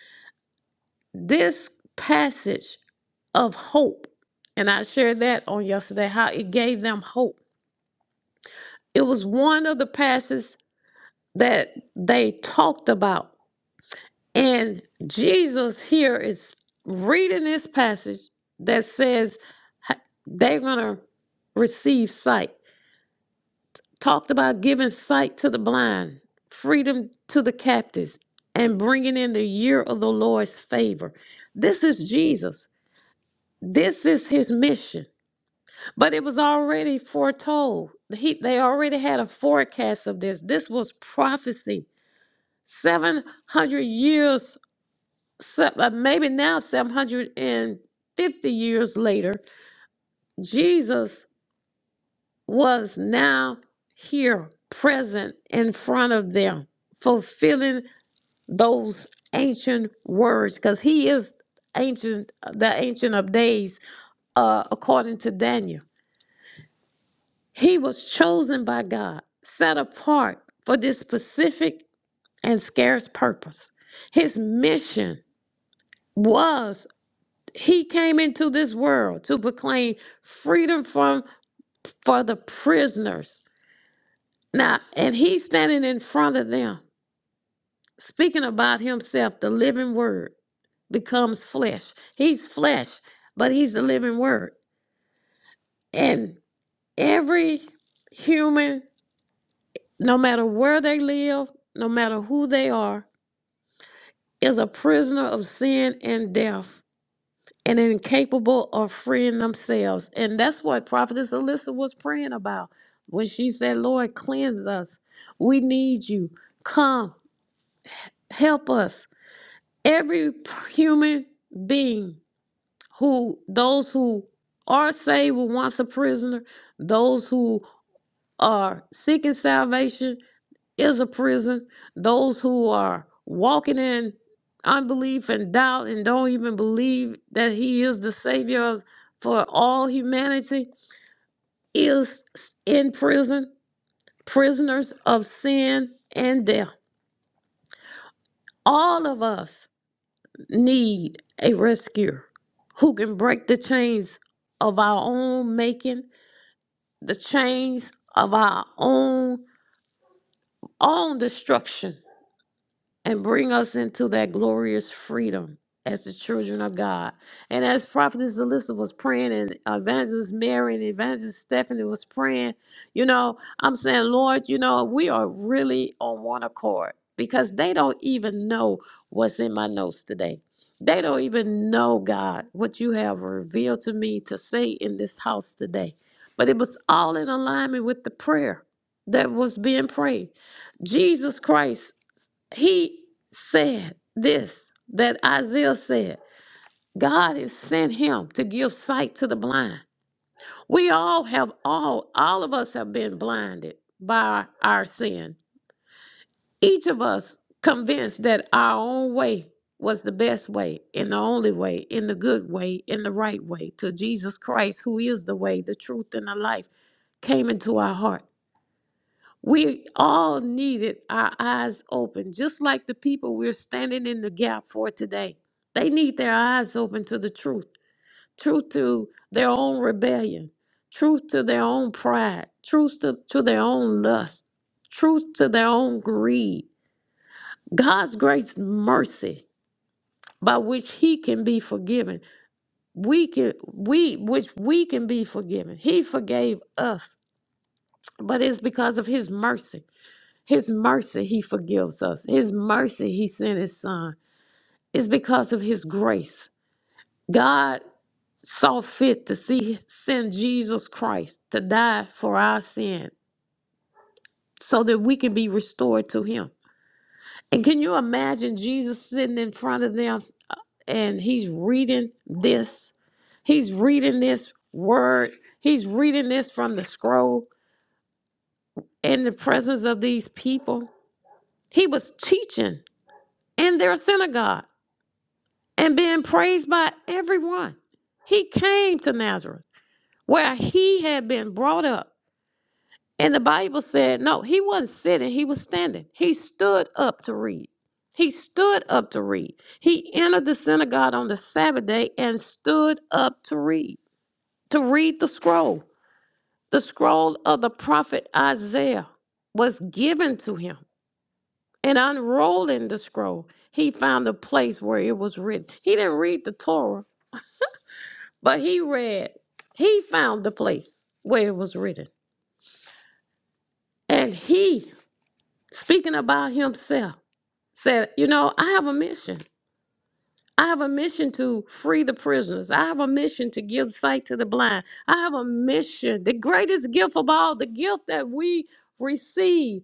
S1: this passage of hope, and I shared that on yesterday, how it gave them hope. It was one of the passages that they talked about. And Jesus here is reading this passage that says they're going to receive sight. talked about giving sight to the blind, freedom to the captives, and bringing in the year of the Lord's favor. This is Jesus. This is his mission. But it was already foretold. He, they already had a forecast of this. This was prophecy. 700 years, se- uh, maybe now 750 years later, Jesus was now here, present in front of them, fulfilling those ancient words because he is ancient uh, the ancient of days uh, according to daniel he was chosen by god set apart for this specific and scarce purpose his mission was he came into this world to proclaim freedom from for the prisoners now and he's standing in front of them speaking about himself the living word becomes flesh. He's flesh, but he's the living word. And every human, no matter where they live, no matter who they are, is a prisoner of sin and death and incapable of freeing themselves. And that's what Prophetess Alyssa was praying about when she said, Lord, cleanse us. We need you. Come, help us. Every human being who those who are saved were once a prisoner those who are seeking salvation is a prison those who are walking in unbelief and doubt and don't even believe that he is the savior of, for all humanity is in prison prisoners of sin and death all of us need a rescuer who can break the chains of our own making the chains of our own own destruction and bring us into that glorious freedom as the children of God. And as Prophetess Alyssa was praying, and Evangelist Mary and Evangelist Stephanie was praying, you know, I'm saying, Lord, you know, we are really on one accord because they don't even know what's in my notes today. They don't even know, God, what you have revealed to me to say in this house today. But it was all in alignment with the prayer that was being prayed. Jesus Christ he said this that Isaiah said God has sent him to give sight to the blind. We all have all, all of us have been blinded by our sin. Each of us convinced that our own way was the best way and the only way, in the good way, in the right way, Till Jesus Christ, who is the way, the truth, and the life, came into our heart. We all needed our eyes open, just like the people we're standing in the gap for today. They need their eyes open to the truth, truth to their own rebellion, truth to their own pride, truth to, to their own lust, truth to their own greed. God's grace mercy by which he can be forgiven. We can we which we can be forgiven. He forgave us, but it's because of his mercy. His mercy, He forgives us. His mercy, He sent His Son. It's because of His grace. God saw fit to see, send Jesus Christ to die for our sin so that we can be restored to Him. And can you imagine Jesus sitting in front of them and He's reading this? He's reading this word, He's reading this from the scroll in the presence of these people. He was teaching in their synagogue. and being praised by everyone. He came to Nazareth where he had been brought up. And the Bible said, no, he wasn't sitting, he was standing. He stood up to read. He stood up to read. He entered the synagogue on the Sabbath day and stood up to read, to read the scroll. The scroll of the prophet Isaiah was given to him. And unrolling the scroll, he found the place where it was written. He didn't read the Torah, But he read, he found the place where it was written. And he, speaking about himself, said, You know, I have a mission. I have a mission to free the prisoners. I have a mission to give sight to the blind. I have a mission, the greatest gift of all, the gift that we receive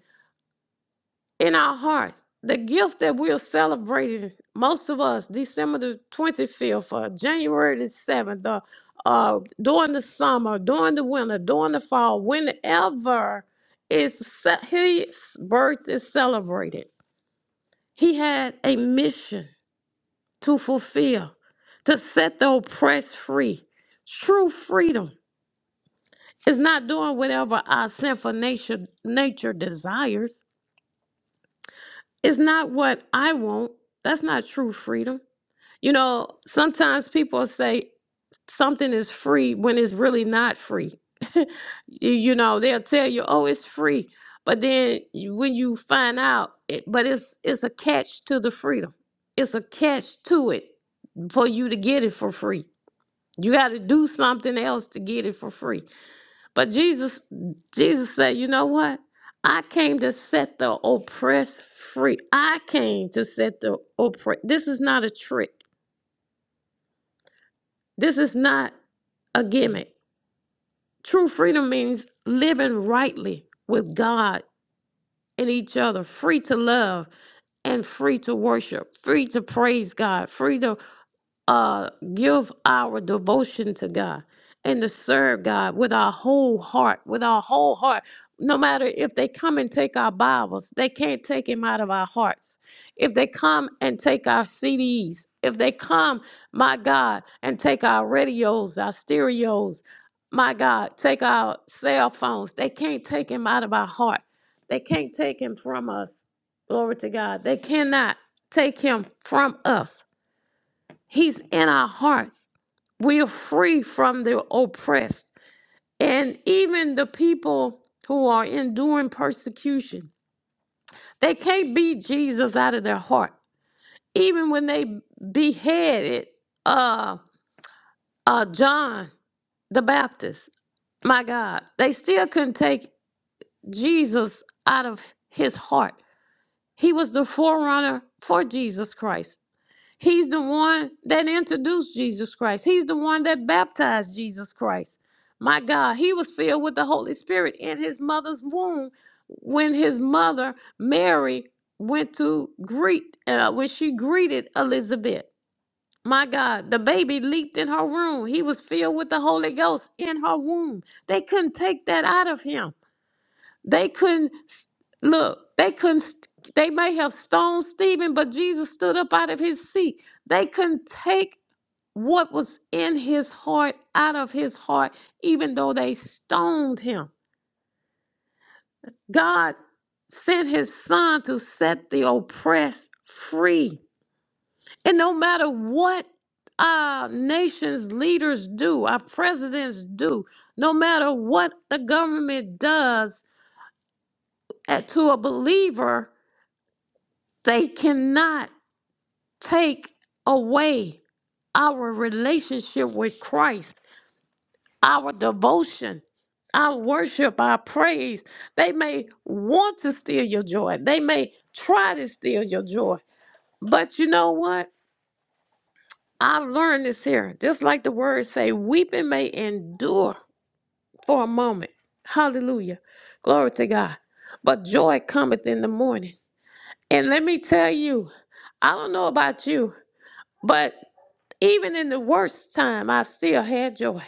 S1: in our hearts. The gift that we're celebrating, most of us, December the 25th, or January the 7th, or uh, during the summer, during the winter, during the fall, whenever is ce- his birth is celebrated. He had a mission to fulfill, to set the oppressed free. True freedom is not doing whatever our sinful nature, nature desires It's not what I want. That's not true freedom. You know, sometimes people say something is free when it's really not free. you, you know, they'll tell you, "Oh, it's free," but then you, when you find out, it, but it's it's a catch to the freedom. It's a catch to it for you to get it for free. You got to do something else to get it for free. But Jesus, Jesus said, you know what? I came to set the oppressed free. I came to set the oppressed. This is not a trick. This is not a gimmick. True freedom means living rightly with God and each other, free to love and free to worship, free to praise God, free to uh, give our devotion to God and to serve God with our whole heart, with our whole heart. No matter if they come and take our Bibles, they can't take him out of our hearts. If they come and take our CDs, if they come, my God, and take our radios, our stereos, my God, take our cell phones, they can't take him out of our heart. They can't take him from us. Glory to God. They cannot take him from us. He's in our hearts. We are free from the oppressed. And even the people who are enduring persecution, they can't beat Jesus out of their heart. Even when they beheaded uh, uh, John the Baptist, my God, they still couldn't take Jesus out of his heart. He was the forerunner for Jesus Christ. He's the one that introduced Jesus Christ. He's the one that baptized Jesus Christ. My God, he was filled with the Holy Spirit in his mother's womb when his mother, Mary, went to greet, uh, when she greeted Elizabeth. My God, the baby leaped in her womb. He was filled with the Holy Ghost in her womb. They couldn't take that out of him. They couldn't look, they couldn't they may have stoned Stephen, but Jesus stood up out of his seat. They couldn't take what was in his heart out of his heart, even though they stoned him. God sent his son to set the oppressed free. And no matter what our nation's leaders do, our presidents do, no matter what the government does uh, to a believer, They cannot take away our relationship with Christ, our devotion, our worship, our praise. They may want to steal your joy, they may try to steal your joy. But you know what? I've learned this here. Just like the words say, weeping may endure for a moment. Hallelujah. Glory to God. But joy cometh in the morning. And let me tell you, I don't know about you, but Even in the worst time, I still had joy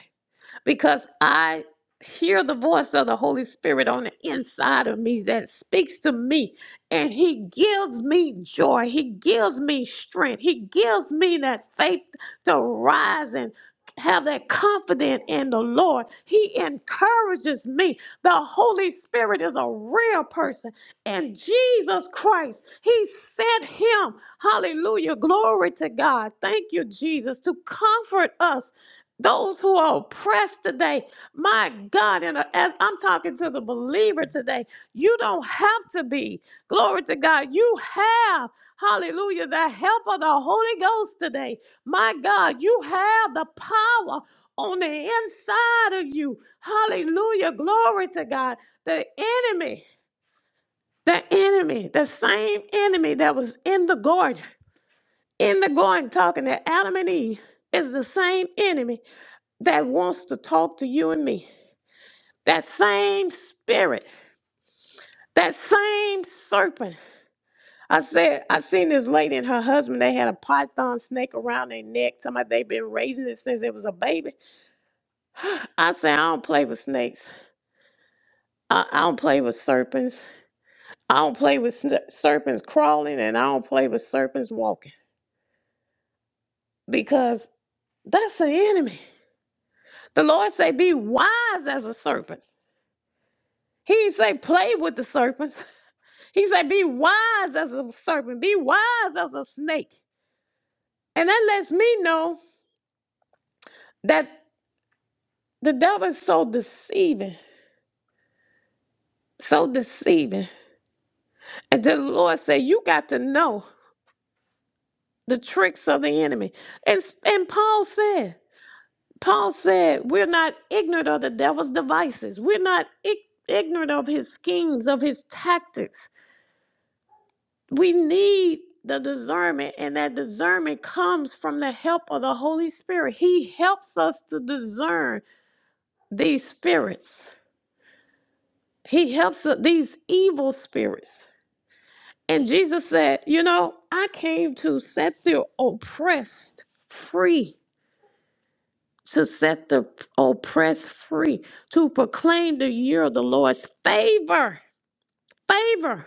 S1: because I hear the voice of the Holy Spirit on the inside of me that speaks to me and he gives me joy. He gives me strength. He gives me that faith to rise and have that confidence in the Lord. He encourages me. The Holy Spirit is a real person. And Jesus Christ, He sent Him. Hallelujah. Glory to God. Thank you, Jesus, to comfort us those who are oppressed today, my God, and uh, as I'm talking to the believer today, you don't have to be. Glory to God. You have, hallelujah, the help of the Holy Ghost today. My God, you have the power on the inside of you. Hallelujah. Glory to God. The enemy, the enemy, the same enemy that was in the garden, in the garden talking to Adam and Eve, is the same enemy that wants to talk to you and me. That same spirit, that same serpent. I said, I seen this lady and her husband, they had a python snake around their neck. Somebody they've been raising it since it was a baby. I said, I don't play with snakes. I, I don't play with serpents. I don't play with sn- serpents crawling and I don't play with serpents walking because that's the enemy. The Lord say, be wise as a serpent. He didn't say play with the serpents. He said, Be wise as a serpent, be wise as a snake. And that lets me know that the devil is so deceiving, so deceiving. And the Lord said, You got to know the tricks of the enemy. And, and Paul said, Paul said, We're not ignorant of the devil's devices, we're not ig- ignorant of his schemes, of his tactics. We need the discernment, and that discernment comes from the help of the Holy Spirit. He helps us to discern these spirits. He helps u- these evil spirits. And Jesus said, You know, I came to set the oppressed free, to set the oppressed free, to proclaim the year of the Lord's favor, favor.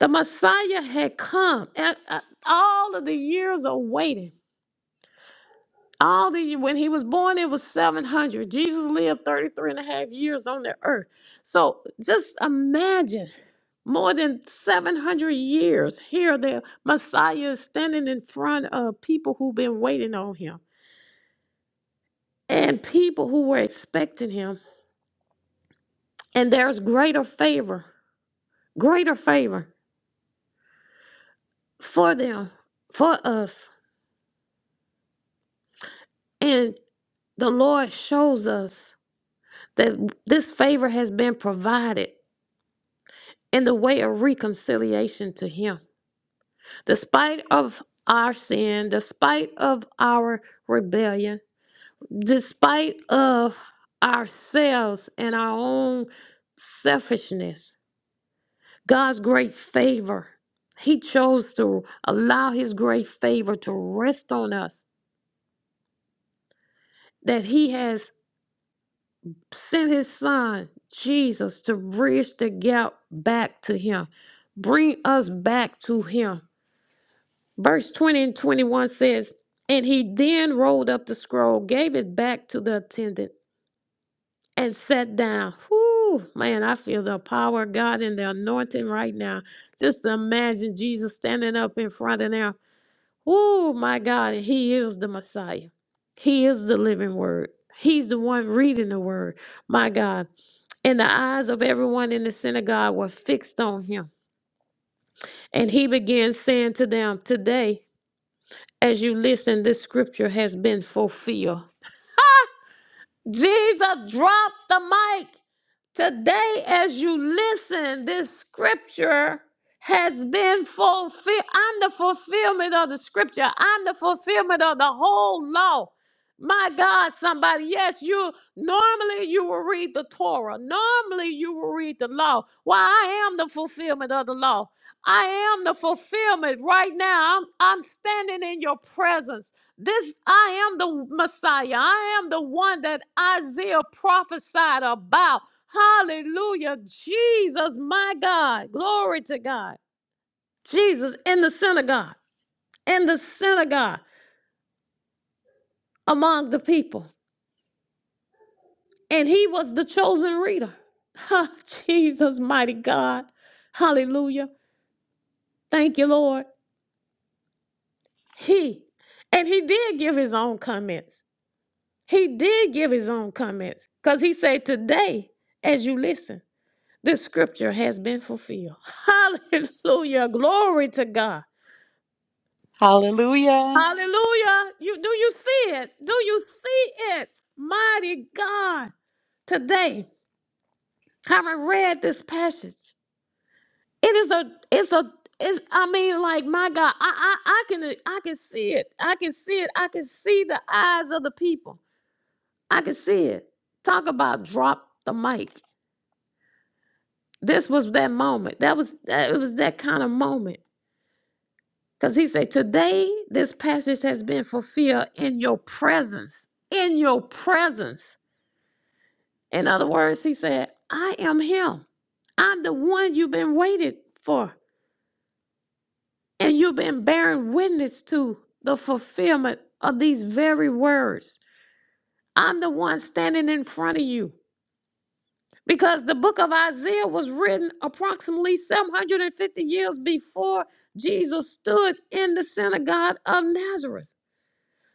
S1: The Messiah had come. And uh, all of the years of waiting, all the when he was born, it was 700. Jesus lived 33 and a half years on the earth. So just imagine more than 700 years here the messiah is standing in front of people who've been waiting on him and people who were expecting him and there's greater favor greater favor for them for us and the lord shows us that this favor has been provided in the way of reconciliation to him despite of our sin despite of our rebellion despite of ourselves and our own selfishness god's great favor he chose to allow his great favor to rest on us that he has sent his son jesus to bridge the gap back to him bring us back to him verse 20 and 21 says and he then rolled up the scroll gave it back to the attendant and sat down. Whoo, man, I feel the power of God and the anointing right now. Just imagine Jesus standing up in front of them. Whoo, my God, he is the Messiah. He is the living word. He's the one reading the word, my God. And the eyes of everyone in the synagogue were fixed on him. And he began saying to them, Today, as you listen, this scripture has been fulfilled. Jesus dropped the mic. Today, as you listen, this scripture has been fulfilled. I'm the fulfillment of the scripture. I'm the fulfillment of the whole law. My God, somebody, yes, you normally you will read the Torah. Normally you will read the law. Well, I am the fulfillment of the law. I am the fulfillment right now. I'm, I'm standing in your presence. This I am the Messiah. I am the one that Isaiah prophesied about. Hallelujah. Jesus, my God. Glory to God. Jesus in the synagogue, in the synagogue among the people. And he was the chosen reader. Ha, Jesus, mighty God. Hallelujah. Thank you, Lord. He, and he did give his own comments. He did give his own comments because he said, Today, as you listen, this scripture has been fulfilled. Hallelujah. Glory to God.
S2: Hallelujah.
S1: Hallelujah. You do you see it? Do you see it? Mighty God. Today, having read this passage, it is a it's a it's I mean like my God, I I I can I can see it. I can see it. I can see the eyes of the people. I can see it. Talk about drop the mic. This was that moment. That was that it was that kind of moment. Because he said, Today this passage has been fulfilled in your presence. In your presence. In other words, he said, I am him. I'm the one you've been waiting for. And you've been bearing witness to the fulfillment of these very words. I'm the one standing in front of you. Because the book of Isaiah was written approximately 750 years before Jesus stood in the synagogue of Nazareth.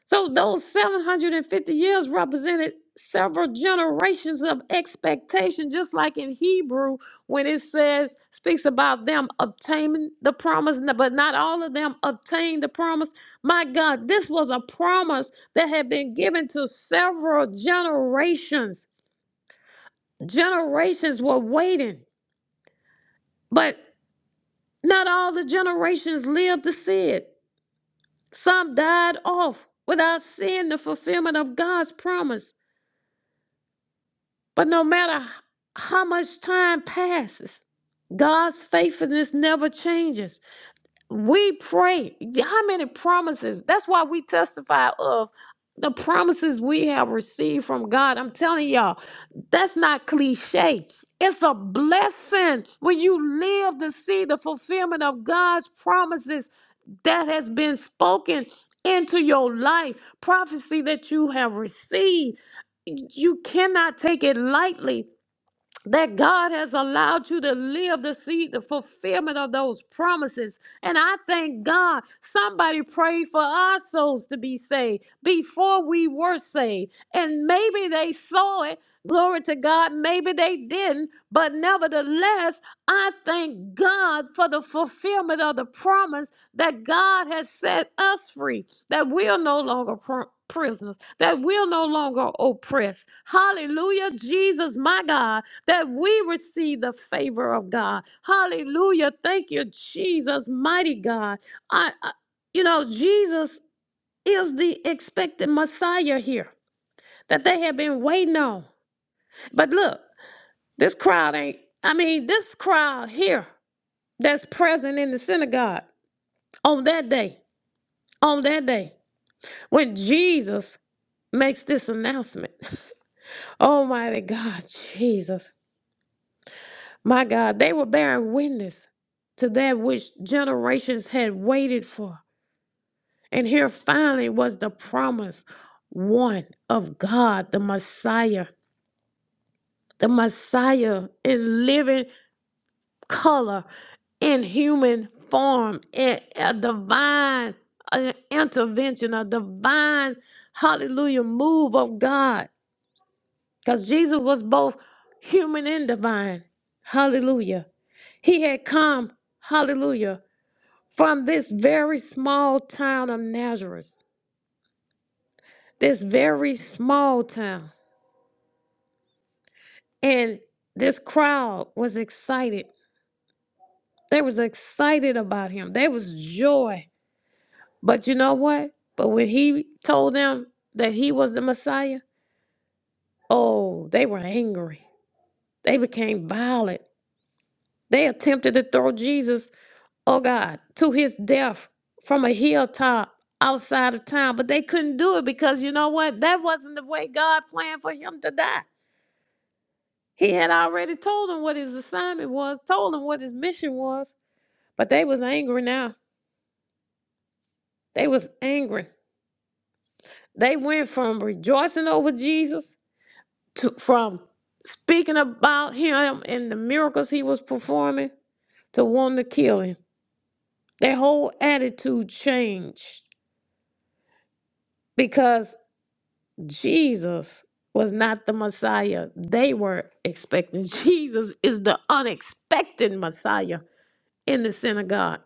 S1: So those 750 years represented several generations of expectation, just like in Hebrew when it says, speaks about them obtaining the promise, but not all of them obtained the promise. My God, this was a promise that had been given to several generations. Generations were waiting, but not all the generations lived to see it. Some died off without seeing the fulfillment of God's promise. But no matter how much time passes, God's faithfulness never changes. We pray. How many promises? That's why we testify of the promises we have received from God. I'm telling y'all, that's not cliche. It's a blessing when you live to see the fulfillment of God's promises that has been spoken into your life, prophecy that you have received. You cannot take it lightly that God has allowed you to live to see the fulfillment of those promises. And I thank God somebody prayed for our souls to be saved before we were saved. And maybe they saw it. Glory to God. Maybe they didn't. But nevertheless, I thank God for the fulfillment of the promise that God has set us free, that we are no longer pr- prisoners, that we're no longer oppressed. Hallelujah. Jesus, my God that we receive the favor of God. Hallelujah. Thank you, Jesus, mighty God. I, I- you know, Jesus is the expected Messiah here that they have been waiting on. But look, this crowd ain't, I mean, this crowd here that's present in the synagogue on that day, on that day, when Jesus makes this announcement. Almighty God, Jesus. My God, they were bearing witness to that which generations had waited for. And here finally was the promise one of God, the Messiah, the Messiah in living color, in human form, in a divine uh, intervention, a divine, hallelujah, move of God. Because Jesus was both human and divine. Hallelujah. He had come, hallelujah from this very small town of Nazareth, this very small town. And this crowd was excited. They was excited about him. There was joy. But you know what? But when he told them that he was the Messiah, oh, they were angry. They became violent. They attempted to throw Jesus, oh God, to his death from a hilltop outside of town, but they couldn't do it because you know what? That wasn't the way God planned for him to die. He had already told them what his assignment was, told them what his mission was, but they was angry now. They was angry. They went from rejoicing over Jesus to from speaking about him and the miracles he was performing to wanting to kill him. Their whole attitude changed because Jesus was not the Messiah they were expecting. Jesus is the unexpected Messiah in the synagogue.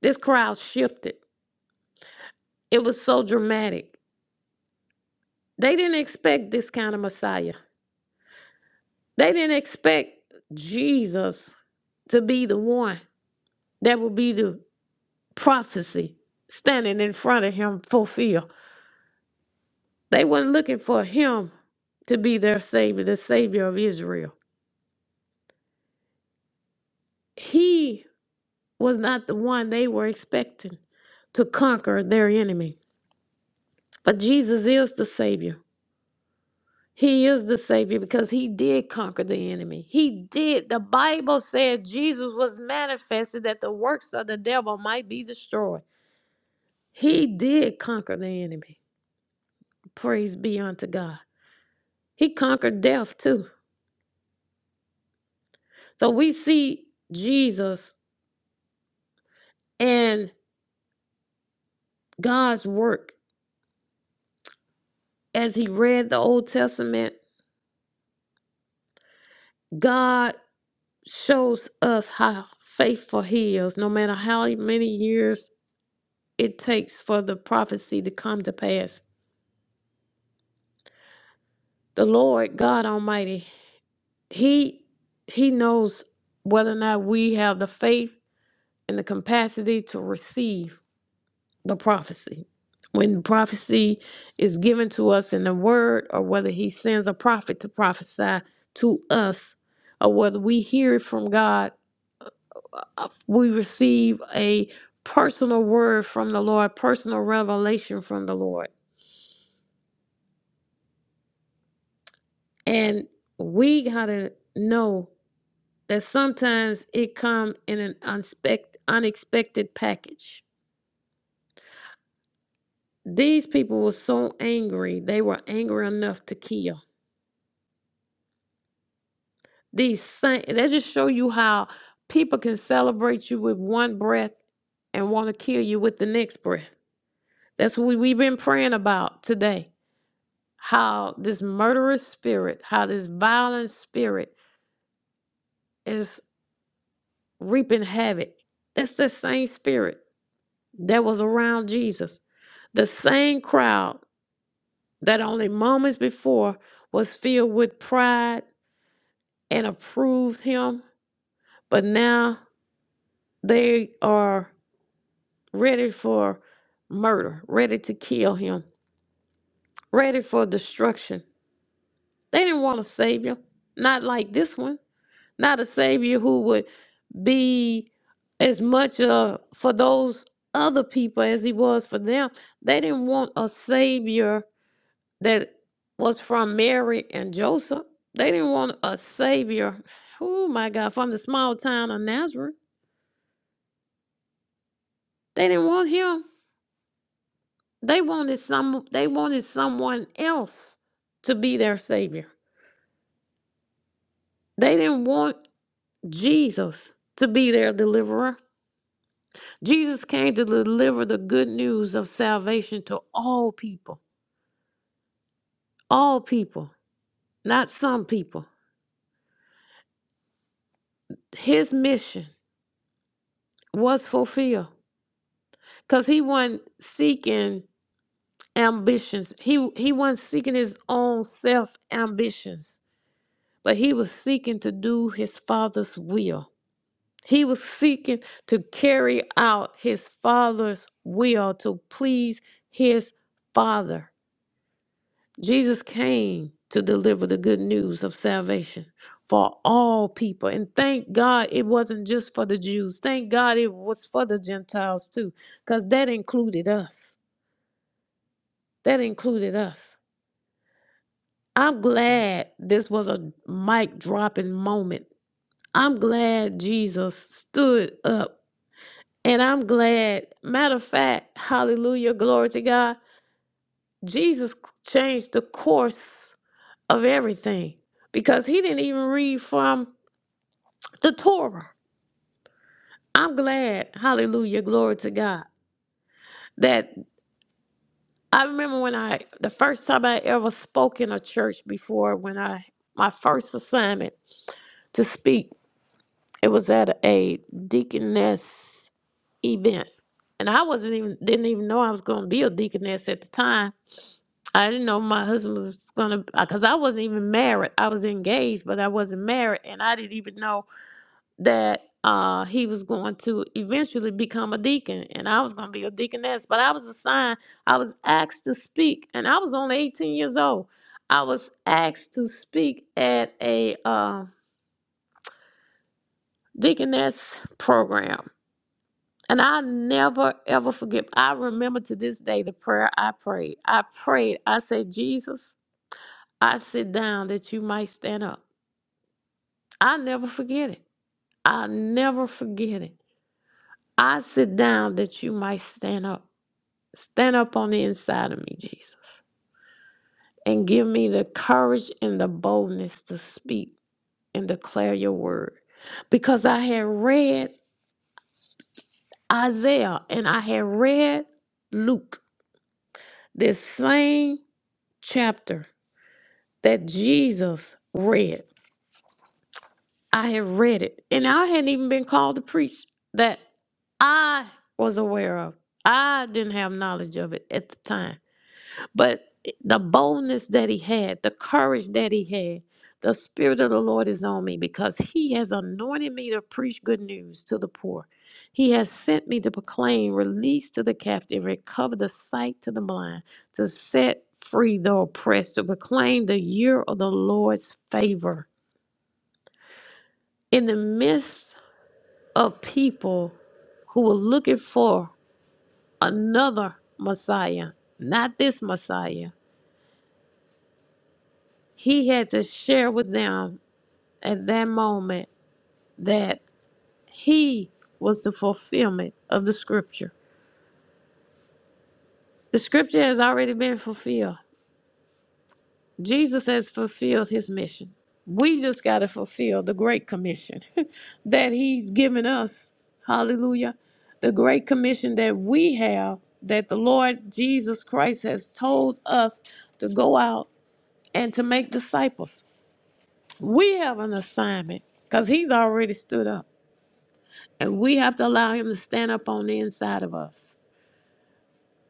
S1: This crowd shifted It was so dramatic. They didn't expect this kind of Messiah. They didn't expect Jesus to be the one that would be the prophecy standing in front of him fulfilled. They weren't looking for him to be their savior, the savior of Israel. He was not the one they were expecting to conquer their enemy. But Jesus is the savior. He is the Savior because He did conquer the enemy. He did. The Bible said Jesus was manifested that the works of the devil might be destroyed. He did conquer the enemy. Praise be unto God. He conquered death too. So we see Jesus and God's work as He read the Old Testament. God shows us how faithful He is, no matter how many years it takes for the prophecy to come to pass. The Lord God Almighty, He He knows whether or not we have the faith and the capacity to receive the prophecy. When prophecy is given to us in the word, or whether he sends a prophet to prophesy to us, or whether we hear it from God, uh, we receive a personal word from the Lord, personal revelation from the Lord. And we got to know that sometimes it come in an unspect, unexpected package. These people were so angry, they were angry enough to kill. These saints, that just show you how people can celebrate you with one breath and want to kill you with the next breath. That's what we- have been praying about today. How this murderous spirit, how this violent spirit is reaping havoc. That's the same spirit that was around Jesus. The same crowd that only moments before was filled with pride and approved him, but now they are ready for murder, ready to kill him, ready for destruction. They didn't want a savior, not like this one, not a savior who would be as much uh, for those other people as he was for them. They didn't want a savior that was from Mary and Joseph. They didn't want a savior. Oh my God, from the small town of Nazareth. They didn't want him. They wanted some they wanted someone else to be their savior. They didn't want Jesus to be their deliverer. Jesus came to deliver the good news of salvation to all people. All people, not some people. His mission was fulfilled because he wasn't seeking ambitions. He he wasn't seeking his own self ambitions, but he was seeking to do his father's will. He was seeking to carry out his father's will to please his father. Jesus came to deliver the good news of salvation for all people. And thank God it wasn't just for the Jews. Thank God it was for the Gentiles too, because that included us. That included us. I'm glad this was a mic dropping moment. I'm glad Jesus stood up. And I'm glad, matter of fact, hallelujah, glory to God, Jesus changed the course of everything because he didn't even read from the Torah. I'm glad, hallelujah, glory to God, that I remember when I, the first time I ever spoke in a church before, when I, my first assignment to speak It was at a deaconess event, and I wasn't even didn't even know I was going to be a deaconess at the time. I didn't know my husband was going to because I wasn't even married. I was engaged, but I wasn't married, and I didn't even know that uh, he was going to eventually become a deacon, and I was going to be a deaconess. But I was assigned. I was asked to speak, and I was only 18 years old. I was asked to speak at a uh, deaconess program And i never, ever forget. I remember to this day the prayer I prayed. I prayed. I said, Jesus, I sit down that you might stand up. i never forget it. i never forget it. I sit down that you might stand up. Stand up on the inside of me, Jesus, and give me the courage and the boldness to speak and declare your word. Because I had read Isaiah and I had read Luke, this same chapter that Jesus read. I had read it, and I hadn't even been called to preach that I was aware of. I didn't have knowledge of it at the time. But the boldness that he had, the courage that he had, the Spirit of the Lord is on me because he has anointed me to preach good news to the poor. He has sent me to proclaim release to the captive, recover the sight to the blind, to set free the oppressed, to proclaim the year of the Lord's favor. In the midst of people who were looking for another Messiah, not this Messiah, he had to share with them at that moment that he was the fulfillment of the scripture. The scripture has already been fulfilled. Jesus has fulfilled his mission. We just got to fulfill the great commission that he's given us. Hallelujah. The great commission that we have that the Lord Jesus Christ has told us to go out and to make disciples. We have an assignment because he's already stood up. And we have to allow Him to stand up on the inside of us.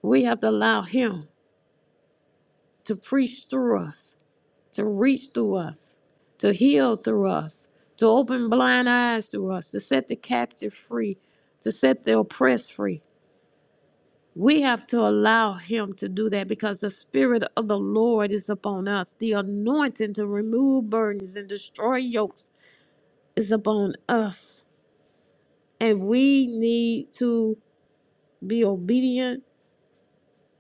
S1: We have to allow Him to preach through us, to reach through us, to heal through us, to open blind eyes through us, to set the captive free, to set the oppressed free. We have to allow Him to do that because the Spirit of the Lord is upon us. The anointing to remove burdens and destroy yokes is upon us. And we need to be obedient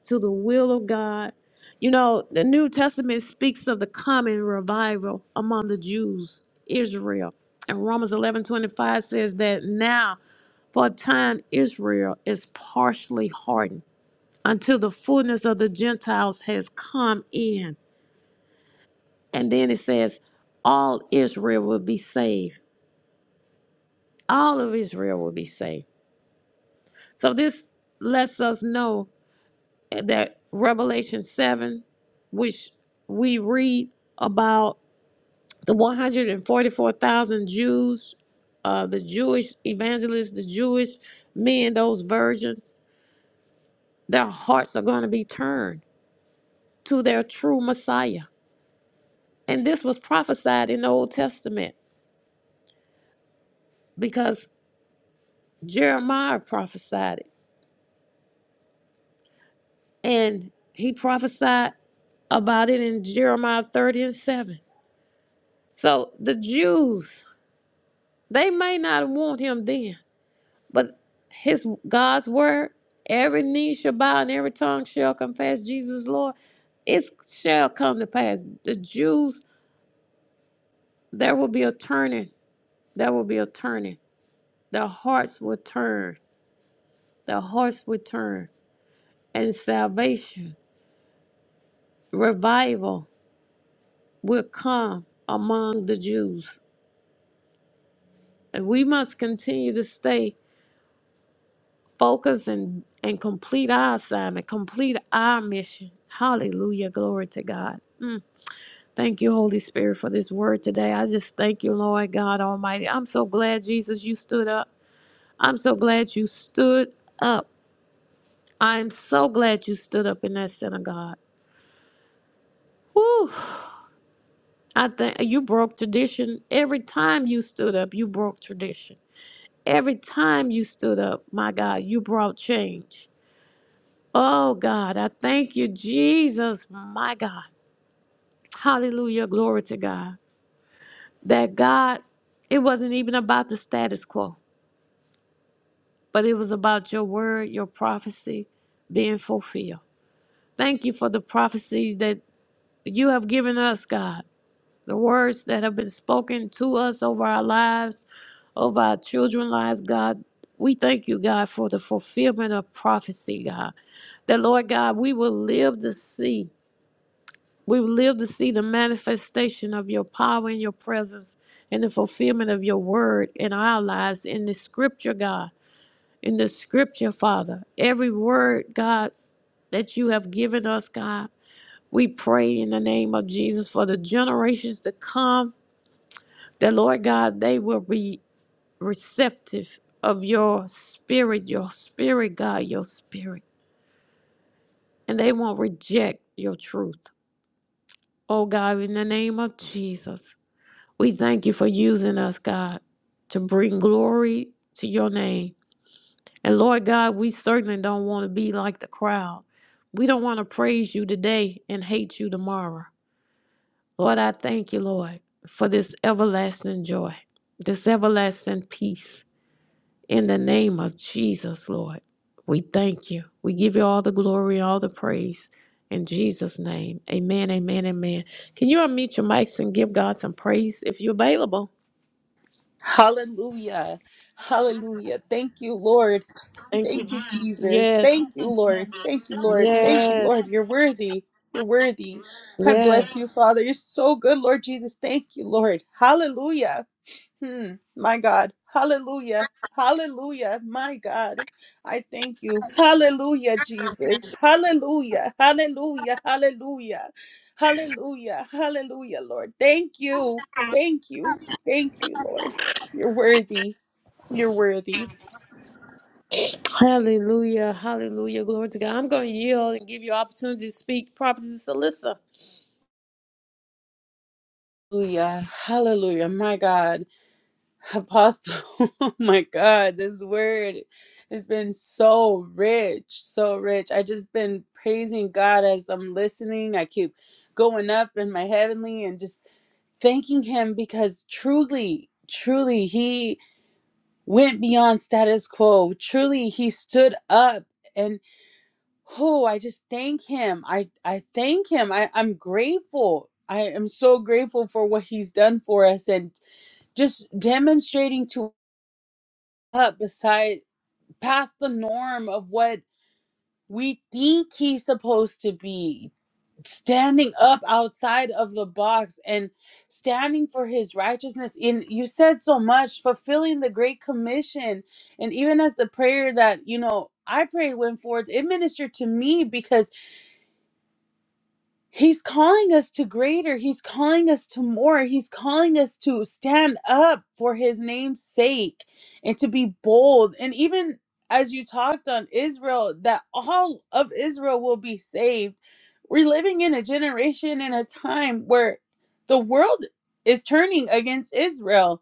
S1: to the will of God. You know, the New Testament speaks of the common revival among the Jews, Israel. And Romans 11 25 says that now, for a time, Israel is partially hardened until the fullness of the Gentiles has come in. And then it says, all Israel will be saved. All of Israel will be saved. So this lets us know that Revelation 7, which we read about the 144,000 Jews, uh, the Jewish evangelists, the Jewish men, those virgins, their hearts are going to be turned to their true Messiah. And this was prophesied in the Old Testament because Jeremiah prophesied it. And he prophesied about it in Jeremiah 30 and 7. So the Jews, they may not want him then, But his God's word, every knee shall bow and every tongue shall confess Jesus Lord. It shall come to pass. The Jews, there will be a turning. There will be a turning. Their hearts will turn. Their hearts will turn. And salvation, revival will come among the Jews. And we must continue to stay focused and, and complete our assignment, complete our mission. Hallelujah. Glory to God. Mm. Thank you, Holy Spirit, for this word today. I just thank you, Lord God Almighty. I'm so glad, Jesus, you stood up. I'm so glad you stood up. I'm so glad you stood up in that synagogue. Whew. I think you broke tradition every time you stood up. You broke tradition. Every time you stood up, my God, you brought change. Oh God, I thank you, Jesus, my God. Hallelujah. Glory to God. That God, it wasn't even about the status quo. but it was about your word, your prophecy being fulfilled. Thank you for the prophecies that you have given us, God, the words that have been spoken to us over our lives, over our children's lives, God. We thank you, God, for the fulfillment of prophecy, God. That, Lord God, we will live to see. We will live to see the manifestation of your power and your presence and the fulfillment of your word in our lives in the scripture, God in the scripture, Father. Every word, God, that you have given us, God, we pray in the name of Jesus for the generations to come, that, Lord God, they will be receptive of your spirit, your spirit, God, your spirit, and they won't reject your truth. Oh, God, in the name of Jesus, we thank you for using us, God, to bring glory to your name. And Lord God, we certainly don't want to be like the crowd. We don't want to praise you today and hate you tomorrow. Lord, I thank you, Lord, for this everlasting joy, this everlasting peace. In the name of Jesus, Lord, we thank you. We give you all the glory and all the praise. In Jesus' name, amen, amen, amen. Can you unmute your mics and give God some praise if you're available?
S2: Hallelujah. Hallelujah. Thank you, Lord.
S1: Thank you.
S2: Thank you, Jesus.
S1: Yes,
S2: Thank you, Lord. Thank you, Lord. Thank you, Lord.
S1: yes,
S2: You're worthy. You're worthy. I bless
S1: yes.
S2: you, Father. You're so good, Lord Jesus. Thank you, Lord. Hallelujah. Hmm, my God. Hallelujah. Hallelujah. My God. I thank you. Hallelujah, Jesus. Hallelujah. Hallelujah. Hallelujah. Hallelujah. Hallelujah, Lord. Thank you. Thank you. Thank you, Lord. You're worthy. You're worthy.
S1: Hallelujah. Hallelujah. Glory to God. I'm going to yield and give you opportunity to speak, Prophetess Alyssa.
S2: Hallelujah. Hallelujah. My God. Apostle, oh my God, this word has been so rich, so rich. I just been praising God as I'm listening. I keep going up in my heavenly and just thanking Him because truly, truly, He went beyond status quo. Truly, He stood up and oh, I just thank Him. I I thank Him. I I'm grateful. I am so grateful for what He's done for us and just demonstrating to up beside past the norm of what we think he's supposed to be standing up outside of the box and standing for his righteousness in you said so much fulfilling the great commission and even as the prayer that you know I prayed went forth it ministered to me because He's calling us to greater. He's calling us to more. He's calling us to stand up for his name's sake and to be bold. And even as you talked on Israel, that all of Israel will be saved. We're living in a generation and a time where the world is turning against Israel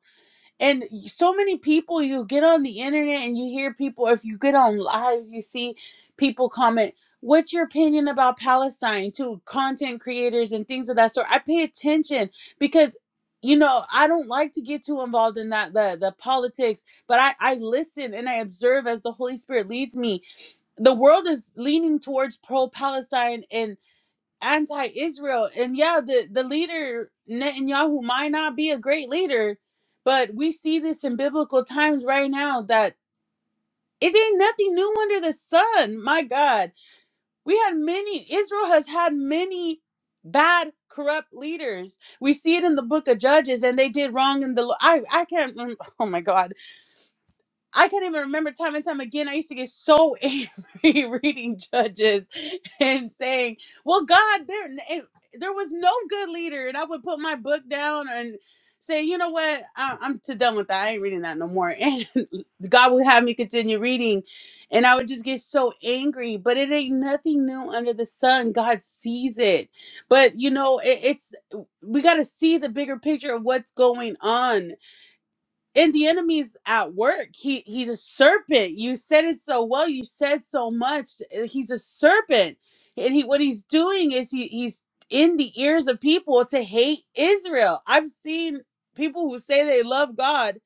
S2: and so many people you get on the internet and you hear people if you get on lives you see people comment what's your opinion about palestine to content creators and things of that sort i pay attention because you know i don't like to get too involved in that the the politics but i i listen and i observe as the holy spirit leads me the world is leaning towards pro palestine and anti-Israel. And yeah, the the leader Netanyahu might not be a great leader, but we see this in biblical times right now that it ain't nothing new under the sun. My God, we had many. Israel has had many bad, corrupt leaders. We see it in the book of Judges, and they did wrong in the. I I can't. remember. Oh my God, I can't even remember time and time again. I used to get so angry reading judges and saying, "Well, God, there and there was no good leader," and I would put my book down and say, "You know what? I, I'm too done with that. I ain't reading that no more." And God would have me continue reading, and I would just get so angry. But it ain't nothing new under the sun. God sees it. But you know, it, it's we got to see the bigger picture of what's going on and the enemy's at work he he's a serpent you said it so well you said so much Uh, he's a serpent and he what he's doing is he he's in the ears of people to hate israel i've seen people who say they love god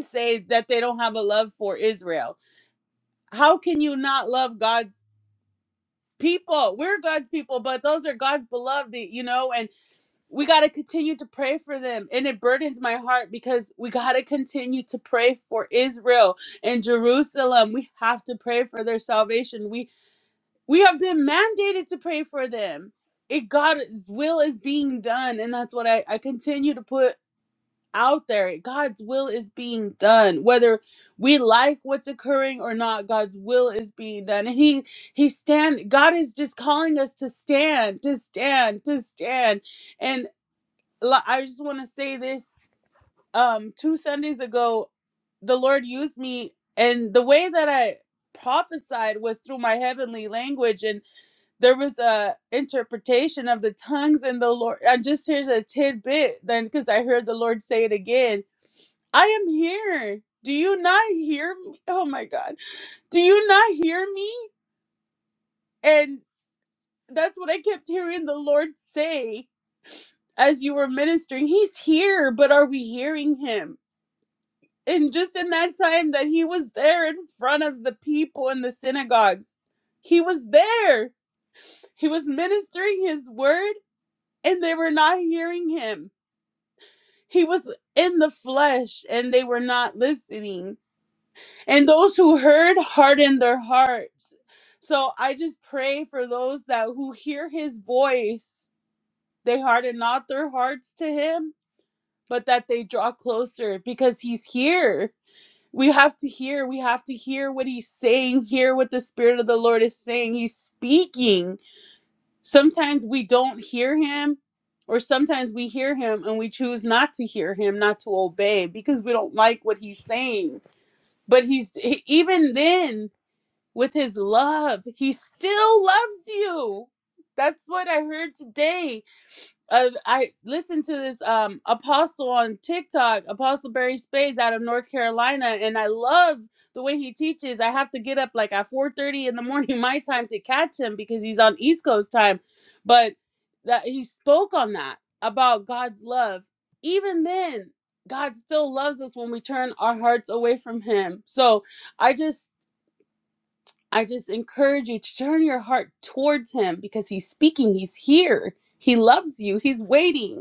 S2: say that they don't have a love for israel how can you not love god's people we're god's people but those are god's beloved you know we got to continue to pray for them. And it burdens my heart because we got to continue to pray for Israel and Jerusalem. We have to pray for their salvation. We we have been mandated to pray for them. It God's will is being done and that's what I I continue to put out there. God's will is being done whether we like what's occurring or not. God's will is being done. And he he stand God is just calling us to stand, to stand, to stand I just want to say this. Um, two Sundays ago, the Lord used me, and the way that I prophesied was through my heavenly language, and there was a interpretation of the tongues and the Lord. I just here's a tidbit then because I heard the Lord say it again. I am here. Do you not hear me? Oh my God. Do you not hear me? And that's what I kept hearing the Lord say as you were ministering. He's here, but are we hearing him? and just in that time that he was there in front of the people in the synagogues he was there he was ministering his word and they were not hearing him he was in the flesh and they were not listening and those who heard hardened their hearts so i just pray for those that who hear his voice they harden not their hearts to him but that they draw closer because he's here we have to hear we have to hear what he's saying hear what the spirit of the lord is saying he's speaking sometimes we don't hear him or sometimes we hear him and we choose not to hear him not to obey because we don't like what he's saying but he's he- even then with his love he still loves you that's what i heard today uh, I listened to this um apostle on TikTok, Apostle Barry Spades out of North Carolina, and I love the way he teaches. I have to get up like at 4:30 in the morning my time to catch him because he's on East Coast time. But that he spoke on that about God's love. Even then, God still loves us when we turn our hearts away from him. So I just I just encourage you to turn your heart towards him because he's speaking, he's here. He loves you. He's waiting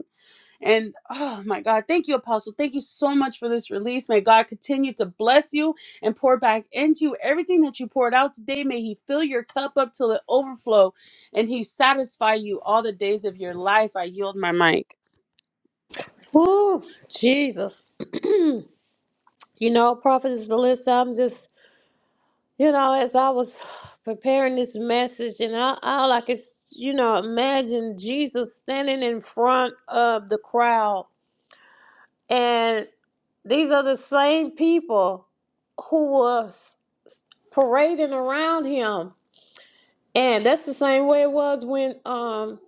S2: and oh my God, thank you, Apostle. Thank you so much for this release. May God continue to bless you and pour back into you everything that you poured out today. May He fill your cup up till it overflow and He satisfy you all the days of your life. I yield my mic.
S1: Woo, Jesus. you know, Prophetess Alyssa, I'm just, you know, as I was preparing this message, and I, all I could, you know, imagine Jesus standing in front of the crowd. And these are the same people who was parading around him. And that's the same way it was when um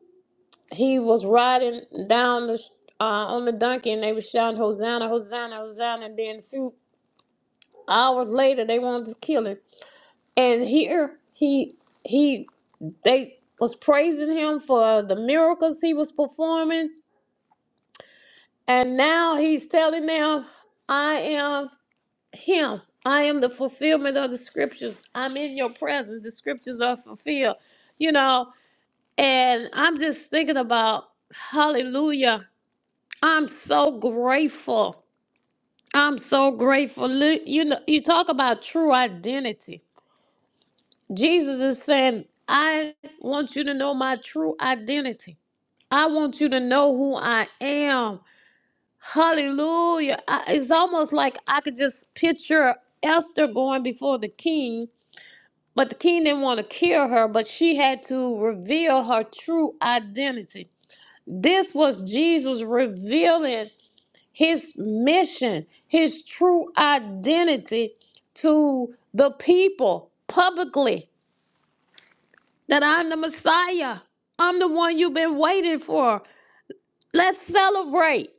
S1: he was riding down the uh, on the donkey and they were shouting hosanna hosanna hosanna and then a few hours later they wanted to kill him and here he he they was praising him for the miracles he was performing and now he's telling them i am him i am the fulfillment of the scriptures i'm in your presence the scriptures are fulfilled you know and i'm just thinking about hallelujah I'm so grateful. I'm so grateful. Look, You know, you talk about true identity. Jesus is saying, I want you to know my true identity. I want you to know who I am. Hallelujah. I, it's almost like I could just picture Esther going before the king, but the king didn't want to kill her, but she had to reveal her true identity. This was Jesus revealing his mission, his true identity to the people publicly that I'm the Messiah. I'm the one you've been waiting for. Let's celebrate.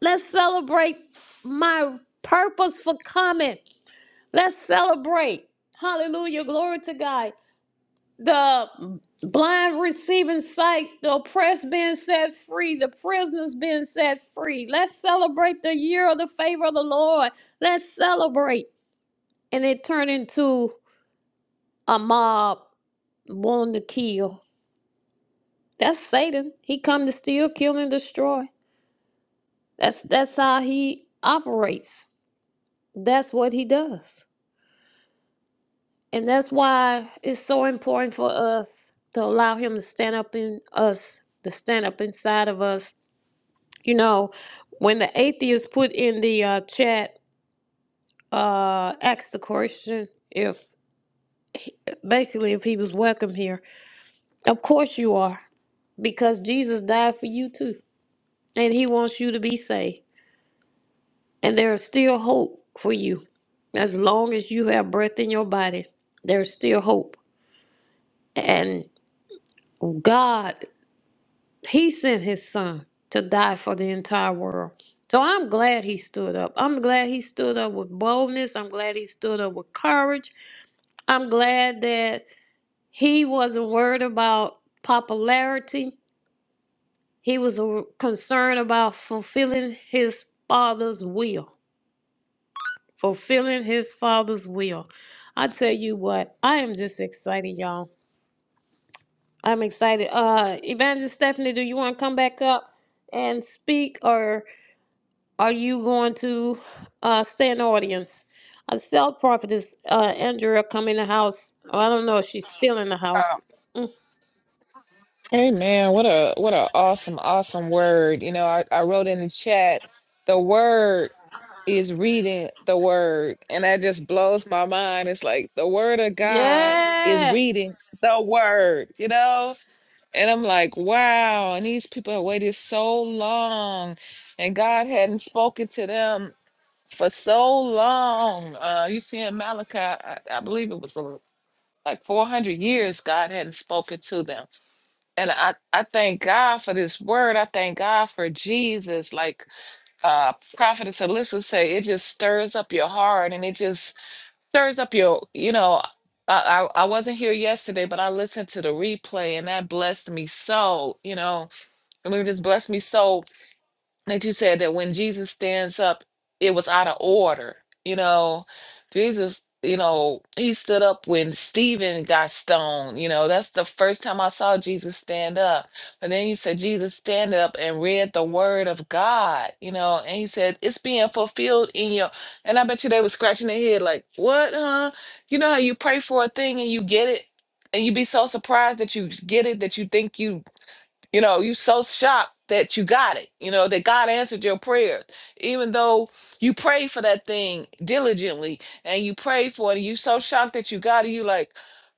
S1: Let's celebrate my purpose for coming. Let's celebrate. Hallelujah. Glory to God. the blind receiving sight, the oppressed being set free, the prisoners being set free. Let's celebrate the year of the favor of the Lord. Let's celebrate. And it turned into a mob wanting to kill. That's Satan. He come to steal, kill, and destroy. That's that's how he operates. That's what he does. And that's why it's so important for us to allow him to stand up in us, to stand up inside of us You know, when the atheist put in the uh, chat, uh, asked the question if basically if he was welcome here. Of course you are, because Jesus died for you too, and He wants you to be saved. And there is still hope for you, as long as you have breath in your body. There's still hope, and God, He sent His Son to die for the entire world. So I'm glad he stood up. I'm glad he stood up with boldness. I'm glad he stood up with courage. I'm glad that he wasn't worried about popularity. He was a- concerned about fulfilling his father's will. Fulfilling his father's will. I tell you what, I am just excited, y'all. I'm excited. Uh, Evangelist Stephanie, do you want to come back up and speak, or are you going to uh, stay in the audience? A self prophetess, uh, Andrea, come in the house. Oh, I don't know if she's still in the
S6: Um,
S1: house. Mm.
S6: Amen. What a what a awesome, awesome word. You know, I, I wrote in the chat, the word is reading the word. And that just blows my mind. It's like the word of God is
S1: Yeah.
S6: reading the word, you know? And I'm like, wow. And these people have waited so long, and God hadn't spoken to them for so long. Uh, you see in Malachi, I, I believe it was like 400 years god hadn't spoken to them and i i thank god for this word i thank god for jesus like uh prophetess alyssa say it just stirs up your heart and it just stirs up your you know I, I I wasn't here yesterday, but I listened to the replay and that blessed me so, you know, I mean, it just blessed me so that you said that when Jesus stands up, it was out of order. You know, Jesus, you know, he stood up when Stephen got stoned. You know, that's the first time I saw Jesus stand up. But then you said Jesus stand up and read the word of God, you know, and he said, It's being fulfilled in your and I bet you they were scratching their head like, What, huh? You know how you pray for a thing and you get it? And you be so surprised that you get it that you think you you know, you so shocked that you got it, you know, that God answered your prayers. Even though you prayed for that thing diligently and you prayed for it, and you so shocked that you got it, you like,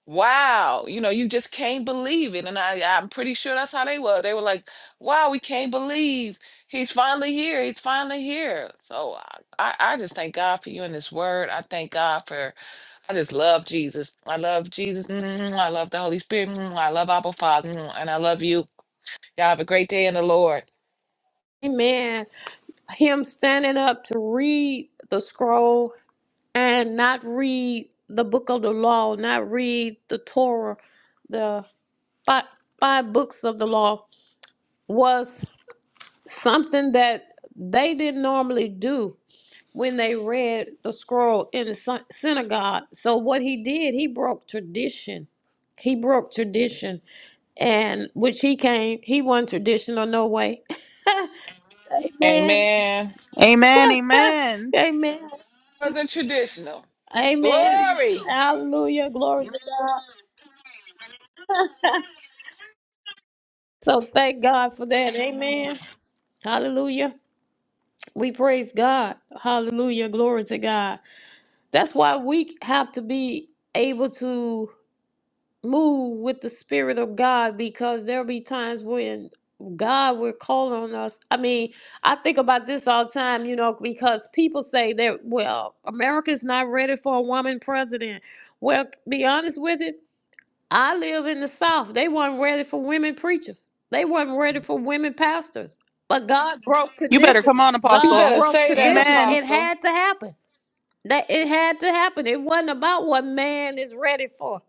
S6: wow, you know, you just can't believe it. And I, I'm pretty sure that's how they were. They were like, wow, we can't believe he's finally here. He's finally here. So I, I I just thank God for you in this word. I thank God for, I just love Jesus. I love Jesus. I love the Holy Spirit. I love Abba Father. And I love you. Y'all have a great day in the Lord.
S1: Amen. Him standing up to read the scroll and not read the book of the law, not read the Torah, the five, five books of the law was something that they didn't normally do when they read the scroll in the syn- synagogue. So what he did, he broke tradition. He broke tradition And when she came, he wasn't traditional, no way. Amen.
S6: Amen.
S2: Amen. Amen.
S1: Amen.
S6: More than traditional.
S1: Amen.
S6: Glory.
S1: Hallelujah. Glory to God. so thank God for that. Amen. Hallelujah. We praise God. Hallelujah. Glory to God. That's why we have to be able to. move with the spirit of God because there'll be times when God will call on us. I mean, I think about this all the time, you know, because people say that, well, America's not ready for a woman president. Well, be honest with it, I live in the South. They weren't ready for women preachers. They weren't ready for women pastors. But God broke
S2: You better
S1: tradition.
S2: come on,
S6: You
S1: God
S2: Apostle.
S6: better
S1: broke
S6: say that,
S1: tradition.
S2: Amen.
S1: It
S6: Apostle.
S1: had to happen. That it had to happen. It wasn't about what man is ready for.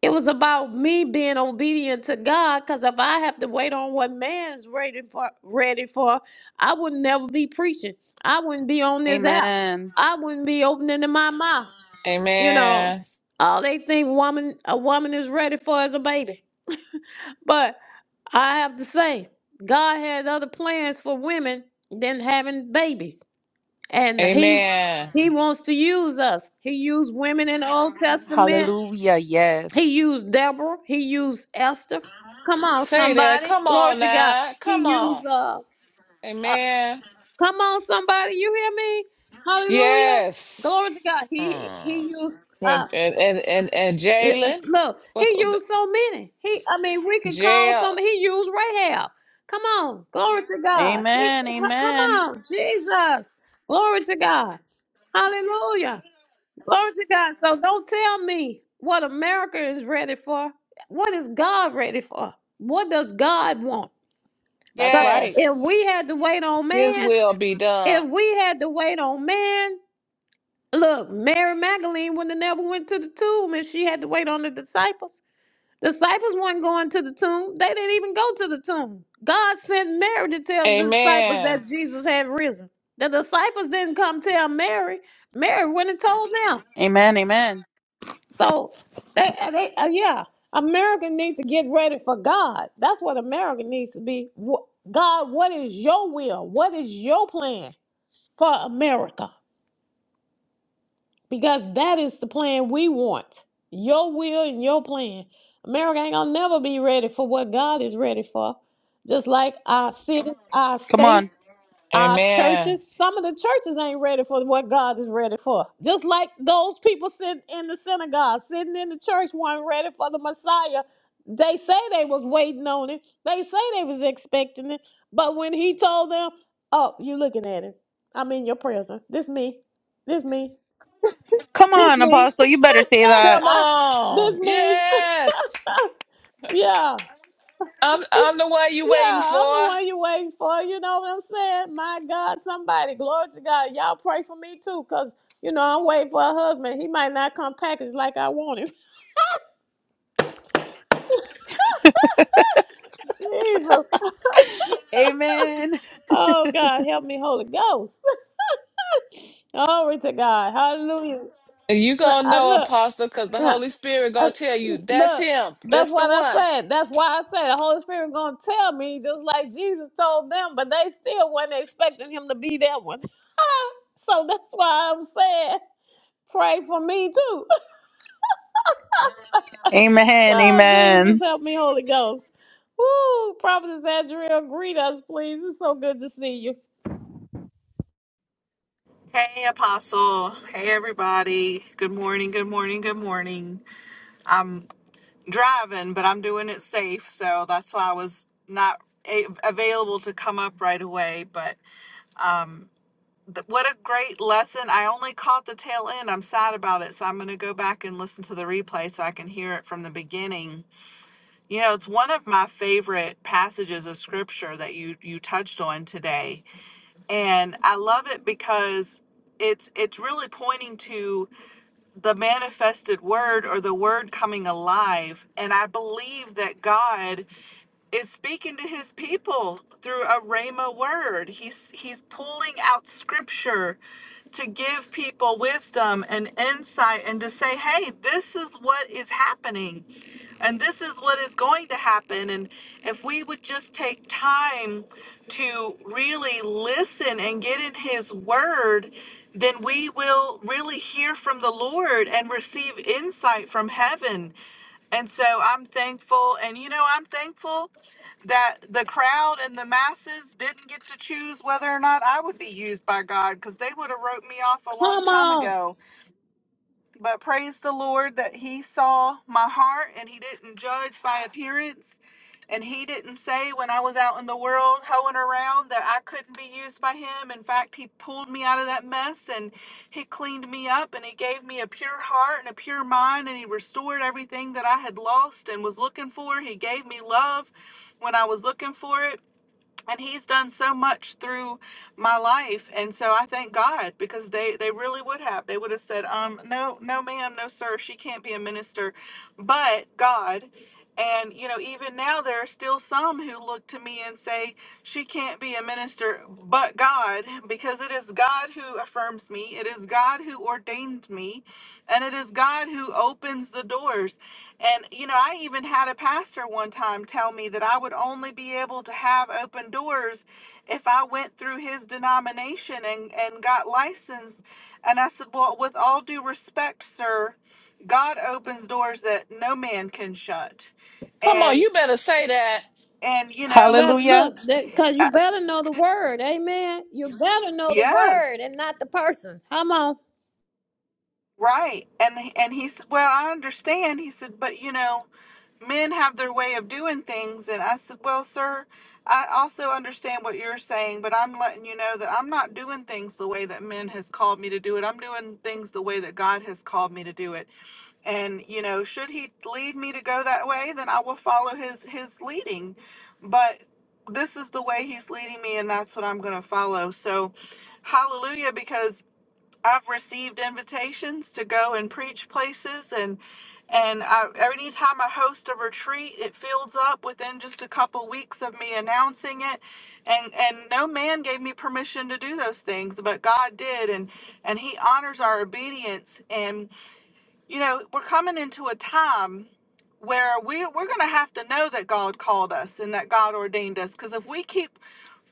S1: It was about me being obedient to God because if I have to wait on what man is ready for, ready for, I would never be preaching. I wouldn't be on this app.
S2: Amen.
S1: I wouldn't be opening to my mouth. You know,
S6: Amen.
S1: all they think woman a woman is ready for is a baby. But I have to say, God had other plans for women than having babies. And he
S6: Amen.
S1: he wants to use us. He used women in the Old Testament.
S2: Hallelujah.
S1: He
S2: Yes.
S1: used Deborah. He used Esther. Come on,
S6: Say that.
S1: somebody.
S6: Come
S1: Glory
S6: on
S1: to God.
S6: now.
S1: He
S6: Come on.
S1: used uh, uh
S6: Amen.
S1: come on somebody, you hear me? Hallelujah.
S6: Yes.
S1: Glory to God. He
S6: Mm.
S1: he used uh
S6: And and and and, and
S1: Eh, eh,
S6: Jalen.
S1: Look, he
S6: What the-
S1: used so many. He, I mean, we can call some.
S6: jail?
S1: He used Rahab. Come on, glory to God. He, h-
S2: Amen.
S1: come
S2: Amen.
S1: on, Jesus, glory to God. Hallelujah. Glory to God. So don't tell me what America is ready for. What is God ready for? What does God want?
S2: That's
S1: Because
S2: right.
S1: if
S6: Yes.
S1: we had to wait on
S6: His
S1: man,
S6: will be done.
S1: if we had to wait on man, look, Mary Magdalene wouldn't have never went to the tomb if she had to wait on the disciples. Disciples weren't going to the tomb. They didn't even go to the tomb. God sent Mary to tell the disciples
S6: Amen.
S1: that Jesus had risen. The disciples didn't come tell Mary. Mary went and told them.
S2: Amen. Amen.
S1: So they, uh, they uh, yeah, America needs to get ready for God. That's what America needs to be. Wh- God, what is your will? What is your plan for America? because that is the plan we want. Your will and your plan. America ain't gonna never be ready for what God is ready for. Just like our city, our
S2: Come
S1: state,
S2: on.
S1: our
S6: Amen.
S1: churches. Some of the churches ain't ready for what God is ready for. Just like those people sitting in the synagogue, sitting in the church, weren't ready for the Messiah. They say they was waiting on it. They say they was expecting it. But when he told them, "Oh, you looking at him? I'm in your presence. This me. This me.
S2: Come
S1: This
S2: on,
S1: me.
S2: Apostle. You better say that.
S6: Come
S1: this
S6: on.
S1: me.
S6: Yes.
S1: yeah.
S6: I'm I'm the one you waiting
S1: Yeah, I'm the
S6: for.
S1: one you waiting for. You know what I'm saying? My God, somebody, glory to God. Y'all pray for me too, because, you know, I'm waiting for a husband. He might not come packaged like I want him. Jesus.
S2: Amen.
S1: Oh, God, help me, Holy Ghost. Glory to God. Hallelujah.
S6: And You
S1: Well,
S6: gonna
S1: I
S6: know,
S1: look,
S6: Apostle, because the
S1: uh,
S6: Holy Spirit
S1: uh,
S6: gonna tell you that's
S1: look.
S6: him.
S1: That's
S6: That's the
S1: what I
S6: one.
S1: said. That's why I said the Holy Spirit gonna tell me just like Jesus told them, but they still wasn't expecting him to be that one. So that's why I'm saying, pray for me too.
S2: Amen.
S1: Oh Jesus,
S2: Amen.
S1: help me, Holy Ghost. Woo! Prophetess Azrael, greet us, please. It's so good to see you.
S7: Hey, Apostle. Hey, everybody. Good morning. Good morning. Good morning. I'm driving, but I'm doing it safe. So that's why I was not a- available to come up right away. But th- what a great lesson. I only caught the tail end. I'm sad about it. So I'm going to go back and listen to the replay so I can hear it from the beginning. You know, it's one of my favorite passages of scripture that you, you touched on today. And I love it because it's it's really pointing to the manifested word or the word coming alive. And I believe that God is speaking to his people through a rhema word. He's he's pulling out scripture to give people wisdom and insight and to say, "Hey, this is what is happening and this is what is going to happen." And if we would just take time to really listen and get in his word, then we will really hear from the Lord and receive insight from heaven. And so I'm thankful. And you know, I'm thankful that the crowd and the masses didn't get to choose whether or not I would be used by God because they would have wrote me off a long
S1: Come
S7: time
S1: on.
S7: ago. But praise the Lord that He saw my heart and He didn't judge by appearance. And He didn't say when I was out in the world hoeing around that I couldn't be used by Him. In fact, He pulled me out of that mess and He cleaned me up and He gave me a pure heart and a pure mind and He restored everything that I had lost and was looking for. He gave me love when I was looking for it and he's done so much through my life and so i thank god because they they really would have they would have said um no no ma'am no sir she can't be a minister but god and you know even now there are still some who look to me and say she can't be a minister but god because it is god who affirms me it is god who ordained me and it is god who opens the doors and, you know, I even had a pastor one time tell me that I would only be able to have open doors if I went through his denomination and, and got licensed. And I said, Well, with all due respect, sir, God opens doors that no man can shut.
S6: Come on,
S7: And,
S6: you better say that.
S7: and, you know,
S1: But
S2: Hallelujah.
S1: look, because you
S7: uh,
S1: better know the word, amen. You better know the word
S7: yes,
S1: and not the person. Come on.
S7: right. And, and he said, Well, I understand. He said, But, you know, men have their way of doing things and i said well sir i also understand what you're saying but i'm letting you know that i'm not doing things the way that men has called me to do it i'm doing things the way that god has called me to do it and you know should he lead me to go that way then i will follow his his leading but this is the way he's leading me and that's what i'm going to follow so hallelujah because I've received invitations to go and preach places and and I, every time I host a retreat, it fills up within just a couple weeks of me announcing it, and and no man gave me permission to do those things, but God did, and and He honors our obedience. And you know, we're coming into a time where we we're gonna have to know that God called us and that God ordained us, because if we keep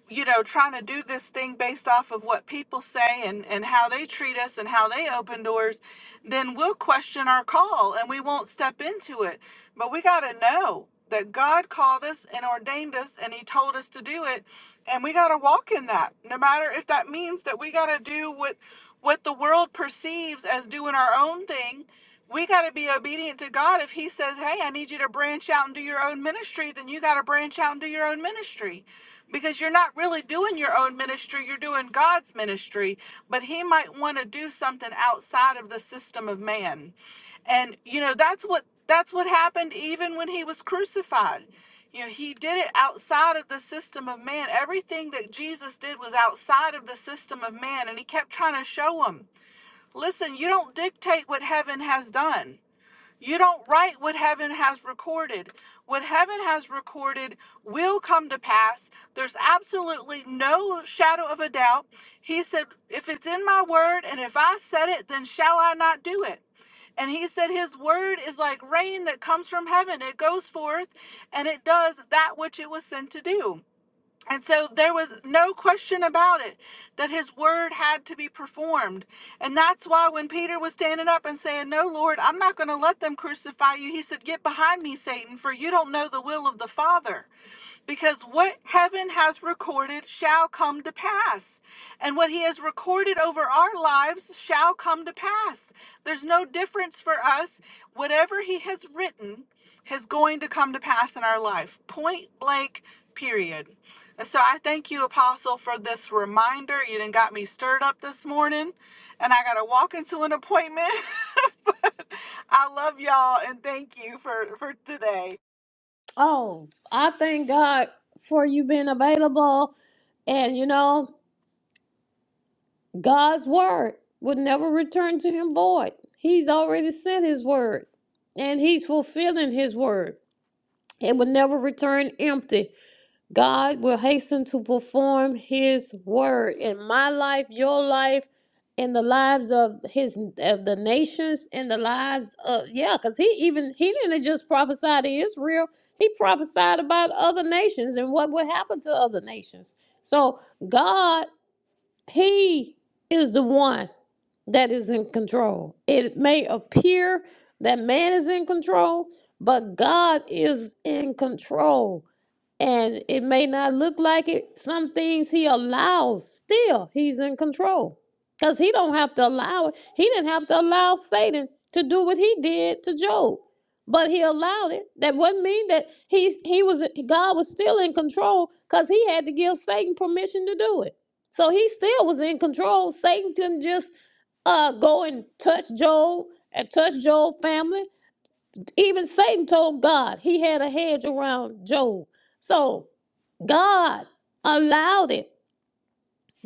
S7: you know, trying to do this thing based off of what people say and, and how they treat us and how they open doors, then we'll question our call and we won't step into it. But we got to know that God called us and ordained us and He told us to do it. And we got to walk in that, no matter if that means that we got to do what, what the world perceives as doing our own thing we got to be obedient to God. If He says, Hey, I need you to branch out and do your own ministry, then you got to branch out and do your own ministry because you're not really doing your own ministry, you're doing God's ministry. But He might want to do something outside of the system of man. And, you know, that's what. That's what happened even when he was crucified. You know, he did it outside of the system of man. Everything that Jesus did was outside of the system of man, and he kept trying to show show 'em. Listen, you don't dictate what heaven has done. You don't write what heaven has recorded. What heaven has recorded will come to pass. There's absolutely no shadow of a doubt. He said, If it's in my word and if I said it, then shall I not do it? And he said, His word is like rain that comes from heaven. It goes forth and it does that which it was sent to do. And so there was no question about it that his word had to be performed. And that's why when Peter was standing up and saying, No, Lord, I'm not going to let them crucify you, he said, Get behind me, Satan, for you don't know the will of the Father because what heaven has recorded shall come to pass, and what he has recorded over our lives shall come to pass. There's no difference for us. Whatever he has written is going to come to pass in our life, point blank, period. And so I thank you, Apostle, for this reminder. You done got me stirred up this morning, and I got to walk into an appointment. but I love y'all and thank you for, for today.
S1: Oh, I thank God for you being available. And you know, God's word would never return to him void. He's already sent his word and he's fulfilling his word. It would never return empty. God will hasten to perform his word in my life, your life, in the lives of his of the nations, in the lives of yeah, because he even he didn't just prophesy to Israel, he prophesied about other nations and what would happen to other nations. So God, he is the one that is in control. It may appear that man is in control, but God is in control. And it may not look like it. Some things he allows still. He's in control. Because he don't have to allow it. He didn't have to allow Satan to do what he did to Job. But he allowed it. That wouldn't mean that he he was God was still in control because he had to give Satan permission to do it. So he still was in control. Satan couldn't just uh, go and touch Job and touch Job's family. Even Satan told God he had a hedge around Job. So God allowed it.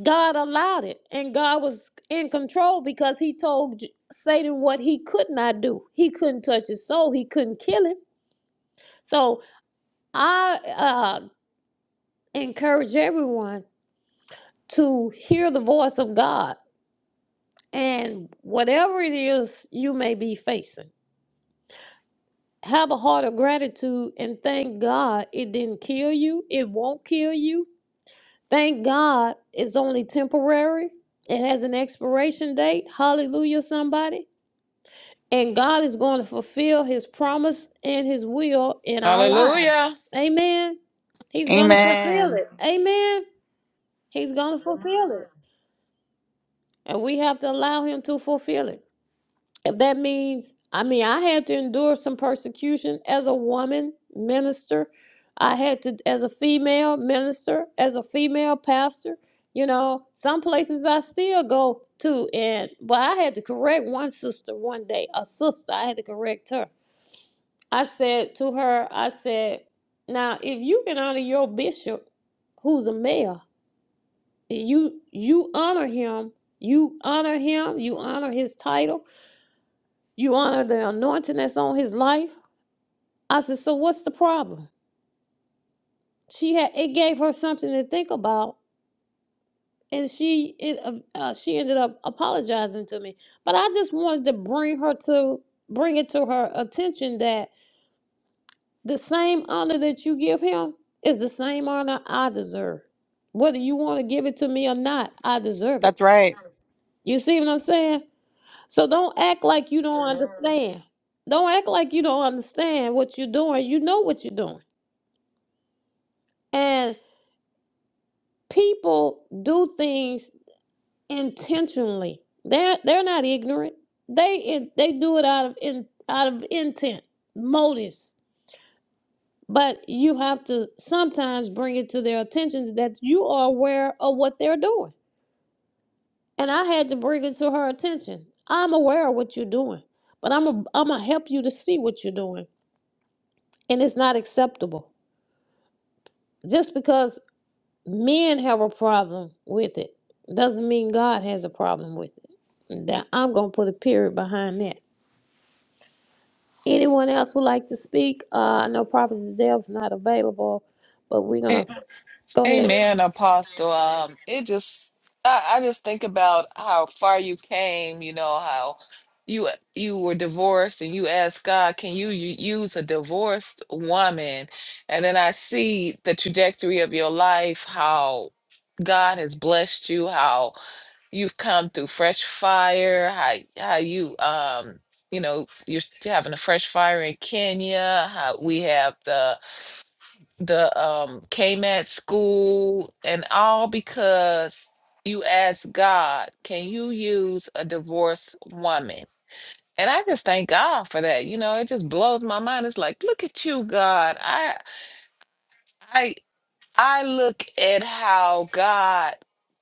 S1: God allowed it. And God was in control because he told Satan what he could not do. He couldn't touch his soul, he couldn't kill him. So I uh, encourage everyone to hear the voice of God and whatever it is you may be facing. Have a heart of gratitude and thank God it didn't kill you. It won't kill you Thank God it's only temporary. It has an expiration date. Hallelujah, somebody. And God is going to fulfill his promise and his will in our lives.
S6: Hallelujah.
S1: Amen. He's going to fulfill
S2: Amen.
S1: it. Amen. He's going to fulfill it. And we have to allow him to fulfill it. if that means i mean i had to endure some persecution as a woman minister i had to as a female minister as a female pastor you know some places i still go to and but i had to correct one sister one day a sister i had to correct her i said to her i said now if you can honor your bishop who's a male you you honor him you honor him you honor his title you honor the anointing that's on his life. I said, so what's the problem? She had it gave her something to think about, and she it, uh, uh, she ended up apologizing to me. But I just wanted to bring her to bring it to her attention that the same honor that you give him is the same honor I deserve. Whether you want to give it to me or not, I deserve
S2: That's
S1: it.
S2: right.
S1: You see what I'm saying? So don't act like you don't understand. Don't act like you don't understand what you're doing. You know what you're doing. And people do things intentionally. They're they're not ignorant. They in, they do it out of in, out of intent, motives. But you have to sometimes bring it to their attention that you are aware of what they're doing. And I had to bring it to her attention. I'm aware of what you're doing, but I'm a, I'm gonna help you to see what you're doing, and it's not acceptable. Just because men have a problem with it doesn't mean God has a problem with it. That I'm gonna put a period behind that. Anyone else would like to speak? Uh, I know Prophet Deb's not available, but we're gonna
S6: A-
S1: go ahead.
S6: Amen, Apostle. Um, it just I, I just think about how far you came. You know how you you were divorced, and you asked God, "Can you u- use a divorced woman?" And then I see the trajectory of your life, how God has blessed you, how you've come through fresh fire how how you um you know you're having a fresh fire in Kenya how we have the the um KMAT school and all because you asked God can you use a divorced woman and I just thank God for that you know it just blows my mind it's like look at you God I I I look at how God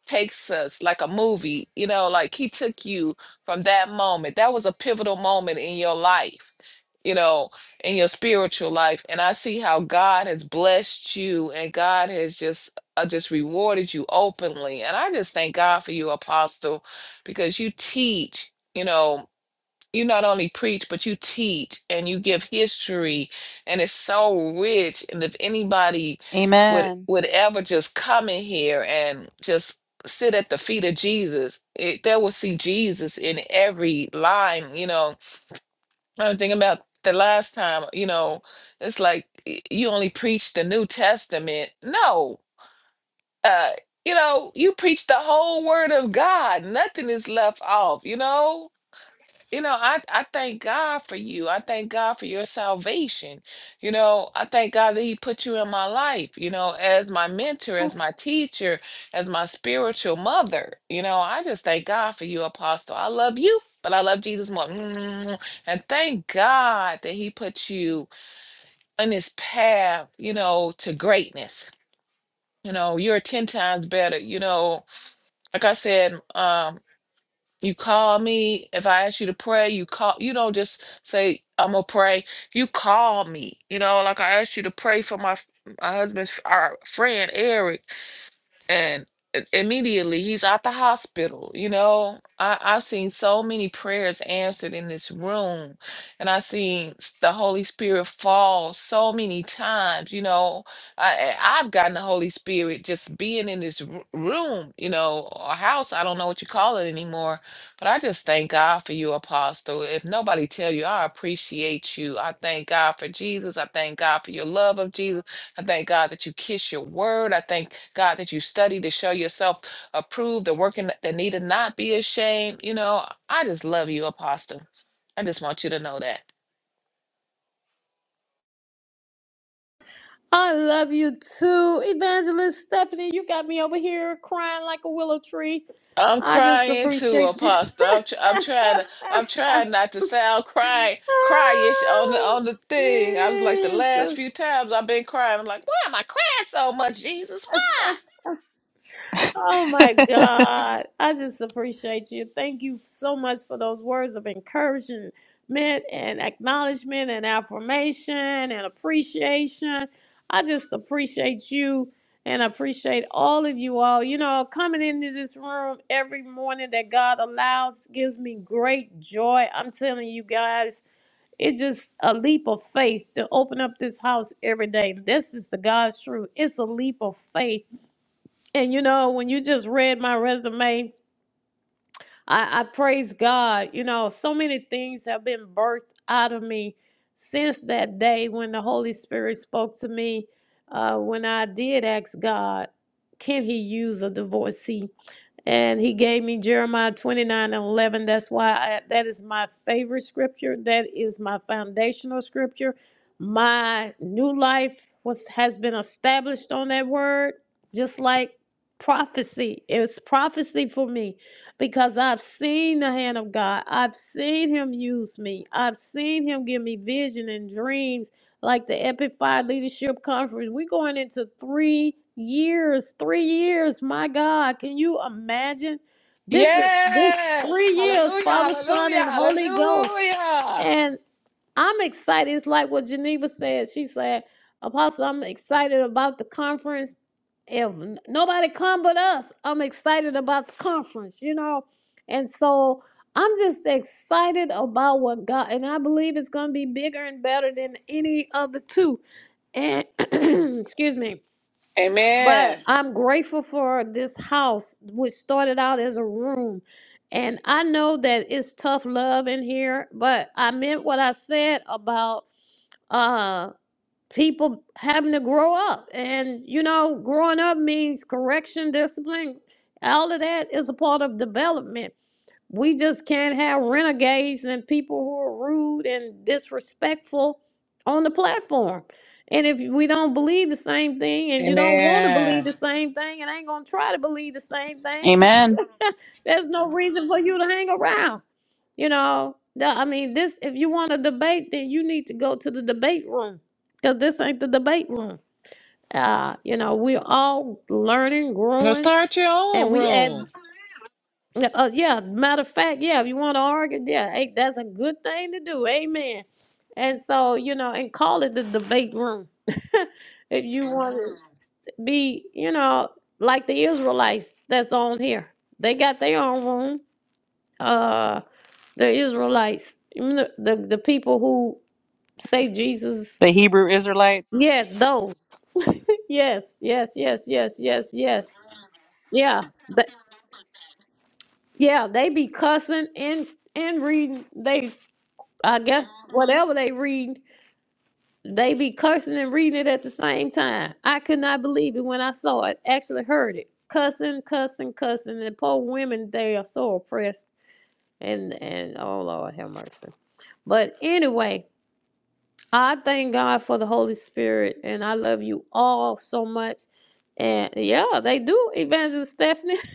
S6: takes us like a movie, you know, like he took you from that moment. That was a pivotal moment in your life, you know, in your spiritual life. And I see how God has blessed you and God has just uh, just rewarded you openly. And I just thank God for you, apostle, because you teach, you know, you not only preach but you teach and you give history and it's so rich and if anybody would
S2: Amen.
S6: would ever just come in here and just sit at the feet of jesus it, they will see jesus in every line you know i was thinking about the last time you know it's like y- you only preach the new testament no uh you know you preach the whole word of god nothing is left off you know you know, I, I thank God for you. I thank God for your salvation. You know, I thank God that He put you in my life, you know, as my mentor, as my teacher, as my spiritual mother. You know, I just thank God for you, Apostle. I love you, but I love Jesus more. And thank God that He put you on this path, you know, to greatness. You know, you're 10 times better. You know, like I said, um, you call me. If I ask you to pray, you call. You don't just say, I'm going to pray. You call me. You know, like I asked you to pray for my, f- my husband's our friend, Eric and i- immediately he's out the hospital you know I, i've seen so many prayers answered in this room and i've seen s- the holy spirit fall so many times you know I, I- i've gotten the holy spirit just being in this r- room you know or house i don't know what you call it anymore but i just thank god for you apostle if nobody tell you i appreciate you i thank god for jesus i thank god for your love of jesus I thank God that you kiss your word. I thank God that you study to show yourself approved, the working that that needed not be ashamed. You know, I just love you, Apostle. I just want you to know that.
S1: I love you too, Evangelist Stephanie. You got me over here crying like a willow tree.
S6: I'm
S1: I just
S6: crying too,
S1: appreciate you.
S6: Apostle. I'm, tr- I'm trying to. I'm trying not to sound cry, cryish on the
S1: oh,
S6: on the thing. I was like the last
S1: Jesus.
S6: few times I've been crying. I'm like, why am I crying so much, Jesus? Why?
S1: Oh my God. I just appreciate you. Thank you so much for those words of encouragement and acknowledgement and affirmation and appreciation. I just appreciate you and appreciate all of you all. You know, coming into this room every morning that God allows gives me great joy. I'm telling you guys, it's just a leap of faith to open up this house every day. This is the God's truth. It's a leap of faith and you know, when you just read my resume, I, I praise God. You know, so many things have been birthed out of me since that day when the Holy Spirit spoke to me. Uh, when I did ask God, can He use a divorcee? and he gave me Jeremiah 29 and 11. That's why I, that is my favorite scripture. That is my foundational scripture. My new life was has been established on that word, just like prophecy. It's prophecy for me because I've seen the hand of God. I've seen him use me. I've seen him give me vision and dreams like the Epify Leadership Conference. We're going into three years. Three years. My God, can you imagine? This is this
S6: Yes.
S1: three years,
S6: Hallelujah.
S1: Father, Son,
S6: Hallelujah.
S1: and Holy Ghost.
S6: Hallelujah.
S1: and. I'm excited. It's like what Geneva said. She said, Apostle, I'm excited about the conference. If n- nobody come but us, I'm excited about the conference, you know? And so I'm just excited about what God, and I believe it's going to be bigger and better than any of the two. And excuse me, but
S6: Amen.
S1: I'm grateful for this house, which started out as a room. And I know that it's tough love in here, but I meant what I said about uh people having to grow up and you know growing up means correction discipline all of that is a part of development we just can't have renegades and people who are rude and disrespectful on the platform and if we don't believe the same thing and you don't want to believe
S6: Amen.
S1: the same thing and ain't gonna try to believe the same thing
S2: Amen.
S1: there's no reason for you to hang around you know, the, I mean, this, if you want to debate, then you need to go to the debate room because this ain't the debate room. Uh, you know, we're all learning,
S6: Now
S1: growing,
S6: start your
S1: and
S6: own
S1: we add,
S6: room.
S1: yeah, uh, yeah, matter of fact, yeah, if you want to argue, yeah, hey, that's a good thing to do. Amen. And so, you know, and call it the debate room. if you want to be, you know, like the Israelites that's on here, they got their own room. Uh, the Israelites, even the, the, the people who say Jesus.
S2: The Hebrew Israelites.
S1: Yes, those. Yes, yes, yes, yes, yes, yes. Yeah. Th- yeah, they be cussing and and reading. They, I guess, whatever they read, they be cursing and reading it at the same time. I could not believe it when I saw it. Actually, heard it cussing, cussing, cussing. And poor women, they are so oppressed. And and oh Lord, have mercy. But anyway, I thank God for the Holy Spirit, and I love you all so much. And yeah, they do, Evangelist Stephanie.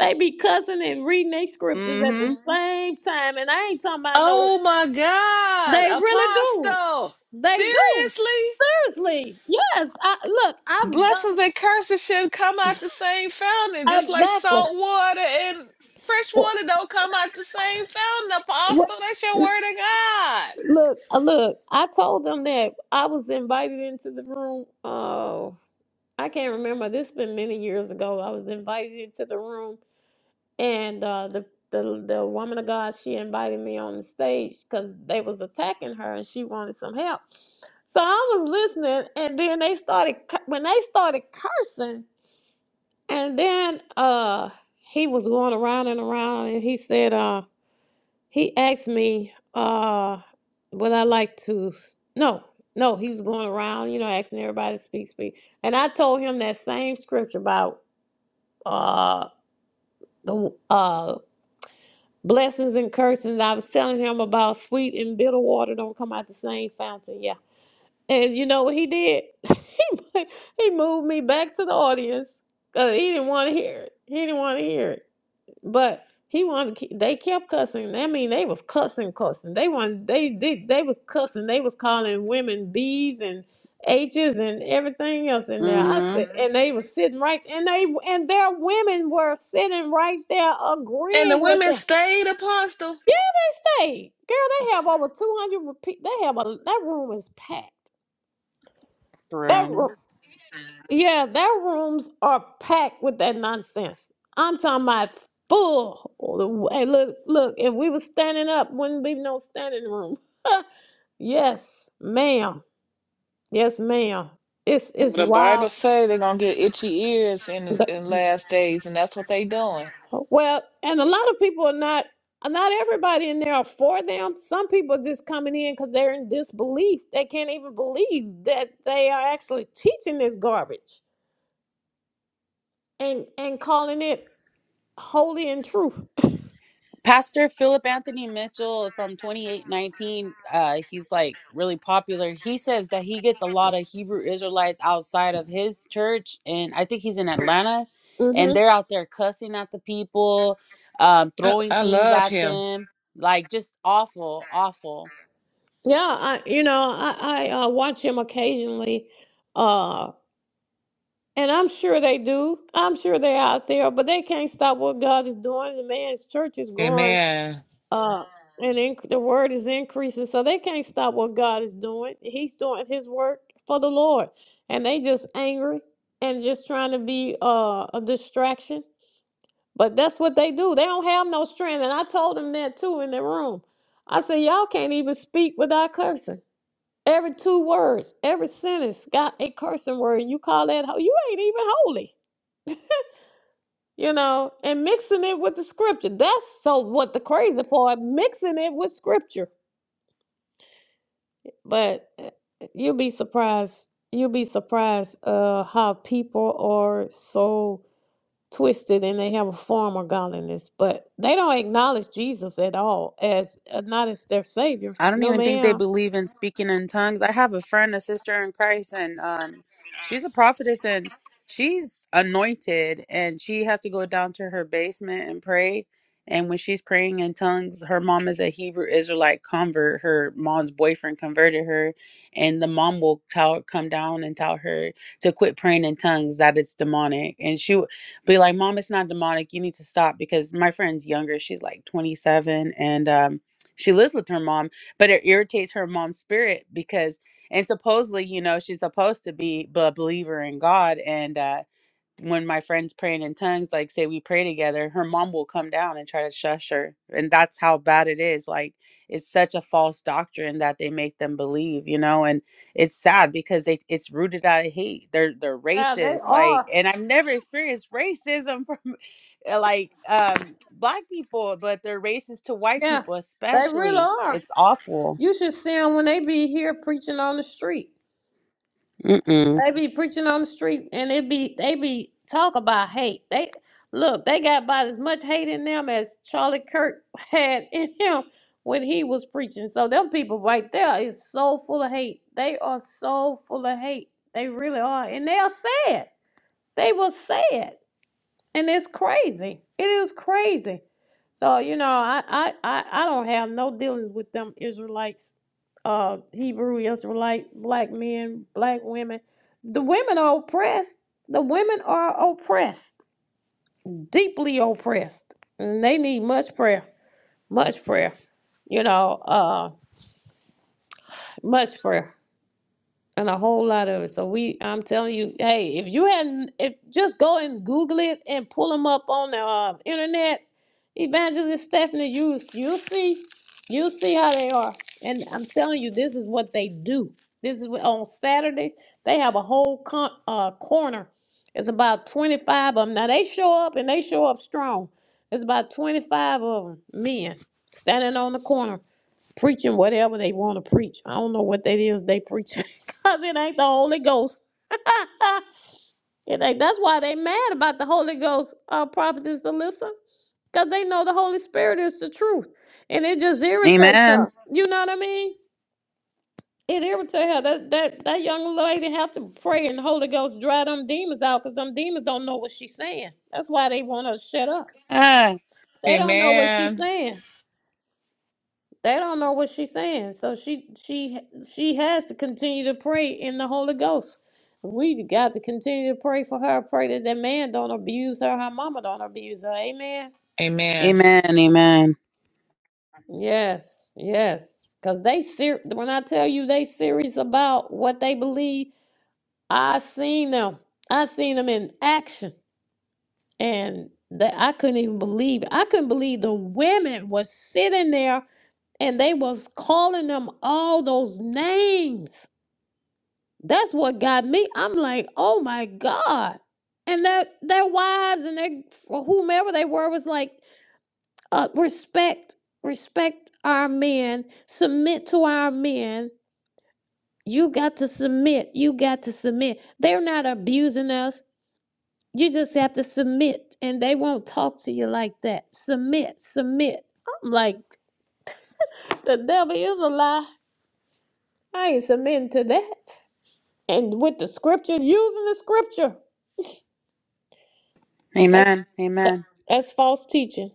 S1: They be cussing and reading their scriptures at the Mhm.
S2: Mm-hmm.
S1: same time, and I ain't talking about no.
S6: Oh my God,
S1: They really do.
S6: Apostle.
S1: They do.
S6: Seriously?
S1: Seriously. Yes. I look. I've done
S6: Blessings and curses should come out the same fountain, just like
S1: exactly.
S6: salt water and fresh
S1: Wh-
S6: water don't come out the same fountain, Apostle. That's
S1: wh-
S6: your word of God.
S1: Look, uh, look, I told them that I was invited into the room. Oh, I can't remember. This has been many years ago. I was invited into the room and uh, the, the the woman of God she invited me on the stage because they was attacking her and she wanted some help. So I was listening, and then they started cu- when they started cursing, and then uh he was going around and around, and he said uh he asked me uh would I like to s- no. No, he was going around, you know, asking everybody to speak, speak. And I told him that same scripture about uh the uh Blessings and curses. I was telling him about sweet and bitter water don't come out the same fountain. Yeah. And you know what he did? he moved me back to the audience 'cause he didn't want to hear it. He didn't want to hear it. But he wanted. to ke- They kept cussing. I mean, they was cussing, cussing. They wanted. They did. They, was cussing. They was calling women B's and H's and everything else in there. I said,
S2: Mm-hmm.
S1: Mhm. and they was sitting right, and they and their women were sitting right there
S6: And the
S1: agreeing with
S6: women
S1: them.
S6: stayed, Apostle.
S1: Yeah, they stayed. Girl, they have over 200 repeat. They have a, that room is packed. That room,
S2: Rooms.
S1: yeah, their rooms are packed with that nonsense. I'm talking about full. Hey, look, look, if we were standing up, wouldn't be no standing room. yes, ma'am. Yes, ma'am. It's it's
S6: The
S1: wild.
S6: Bible say they're gonna get itchy ears in in last days, and that's what they doing.
S1: Well, and a lot of people are not. Not everybody in there are for them. Some people are just coming in because they're in disbelief. They can't even believe that they are actually teaching this garbage and and calling it holy and true.
S2: Pastor Philip Anthony Mitchell from 2819, uh, he's like really popular. He says that he gets a lot of Hebrew Israelites outside of his church, and I think he's in Atlanta, and
S1: hmm
S2: they're out there cussing at the people, um,
S6: I,
S2: throwing
S6: I
S2: things
S6: love
S2: at
S6: him.
S2: them, like just awful, awful.
S1: Yeah, I you know I I uh, watch him occasionally, uh, and I'm sure they do. I'm sure they're out there, but they can't stop what God is doing. The man's church is growing,
S6: Amen.
S1: uh, and inc- the word is increasing, so they can't stop what God is doing. He's doing His work for the Lord, and they just angry and just trying to be uh, a distraction. But that's what they do. They don't have no strength. And I told them that too in the room. I said, Y'all can't even speak without cursing. Every two words, every sentence got a cursing word, and you call that ho- you ain't even holy. You know, and mixing it with the scripture. That's so what the crazy part, mixing it with scripture. But eh, eh, you'll be surprised. You'll be surprised uh how people are so twisted and they have a form of godliness, but they don't acknowledge Jesus at all as uh, not as their savior.
S2: I don't
S1: No,
S2: even think they
S1: ma'am.
S2: believe in speaking in tongues. I have a friend, a sister in Christ, and um, she's a prophetess and she's anointed, and she has to go down to her basement and pray. And when she's praying in tongues, her mom is a Hebrew Israelite convert. Her mom's boyfriend converted her, and the mom will tell, come down and tell her to quit praying in tongues that it's demonic. And she would be like, "Mom, it's not demonic. You need to stop." Because my friend's younger; she's like twenty seven, and um, she lives with her mom but it irritates her mom's spirit because and supposedly you know she's supposed to be a believer in god and uh when my friends praying in tongues, like say we pray together, her mom will come down and try to shush her. And that's how bad it is. Like it's such a false doctrine that they make them believe, you know, and it's sad because they it's rooted out of hate. They're they're
S1: Yeah, they
S2: racist. Like
S1: are.
S2: and I've never experienced racism from uh, like um black people, but they're racist to white
S1: Yeah,
S2: people
S1: they really
S2: especially.
S1: are.
S2: It's awful.
S1: You should see them when they be here preaching on the street.
S2: Mm-mm.
S1: They be preaching on the street and it be they be talk about hate. They look, they got about as much hate in them as Charlie Kirk had in him when he was preaching. So them people right there is so full of hate. They are so full of hate. They really are. And they are sad. They were sad. And it's crazy. It is crazy. So, you know, I I I, I don't have no dealings with them Israelites, uh Hebrew Israelite, black men, black women. The women are oppressed. The women are oppressed, deeply oppressed. And they need much prayer. Much prayer. You know, uh much prayer. and a whole lot of it. So we, I'm telling you, hey, if you hadn't, if just go and Google it and pull them up on the uh, internet, Evangelist Stephanie, you you see, you see how they are. And I'm telling you, this is what they do. This is what, on Saturdays they have a whole con, uh, corner. It's about 25 of them. Now they show up and they show up strong. It's about 25 of them men standing on the corner preaching whatever they want to preach. I don't know what that is they preach. Cause it ain't the Holy Ghost. it ain't. That's why they mad about the Holy Ghost, uh, prophetess Alyssa. Cause they know the Holy Spirit is the truth, and it just irritates
S2: Amen.
S1: her. You know what I mean? It irritates her. That that that young lady have to pray and the Holy Ghost dry them demons out, cause them demons don't know what she's saying. That's why they want her to shut up.
S2: Ah,
S1: They don't know what she's
S6: Amen.
S1: saying. They don't know what she's saying. So she she she has to continue to pray in the Holy Ghost. We got to continue to pray for her. Pray that that man don't abuse her. Her mama don't abuse her. Amen.
S6: Amen.
S2: amen. Amen.
S1: Yes, yes. Cause they ser- when I tell you they serious about what they believe, I seen them. I seen them in action, and that I couldn't even believe. I couldn't believe the women was sitting there and they was calling them all those names. That's what got me. I'm like, oh my God. And that their their wives and their or whomever they were was like, uh, respect, respect our men, submit to our men. You got to submit. You got to submit. They're not abusing us. You just have to submit, and they won't talk to you like that. Submit, submit. I'm like, the devil is a lie. I ain't submitting to that. And with the scripture, using the scripture. That's
S2: Amen.
S1: that-
S2: Amen.
S1: that's false teaching.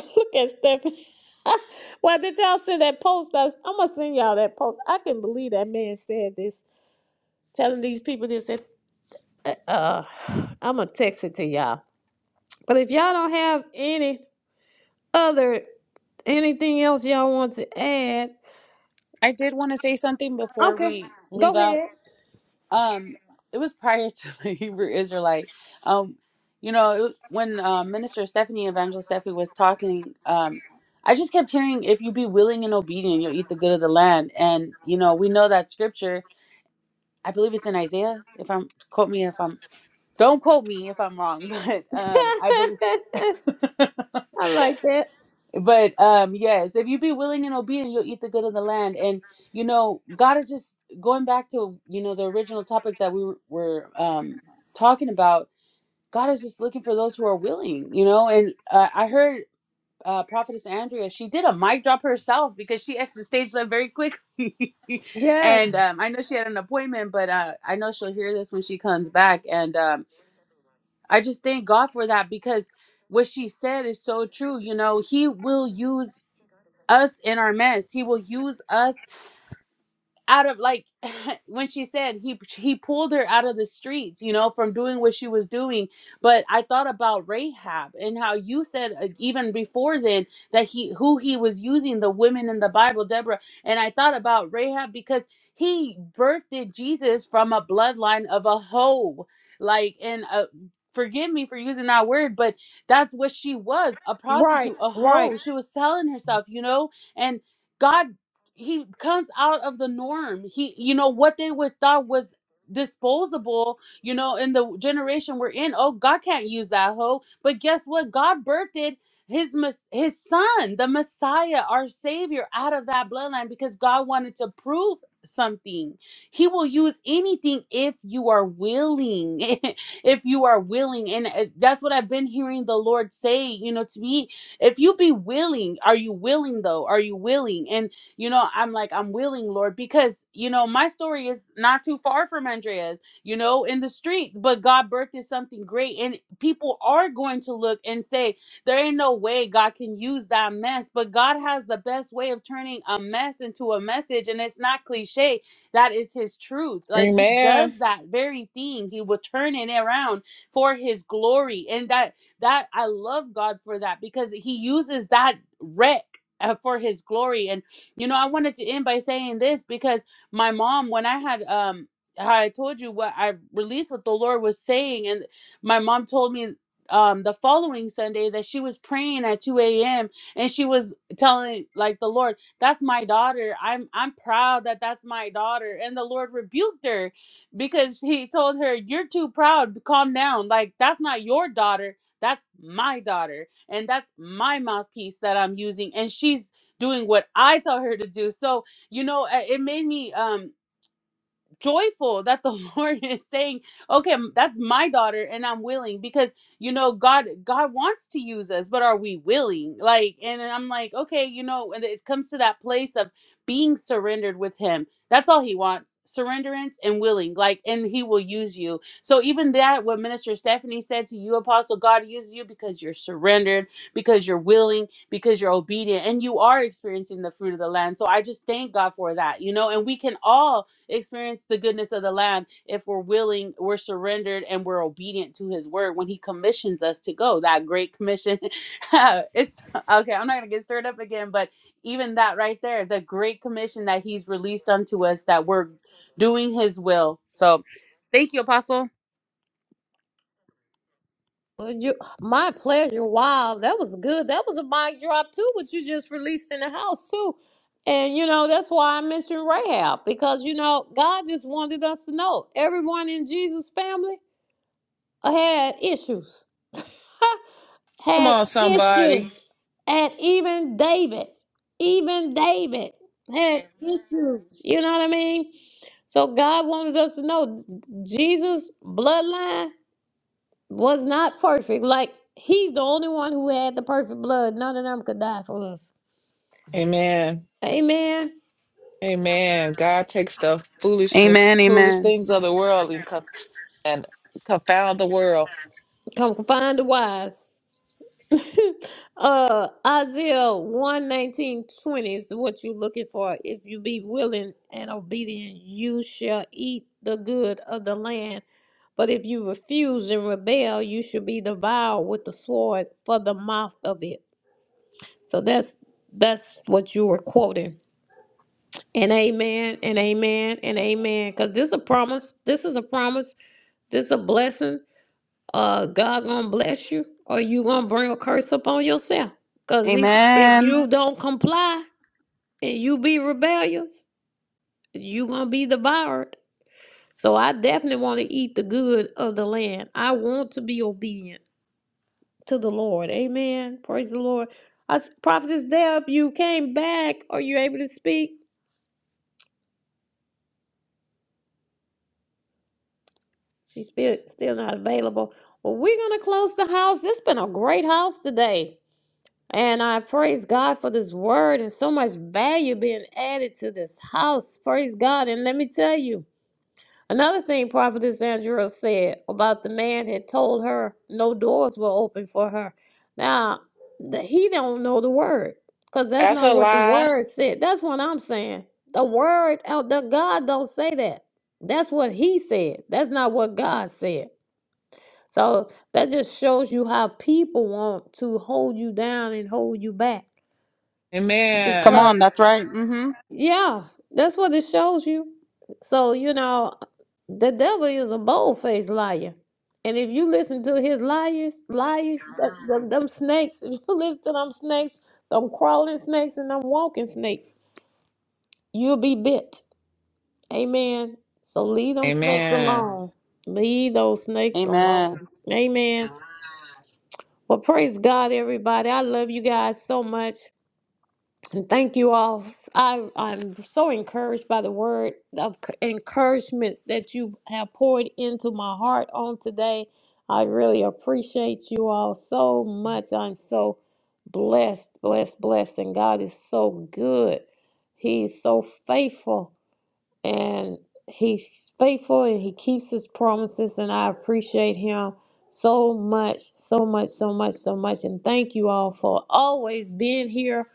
S1: Look at Stephanie. Why did y'all send that post? I was, I'm gonna send y'all that post. I can believe that man said this, telling these people this. and, Uh, uh, I'm gonna text it to y'all. But if y'all don't have any other anything else y'all want to add,
S2: I did want to say something before
S1: okay,
S2: we leave
S1: go ahead.
S2: out. Um, it was prior to the Hebrew Israelite. Um, you know, it, was- when uh, Minister Stephanie Evangelist Stephanie was talking, um, I just kept hearing, "If you be willing and obedient, you'll eat the good of the land." And you know, we know that scripture. I believe it's in Isaiah. If I'm quote me if I'm don't quote me if I'm wrong, but um, I believe.
S1: I like that.
S2: but um yes if you be willing and obedient you'll eat the good of the land and you know god is just going back to you know the original topic that we were were, um talking about god is just looking for those who are willing you know and uh, i heard uh, prophetess andrea she did a mic drop herself because she exited stage left very quickly
S1: Yes,
S2: and um, i know she had an appointment but uh, i know she'll hear this when she comes back and um, i just thank god for that because what she said is so true you know he will use us in our mess. He will use us out of like when she said he he pulled her out of the streets you know from doing what she was doing but i thought about rahab and how you said uh, even before then that he who he was using the women in the bible deborah and i thought about rahab because he birthed jesus from a bloodline of a hoe like and a Forgive me for using that word, but that's what she was a
S1: right,
S2: prostitute, a
S1: right.
S2: hoe. She was selling herself, you know? And God he comes out of the norm. He, you know, what they was thought was disposable, you know, in the generation we're in. Oh, God can't use that hoe. But guess what? God birthed his mes- his son, the Messiah, our Savior, out of that bloodline because God wanted to prove something. He will use anything if you are willing. if you are willing, and uh, that's what I've been hearing the Lord say. You know, to me, if you be willing, are you willing though? Are you willing? And you know, I'm like, I'm willing, Lord, because, you know, my story is not too far from Andrea's, you know, in the streets, but God birthed is something great. And people are going to look and say, there ain't no way God can use that mess. But God has the best way of turning a mess into a message. And it's not cliche. That is his truth. Like he
S6: Amen.
S2: does that very thing. He will turn it around for his glory. And that that I love God for that because he uses that wreck uh, for his glory. And you know, I wanted to end by saying this because my mom, when I had um how I told you what I released what the Lord was saying, and my mom told me um the following Sunday that she was praying at 2 a.m. and she was telling like the Lord, that's my daughter. I'm I'm proud that that's my daughter. And the Lord rebuked her because he told her, You're too proud. Calm down. Like that's not your daughter. That's my daughter. And that's my mouthpiece that I'm using. And she's doing what I tell her to do. So, you know, uh, it made me um joyful that the lord is saying okay that's my daughter and i'm willing because you know god god wants to use us but are we willing like and i'm like okay you know and it comes to that place of being surrendered with him that's all he wants surrenderance and willing like and he will use you so even that what minister stephanie said to you apostle god uses you because you're surrendered because you're willing because you're obedient and you are experiencing the fruit of the land so i just thank god for that you know and we can all experience the goodness of the land if we're willing, we're surrendered, and we're obedient to His word when He commissions us to go. That great commission. it's okay. I'm not gonna get stirred up again, but even that right there, the great commission that He's released unto us, that we're doing His will. So, thank you, Apostle.
S1: Well, you, my pleasure. Wow, that was good. That was a mic drop too, what you just released in the house too. And you know that's why I mentioned Rahab because you know God just wanted us to know everyone in Jesus' family had issues.
S6: Come
S1: had
S6: on, somebody.
S1: issues. And even David, even David had issues. You know what I mean? So God wants us to know Jesus' bloodline was not perfect. Like he's the only one who had the perfect blood. None of them could die for us.
S6: Amen.
S1: Amen.
S6: Amen. God takes the foolishness,
S2: Amen.
S6: foolish
S2: Amen.
S6: things of the world and, co- and confound the world.
S1: Come find the wise. uh Isaiah one nineteen twenty is what you're looking for. If you be willing and obedient, you shall eat the good of the land. But if you refuse and rebel, you shall be devoured with the sword for the mouth of it. So that's that's what you were quoting. And amen and amen and amen. Because this a promise. This is a promise. This is a blessing uh God gonna bless you or you gonna bring a curse upon yourself. Cause if if
S2: Amen.
S1: you don't comply and you be rebellious, you gonna be devoured. So I definitely want to eat the good of the land. I want to be obedient to the Lord. Amen. Praise the Lord. I prophetess Deb, you came back. Are you able to speak? She's still still not available. Well, we're gonna close the house. This been a great house today. And I praise God for this word and so much value being added to this house. Praise God. And let me tell you, another thing Prophetess Andrew said about the man had told her no doors were open for her. Now, th- he don't know the word because that's
S6: That's
S1: not
S6: a
S1: what the
S6: lie.
S1: word said. That's what I'm saying. The word, out the God don't say that. That's what he said. That's not what God said. So that just shows you how people want to hold you down and hold you back
S2: Come
S6: Amen.
S1: because
S2: on, that's right. Mm-hmm.
S1: yeah, that's what it shows you. So, you know, the devil is a bold faced liar. And if you listen to his liars, liars, that, them, them snakes, if you listen to them snakes, them crawling snakes and them walking snakes, you'll be bit. Amen. So leave them snakes
S6: Amen.
S1: alone. Leave those snakes
S2: Amen.
S1: alone. Amen. Well, praise God, everybody. I love you guys so much. And thank you all. I, I'm so encouraged by the word of c- encouragements that you have poured into my heart on today. I really appreciate you all so much. I'm so blessed, blessed, blessed. And God is so good. He's so faithful and he's faithful and he keeps his promises and i appreciate him so much so much so much so much and thank you all for always being here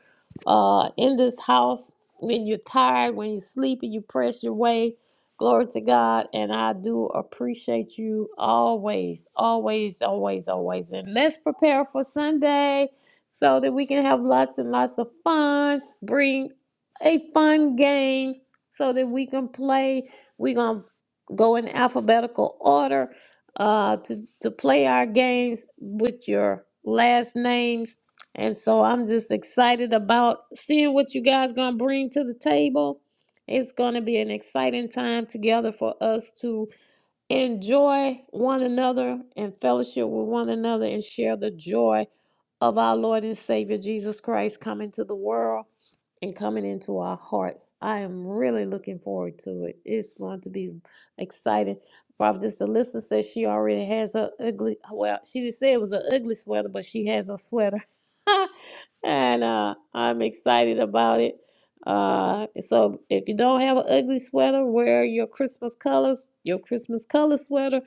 S1: uh in this house when you're tired when you're sleepy you press your way glory to god and i do appreciate you always always always always and let's prepare for sunday so that we can have lots and lots of fun bring a fun game so that we can play. We're going to go in alphabetical order uh, to, to play our games with your last names. And so I'm just excited about seeing what you guys going to bring to the table. It's going to be an exciting time together for us to enjoy one another and fellowship with one another and share the joy of our Lord and Savior Jesus Christ coming to the world and coming into our hearts. I am really looking forward to it. It's going to be exciting. Prophetess Alyssa says she already has her ugly, well, she didn't say it was an ugly sweater, but she has a sweater. and uh, I'm excited about it. Uh, so if you don't have an ugly sweater, wear your Christmas colors, your Christmas color sweater.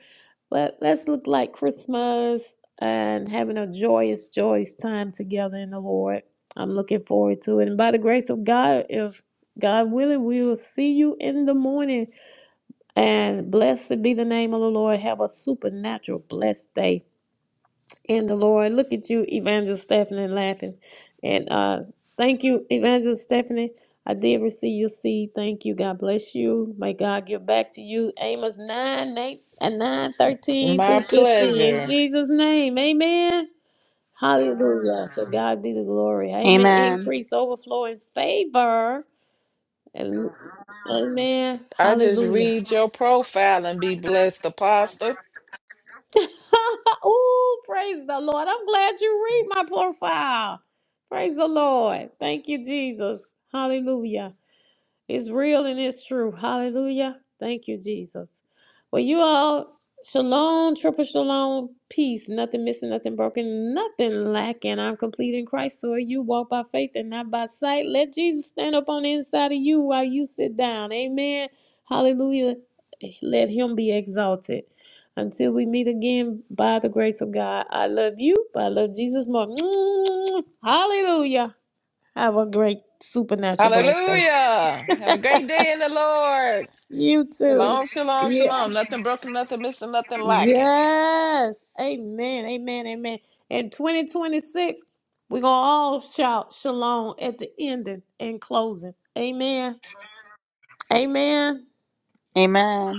S1: But let's look like Christmas and having a joyous, joyous time together in the Lord. I'm looking forward to it. And by the grace of God, if God willing, we will see you in the morning. And blessed be the name of the Lord. Have a supernatural, blessed day in the Lord. Look at you, Evangelist Stephanie, laughing. And uh, thank you, Evangelist Stephanie. I did receive your seed. Thank you. God bless you. May God give back to you. Amos 9, 8, and 9, 13
S6: My
S1: through 15. In
S6: pleasure.
S1: Jesus' name. Amen. Hallelujah. To God be the glory. Amen.
S2: Amen.
S1: Increase, overflow, in favor. Amen. Amen.
S6: I just
S1: Hallelujah.
S6: read your profile and be blessed, Apostle.
S1: Ooh, praise the Lord. I'm glad you read my profile. Praise the Lord. Thank you, Jesus. Hallelujah. It's real and it's true. Hallelujah. Thank you, Jesus. Well, you all, shalom, triple shalom, peace, nothing missing, nothing broken, nothing lacking. I'm complete in Christ. So you walk by faith and not by sight. Let Jesus stand up on the inside of you while you sit down. Amen. Hallelujah. Let him be exalted. Until we meet again, by the grace of God, I love you, but I love Jesus more. Hallelujah. Have a great supernatural blessed
S6: Hallelujah.
S1: day.
S6: Have a great day in the Lord.
S1: you too.
S6: Shalom, shalom,
S1: Yeah.
S6: shalom. Nothing broken, nothing missing, nothing lacking.
S1: Yes. Amen. Amen. Amen. In 2026, we're going to all shout shalom at the ending and closing. Amen. Amen.
S2: Amen.